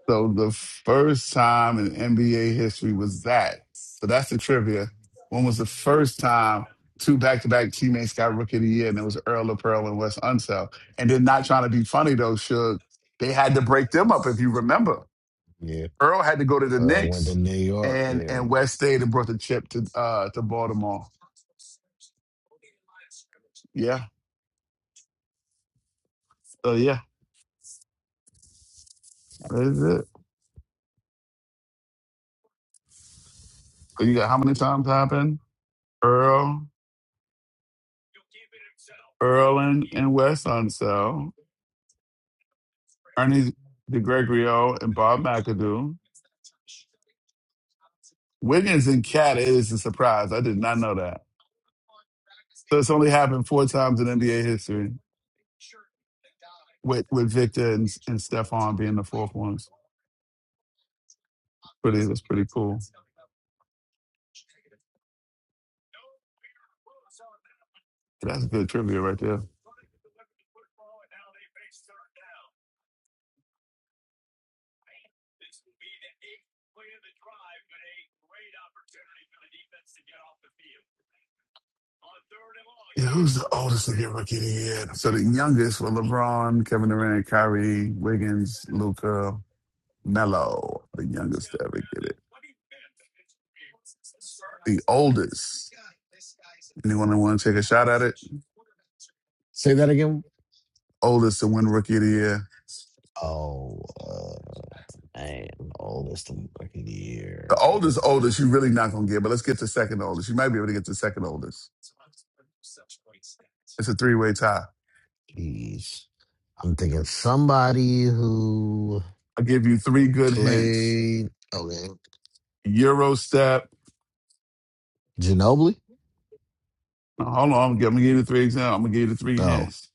Speaker 17: So the first time in NBA history was that. So that's the trivia. When was the first time two back to back teammates got rookie of the year and it was Earl of Pearl and Wes Unsell? And then not trying to be funny though, Suge, they had to break them up if you remember.
Speaker 5: Yeah.
Speaker 17: Earl had to go to the
Speaker 5: Earl went to
Speaker 17: Knicks
Speaker 5: New York.
Speaker 17: and
Speaker 5: Yeah.
Speaker 17: and West stayed and brought the chip to uh to Baltimore. Yeah. So yeah, that is it. So you got how many times happened? Earl, Earl and, and Wes Unsell. Ernie DeGregorio and Bob McAdoo. Wiggins and Cat is a surprise. I did not know that. So it's only happened four times in NBA history, with with Victor and, and Stephon being the fourth ones. Pretty that's pretty cool. That's good trivia right there. Yeah, who's the oldest to get rookie of the year? So the youngest were LeBron, Kevin Durant, Kyrie, Wiggins, Luca, Melo. The youngest to ever get it. The oldest. Anyone want to take a shot at it?
Speaker 5: Say that again.
Speaker 17: Oldest to win rookie of the year
Speaker 5: Oh, uh, man. Oldest in fucking
Speaker 17: The
Speaker 5: year. Ugh,
Speaker 17: oldest, oldest, you're really not gonna get, but let's get the second oldest. You might be able to get the second oldest. It's a three-way tie.
Speaker 5: Jeez. I'm thinking somebody who
Speaker 17: I'll give you three good hints.
Speaker 5: played. Okay.
Speaker 17: Euro step.
Speaker 5: Ginobili?
Speaker 17: now, Hold on, I'm gonna, give, I'm gonna give you the three examples. I'm gonna give you the three
Speaker 5: No.
Speaker 17: hints.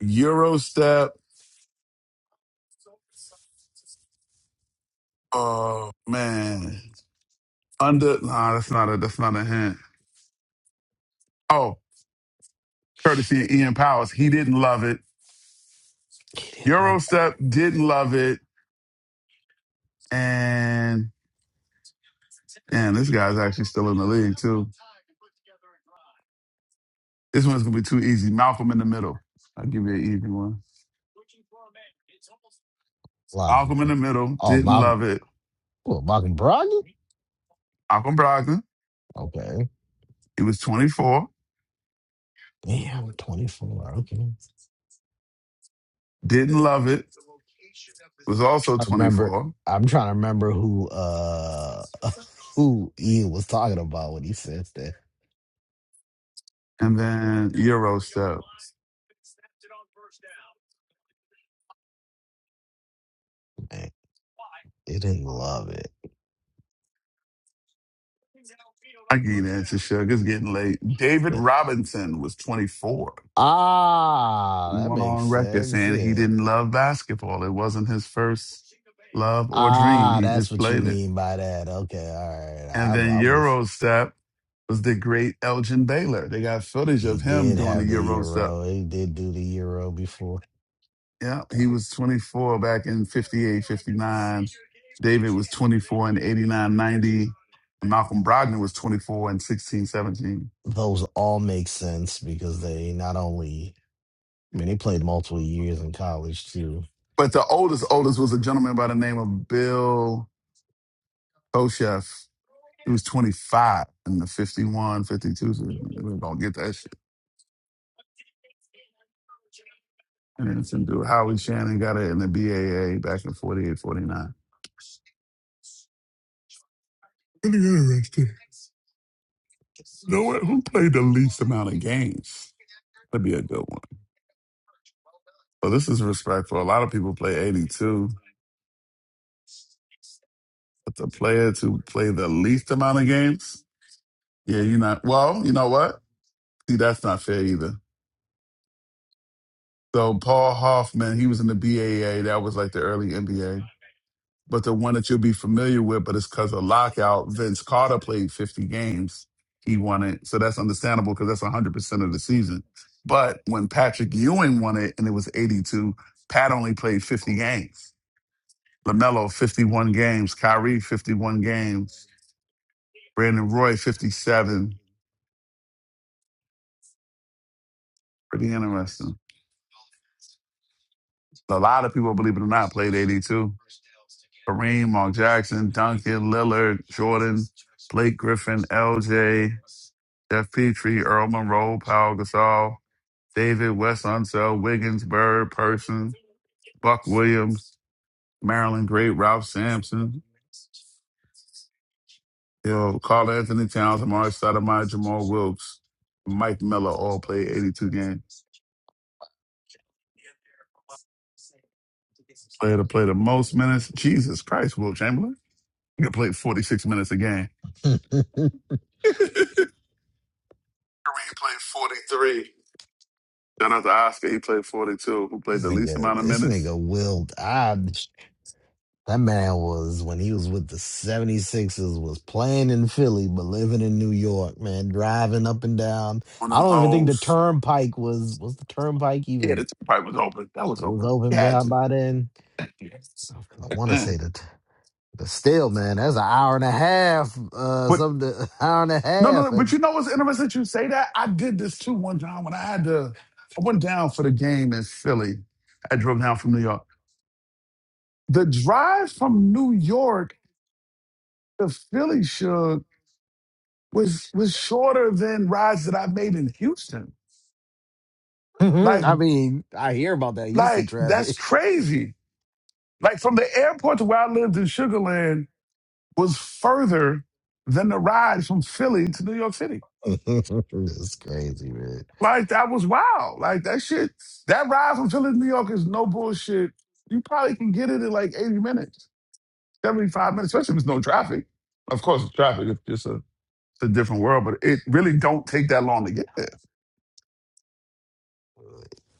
Speaker 17: Euro step. Oh man. Under nah, that's not a that's not a hint. Oh, courtesy of Ian Powers. He didn't love it.
Speaker 5: He didn't love
Speaker 17: Euro
Speaker 5: that
Speaker 17: step didn't love it. And and this guy's actually still in the league too. This one's gonna be too easy. Malcolm in the middle. I'll give you an easy one.
Speaker 5: lie,
Speaker 17: Malcolm in
Speaker 5: man.
Speaker 17: the Middle,
Speaker 5: Oh,
Speaker 17: didn't
Speaker 5: Malcolm,
Speaker 17: love it.
Speaker 5: oh, Malcolm Brogdon?
Speaker 17: Malcolm Brogdon,
Speaker 5: Okay.
Speaker 17: he was 24,
Speaker 5: Damn, 24. Okay.
Speaker 17: didn't love it, was also
Speaker 5: I remember.
Speaker 17: 24.
Speaker 5: I'm trying to remember who uh who Ian was talking about when he said that.
Speaker 17: And then Eurostep.
Speaker 5: Man, they didn't love it.
Speaker 17: I get the answer, Suge. It's getting late. David
Speaker 5: Yeah.
Speaker 17: Robinson was 24. He
Speaker 5: Ah, that
Speaker 17: went
Speaker 5: makes
Speaker 17: on record
Speaker 5: sense.
Speaker 17: saying he
Speaker 5: Yeah.
Speaker 17: didn't love basketball. It wasn't his first love or dream.
Speaker 5: Ah,
Speaker 17: He
Speaker 5: that's
Speaker 17: just
Speaker 5: what you
Speaker 17: played it.
Speaker 5: mean by that. Okay, all right. I,
Speaker 17: And
Speaker 5: I
Speaker 17: then
Speaker 5: was.
Speaker 17: Eurostep was the great Elgin Baylor. They got footage
Speaker 5: He
Speaker 17: of him
Speaker 5: did
Speaker 17: doing the
Speaker 5: have the
Speaker 17: Eurostep
Speaker 5: euro. He did do the euro before.
Speaker 17: Yeah, he was 24 back in 58, 59. David was 24 in 89, 90. Malcolm Brogdon was 24 in 16, 17.
Speaker 5: Those all make sense because they not only. I mean, they played multiple years in college too.
Speaker 17: But the oldest, oldest was a gentleman by the name of Bill Koshef. He was 25 in the 51, 52. So we don't get that shit. And then some dude, Howard Shannon, got it in the BAA back in 48, 49. Pretty interesting. No, who played the least amount of games? That'd be a good one. So this is respectful. A lot of people play 82, but the players who play the least amount of games, yeah, you're not. Well, you know what? See, that's not fair either. So Paul Hoffman, he was in the BAA. That was like the early NBA. But the one that you'll be familiar with, but it's because of lockout, Vince Carter played 50 games. He won it. So that's understandable because that's 100% of the season. But when Patrick Ewing won it and it was 82, Pat only played 50 games. LaMelo, 51 games. Kyrie, 51 games. Brandon Roy, 57. Pretty interesting. A lot of people, believe it or not, played 82. Kareem, Mark Jackson, Duncan, Lillard, Jordan, Blake Griffin, LJ, Jeff Petrie, Earl Monroe, Paul Gasol, David, Wes Unsell, Wiggins, Bird, Person, Buck Williams, Maryland Great, Ralph Sampson, you know, Carl Anthony Towns, Amari Stoudemire, Jamal Wilkes, Mike Miller all played 82 games. player to play the most minutes. Jesus Christ, Will Chamberlain. He could play 46 minutes a game.
Speaker 5: this
Speaker 17: Kareem played 43. Shout out to Oscar. He played 42. Who played the least
Speaker 5: nigga,
Speaker 17: amount of
Speaker 5: this
Speaker 17: minutes
Speaker 5: nigga willed. I That man was when he was with the 76ers was playing in Philly but living in New York, man, driving up and down.
Speaker 17: on
Speaker 5: I
Speaker 17: them
Speaker 5: don't even think the
Speaker 17: hoes?
Speaker 5: turnpike was was the turnpike
Speaker 17: Yeah, the
Speaker 5: even
Speaker 17: pipe was open. That was
Speaker 5: it was
Speaker 17: open. He
Speaker 5: open
Speaker 17: had
Speaker 5: there
Speaker 17: to.
Speaker 5: by then. I want to say
Speaker 17: Man.
Speaker 5: that but still, man, that's an hour and a half uh
Speaker 17: But
Speaker 5: something hour and a
Speaker 17: no, no,
Speaker 5: half
Speaker 17: no. But
Speaker 5: and
Speaker 17: you know what's interesting? that You say that. I did this too one time when I had to. I went down for the game in Philly. I drove down from New York. The drive from New York to Philly, Suge, was was shorter than rides that I've made in Houston. Like
Speaker 5: I mean, I hear about that Houston
Speaker 17: like that's
Speaker 5: traffic.
Speaker 17: crazy. Like from the airport to where I lived in Sugarland was further than the ride from Philly to New York City.
Speaker 5: it's crazy, man.
Speaker 17: Like that was wild. Like that shit. That ride from Philly to New York is no bullshit. You probably can get it in like 80 minutes, 75 minutes, especially if there's no traffic. Of course, with traffic, it's just a, it's a different world, but it really don't take that long to get there.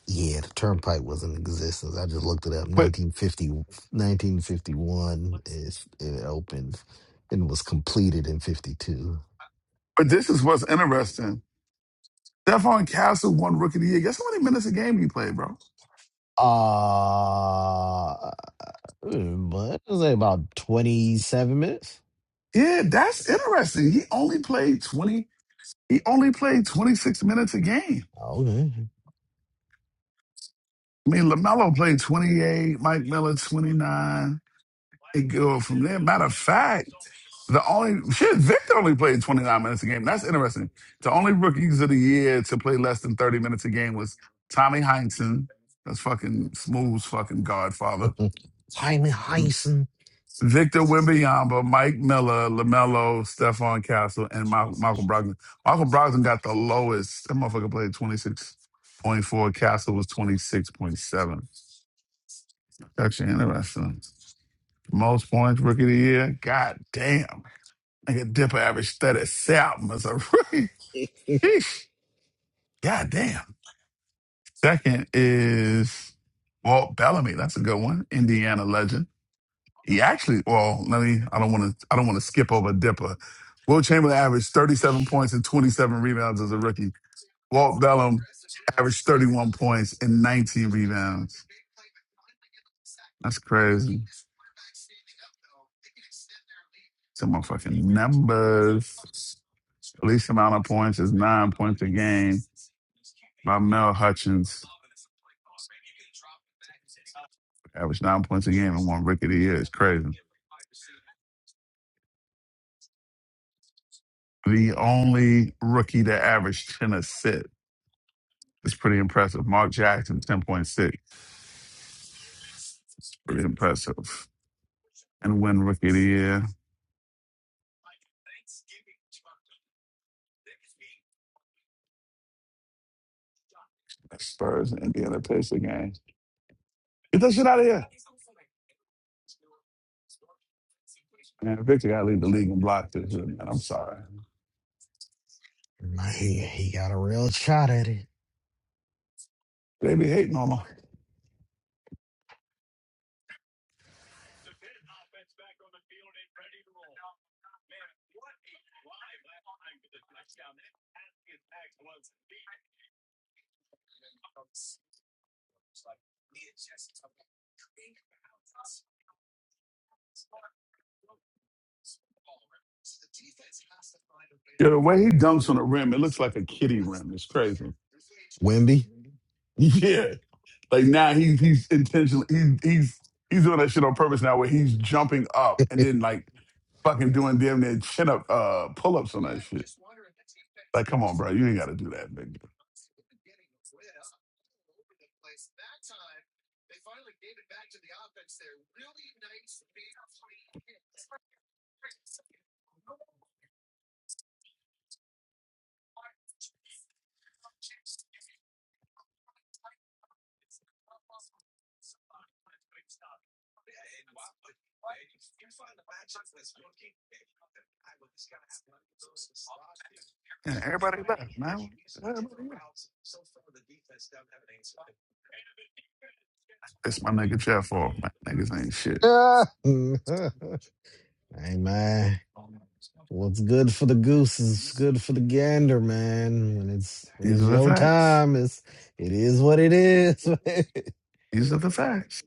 Speaker 5: Yeah, the turnpike was in existence. I just looked it up.
Speaker 17: But
Speaker 5: 1950, 1951 is it opened and was completed in 52.
Speaker 17: but this is what's interesting Stephon Castle won Rookie of the Year. Guess how many minutes a game he played, bro?
Speaker 5: Uh, but it was like about 27 minutes.
Speaker 17: Yeah, that's interesting. He only played 20. He only played 26 minutes a game.
Speaker 5: Okay.
Speaker 17: I mean, LaMelo played 28, Mike Miller 29. It go from there. Matter of fact, the only shit, Victor only played 29 minutes a game. That's interesting. The only rookies of the year to play less than 30 minutes a game was Tommy Heinsohn. That's fucking Smooth's fucking godfather.
Speaker 5: Jaime Heisen.
Speaker 17: Victor Wembanyama, Mike Miller, LaMelo, Stephon Castle, and Mal- Malcolm Brogdon. Malcolm Brogdon got the lowest. That motherfucker played 26.4. Castle was 26.7. Actually interesting. Most points rookie of the year. God damn. Like a dipper average 37 as a rookie.
Speaker 5: he,
Speaker 17: Eesh. God damn. Second is Walt Bellamy. That's a good one. Indiana legend. He actually, well, let me. I don't want to. I don't want to skip over Dipper. Will Chamberlain averaged 37 points and 27 rebounds as a rookie. Walt Bellum averaged 31 points and 19 rebounds. That's crazy. Some motherfucking numbers. Least amount of points is nine points a game by Mel Hutchins. Averaged nine points a game and won rookie of the year. It's crazy. The only rookie that averaged 10 assists. It's pretty impressive. Mark Jackson, 10.6. It's pretty impressive. and win Rookie of the Year. Spurs and Indiana Pacers games. Get that shit out of here. Man, Victor gotta lead the league in blocks this year, man. I'm sorry.
Speaker 5: he got a real shot at it.
Speaker 17: They be hating on him. Yeah, the way he dunks on the rim, it looks like a kitty rim. It's crazy.
Speaker 5: Wimby.
Speaker 17: Yeah. Like now he's he's intentionally he's he's he's doing that shit on purpose now where he's jumping up and then
Speaker 5: hey,
Speaker 17: like fucking doing damn near chin up uh pull ups on that shit. Like, come on, bro, you ain't gotta do that, nigga. Yeah, everybody left, man. Everybody left. It's my nigga Jeff off, man. Niggas ain't shit.
Speaker 5: man. What's good for the goose is good for the gander, man. When it's when
Speaker 17: These
Speaker 5: it's
Speaker 17: are the
Speaker 5: your
Speaker 17: facts.
Speaker 5: time, it's it is what it is. man.
Speaker 17: These are the facts.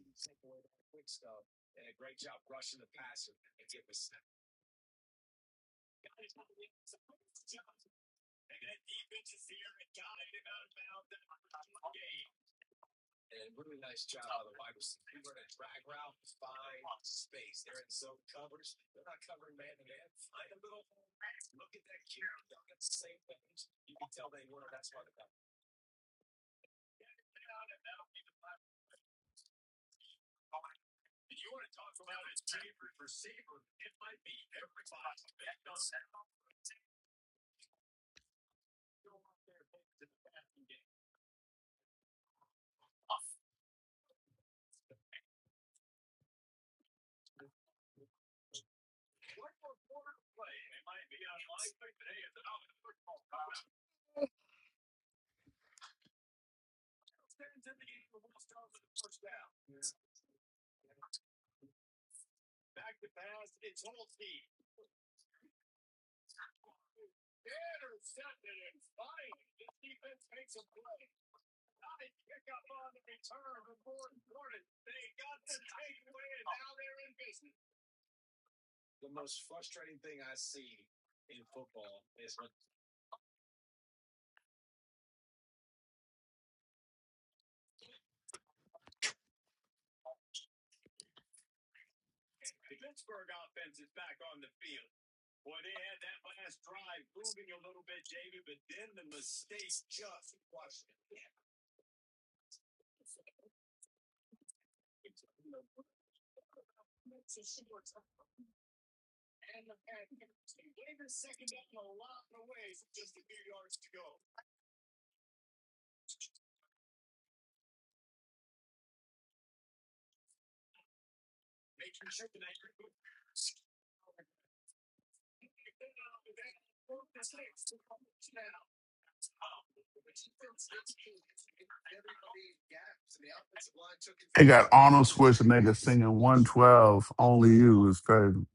Speaker 17: They got Arnold Schwarzenegger singing 112, Only You is crazy.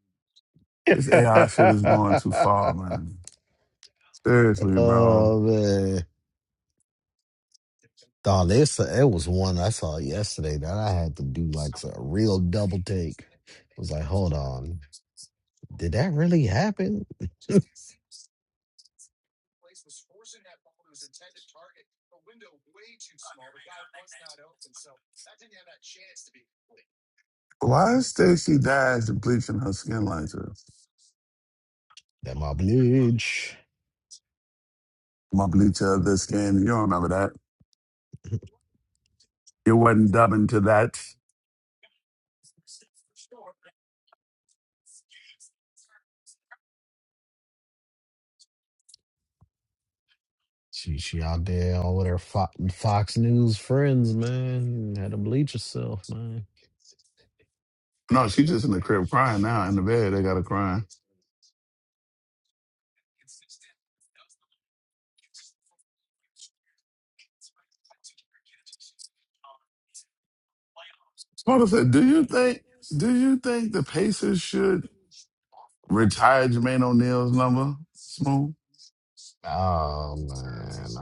Speaker 17: This AI shit is going too far, man. Seriously, bro.
Speaker 5: oh man. Oh, this it was one I saw yesterday that I had to do like a real double take. It was like, hold on, did that really happen?
Speaker 17: Why is Stacey Dash bleaching her skin like this?
Speaker 5: That my bleach.
Speaker 17: My bleach of the skin. You don't remember that. You wasn't dubbing to that.
Speaker 5: She she out there all with her Fo- Fox News friends, man. Had to bleach herself, man.
Speaker 17: No, she just in the crib crying now. In the bed, they got her crying. Smoker said, do you think, do you think the Pacers should retire Jermaine O'Neal's number? Smooth.
Speaker 5: Oh man.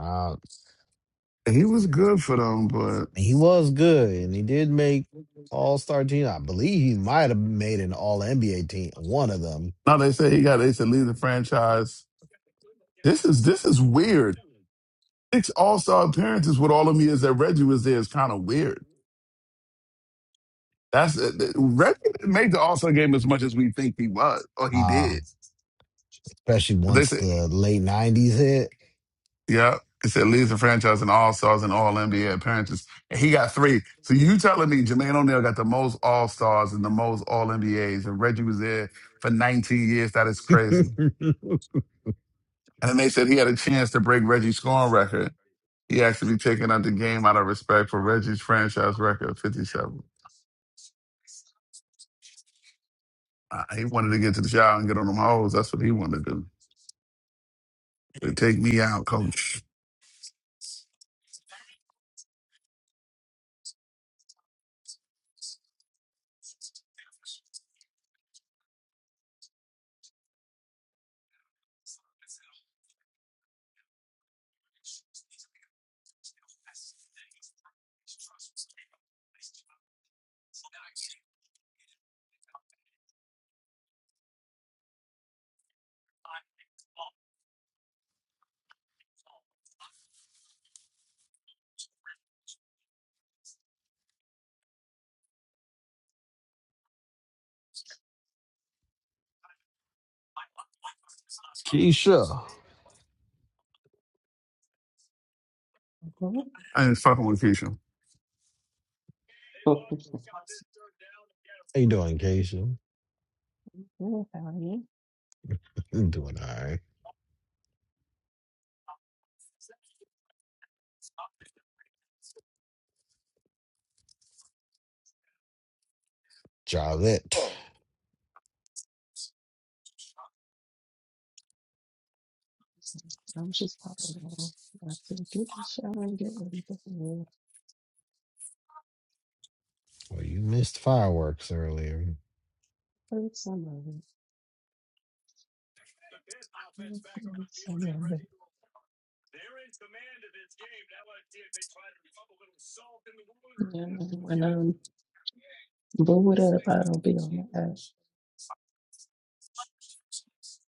Speaker 17: He was good for them, but
Speaker 5: He was good, and he did make All Star team. I believe he might have made an All NBA team, one of them.
Speaker 17: No, they say he got. They said leave the franchise. This is this is weird. Six All Star appearances with all of me is that Reggie was there is kind of weird. That's uh, th- Reggie didn't make the All Star game as much as we think he was or he
Speaker 5: Uh,
Speaker 17: did.
Speaker 5: especially
Speaker 17: But they
Speaker 5: once
Speaker 17: said,
Speaker 5: the late '90s hit.
Speaker 17: yeah, they said leads the franchise in All Stars and All NBA appearances, and he got three. So you telling me Jermaine O'Neal got the most All Stars and the most All NBAs, and Reggie was there for 19 years? That is crazy. And then they said he had a chance to break Reggie's scoring record. He asked to be taken out the game out of respect for Reggie's franchise record of 57. Uh, he wanted to get to the shower and get on them hoes. That's what he wanted to do. They take me out, coach.
Speaker 5: Keisha, how
Speaker 23: Good,
Speaker 17: I ain't fucking with Keisha.
Speaker 23: how are
Speaker 5: you doing, Keisha?
Speaker 23: you?
Speaker 5: I'm doing all right. Jarlette,
Speaker 23: Oh, I'm just popping out. I have to get in the shower and get ready for the work.
Speaker 5: well, you missed fireworks earlier.
Speaker 23: Third some of it. It's some of it. Yeah, when I'm bored up, I don't be on the app,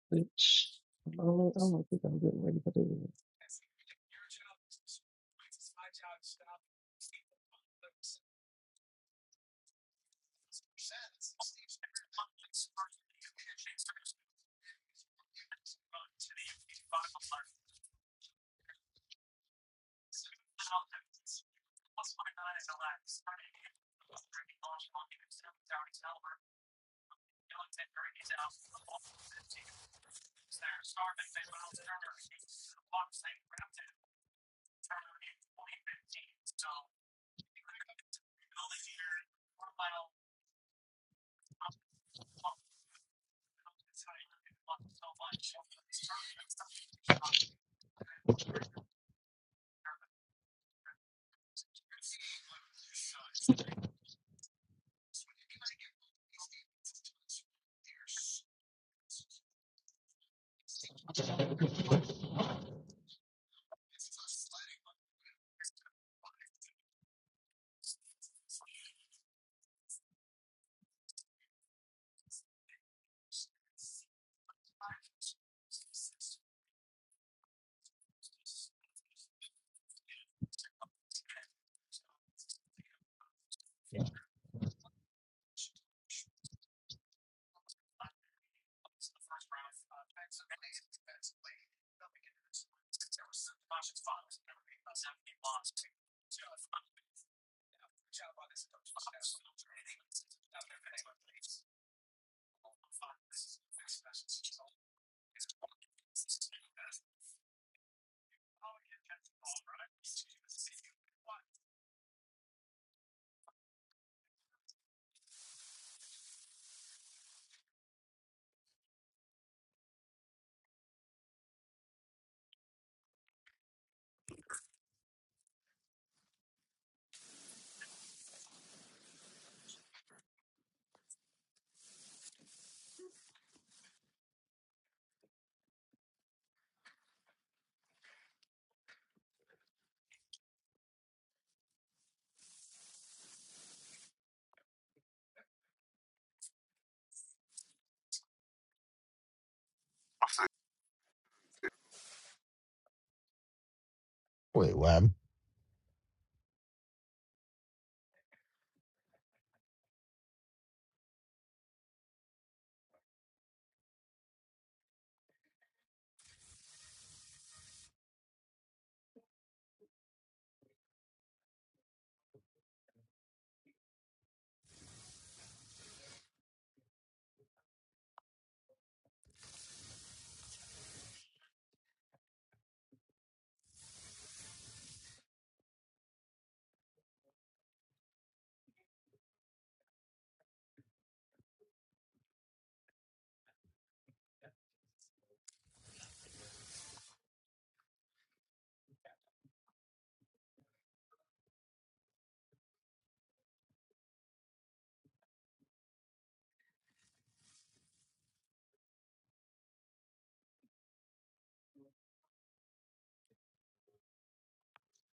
Speaker 23: which I'm only, I'm only think I'm getting ready for this.
Speaker 5: Wait, what? happened?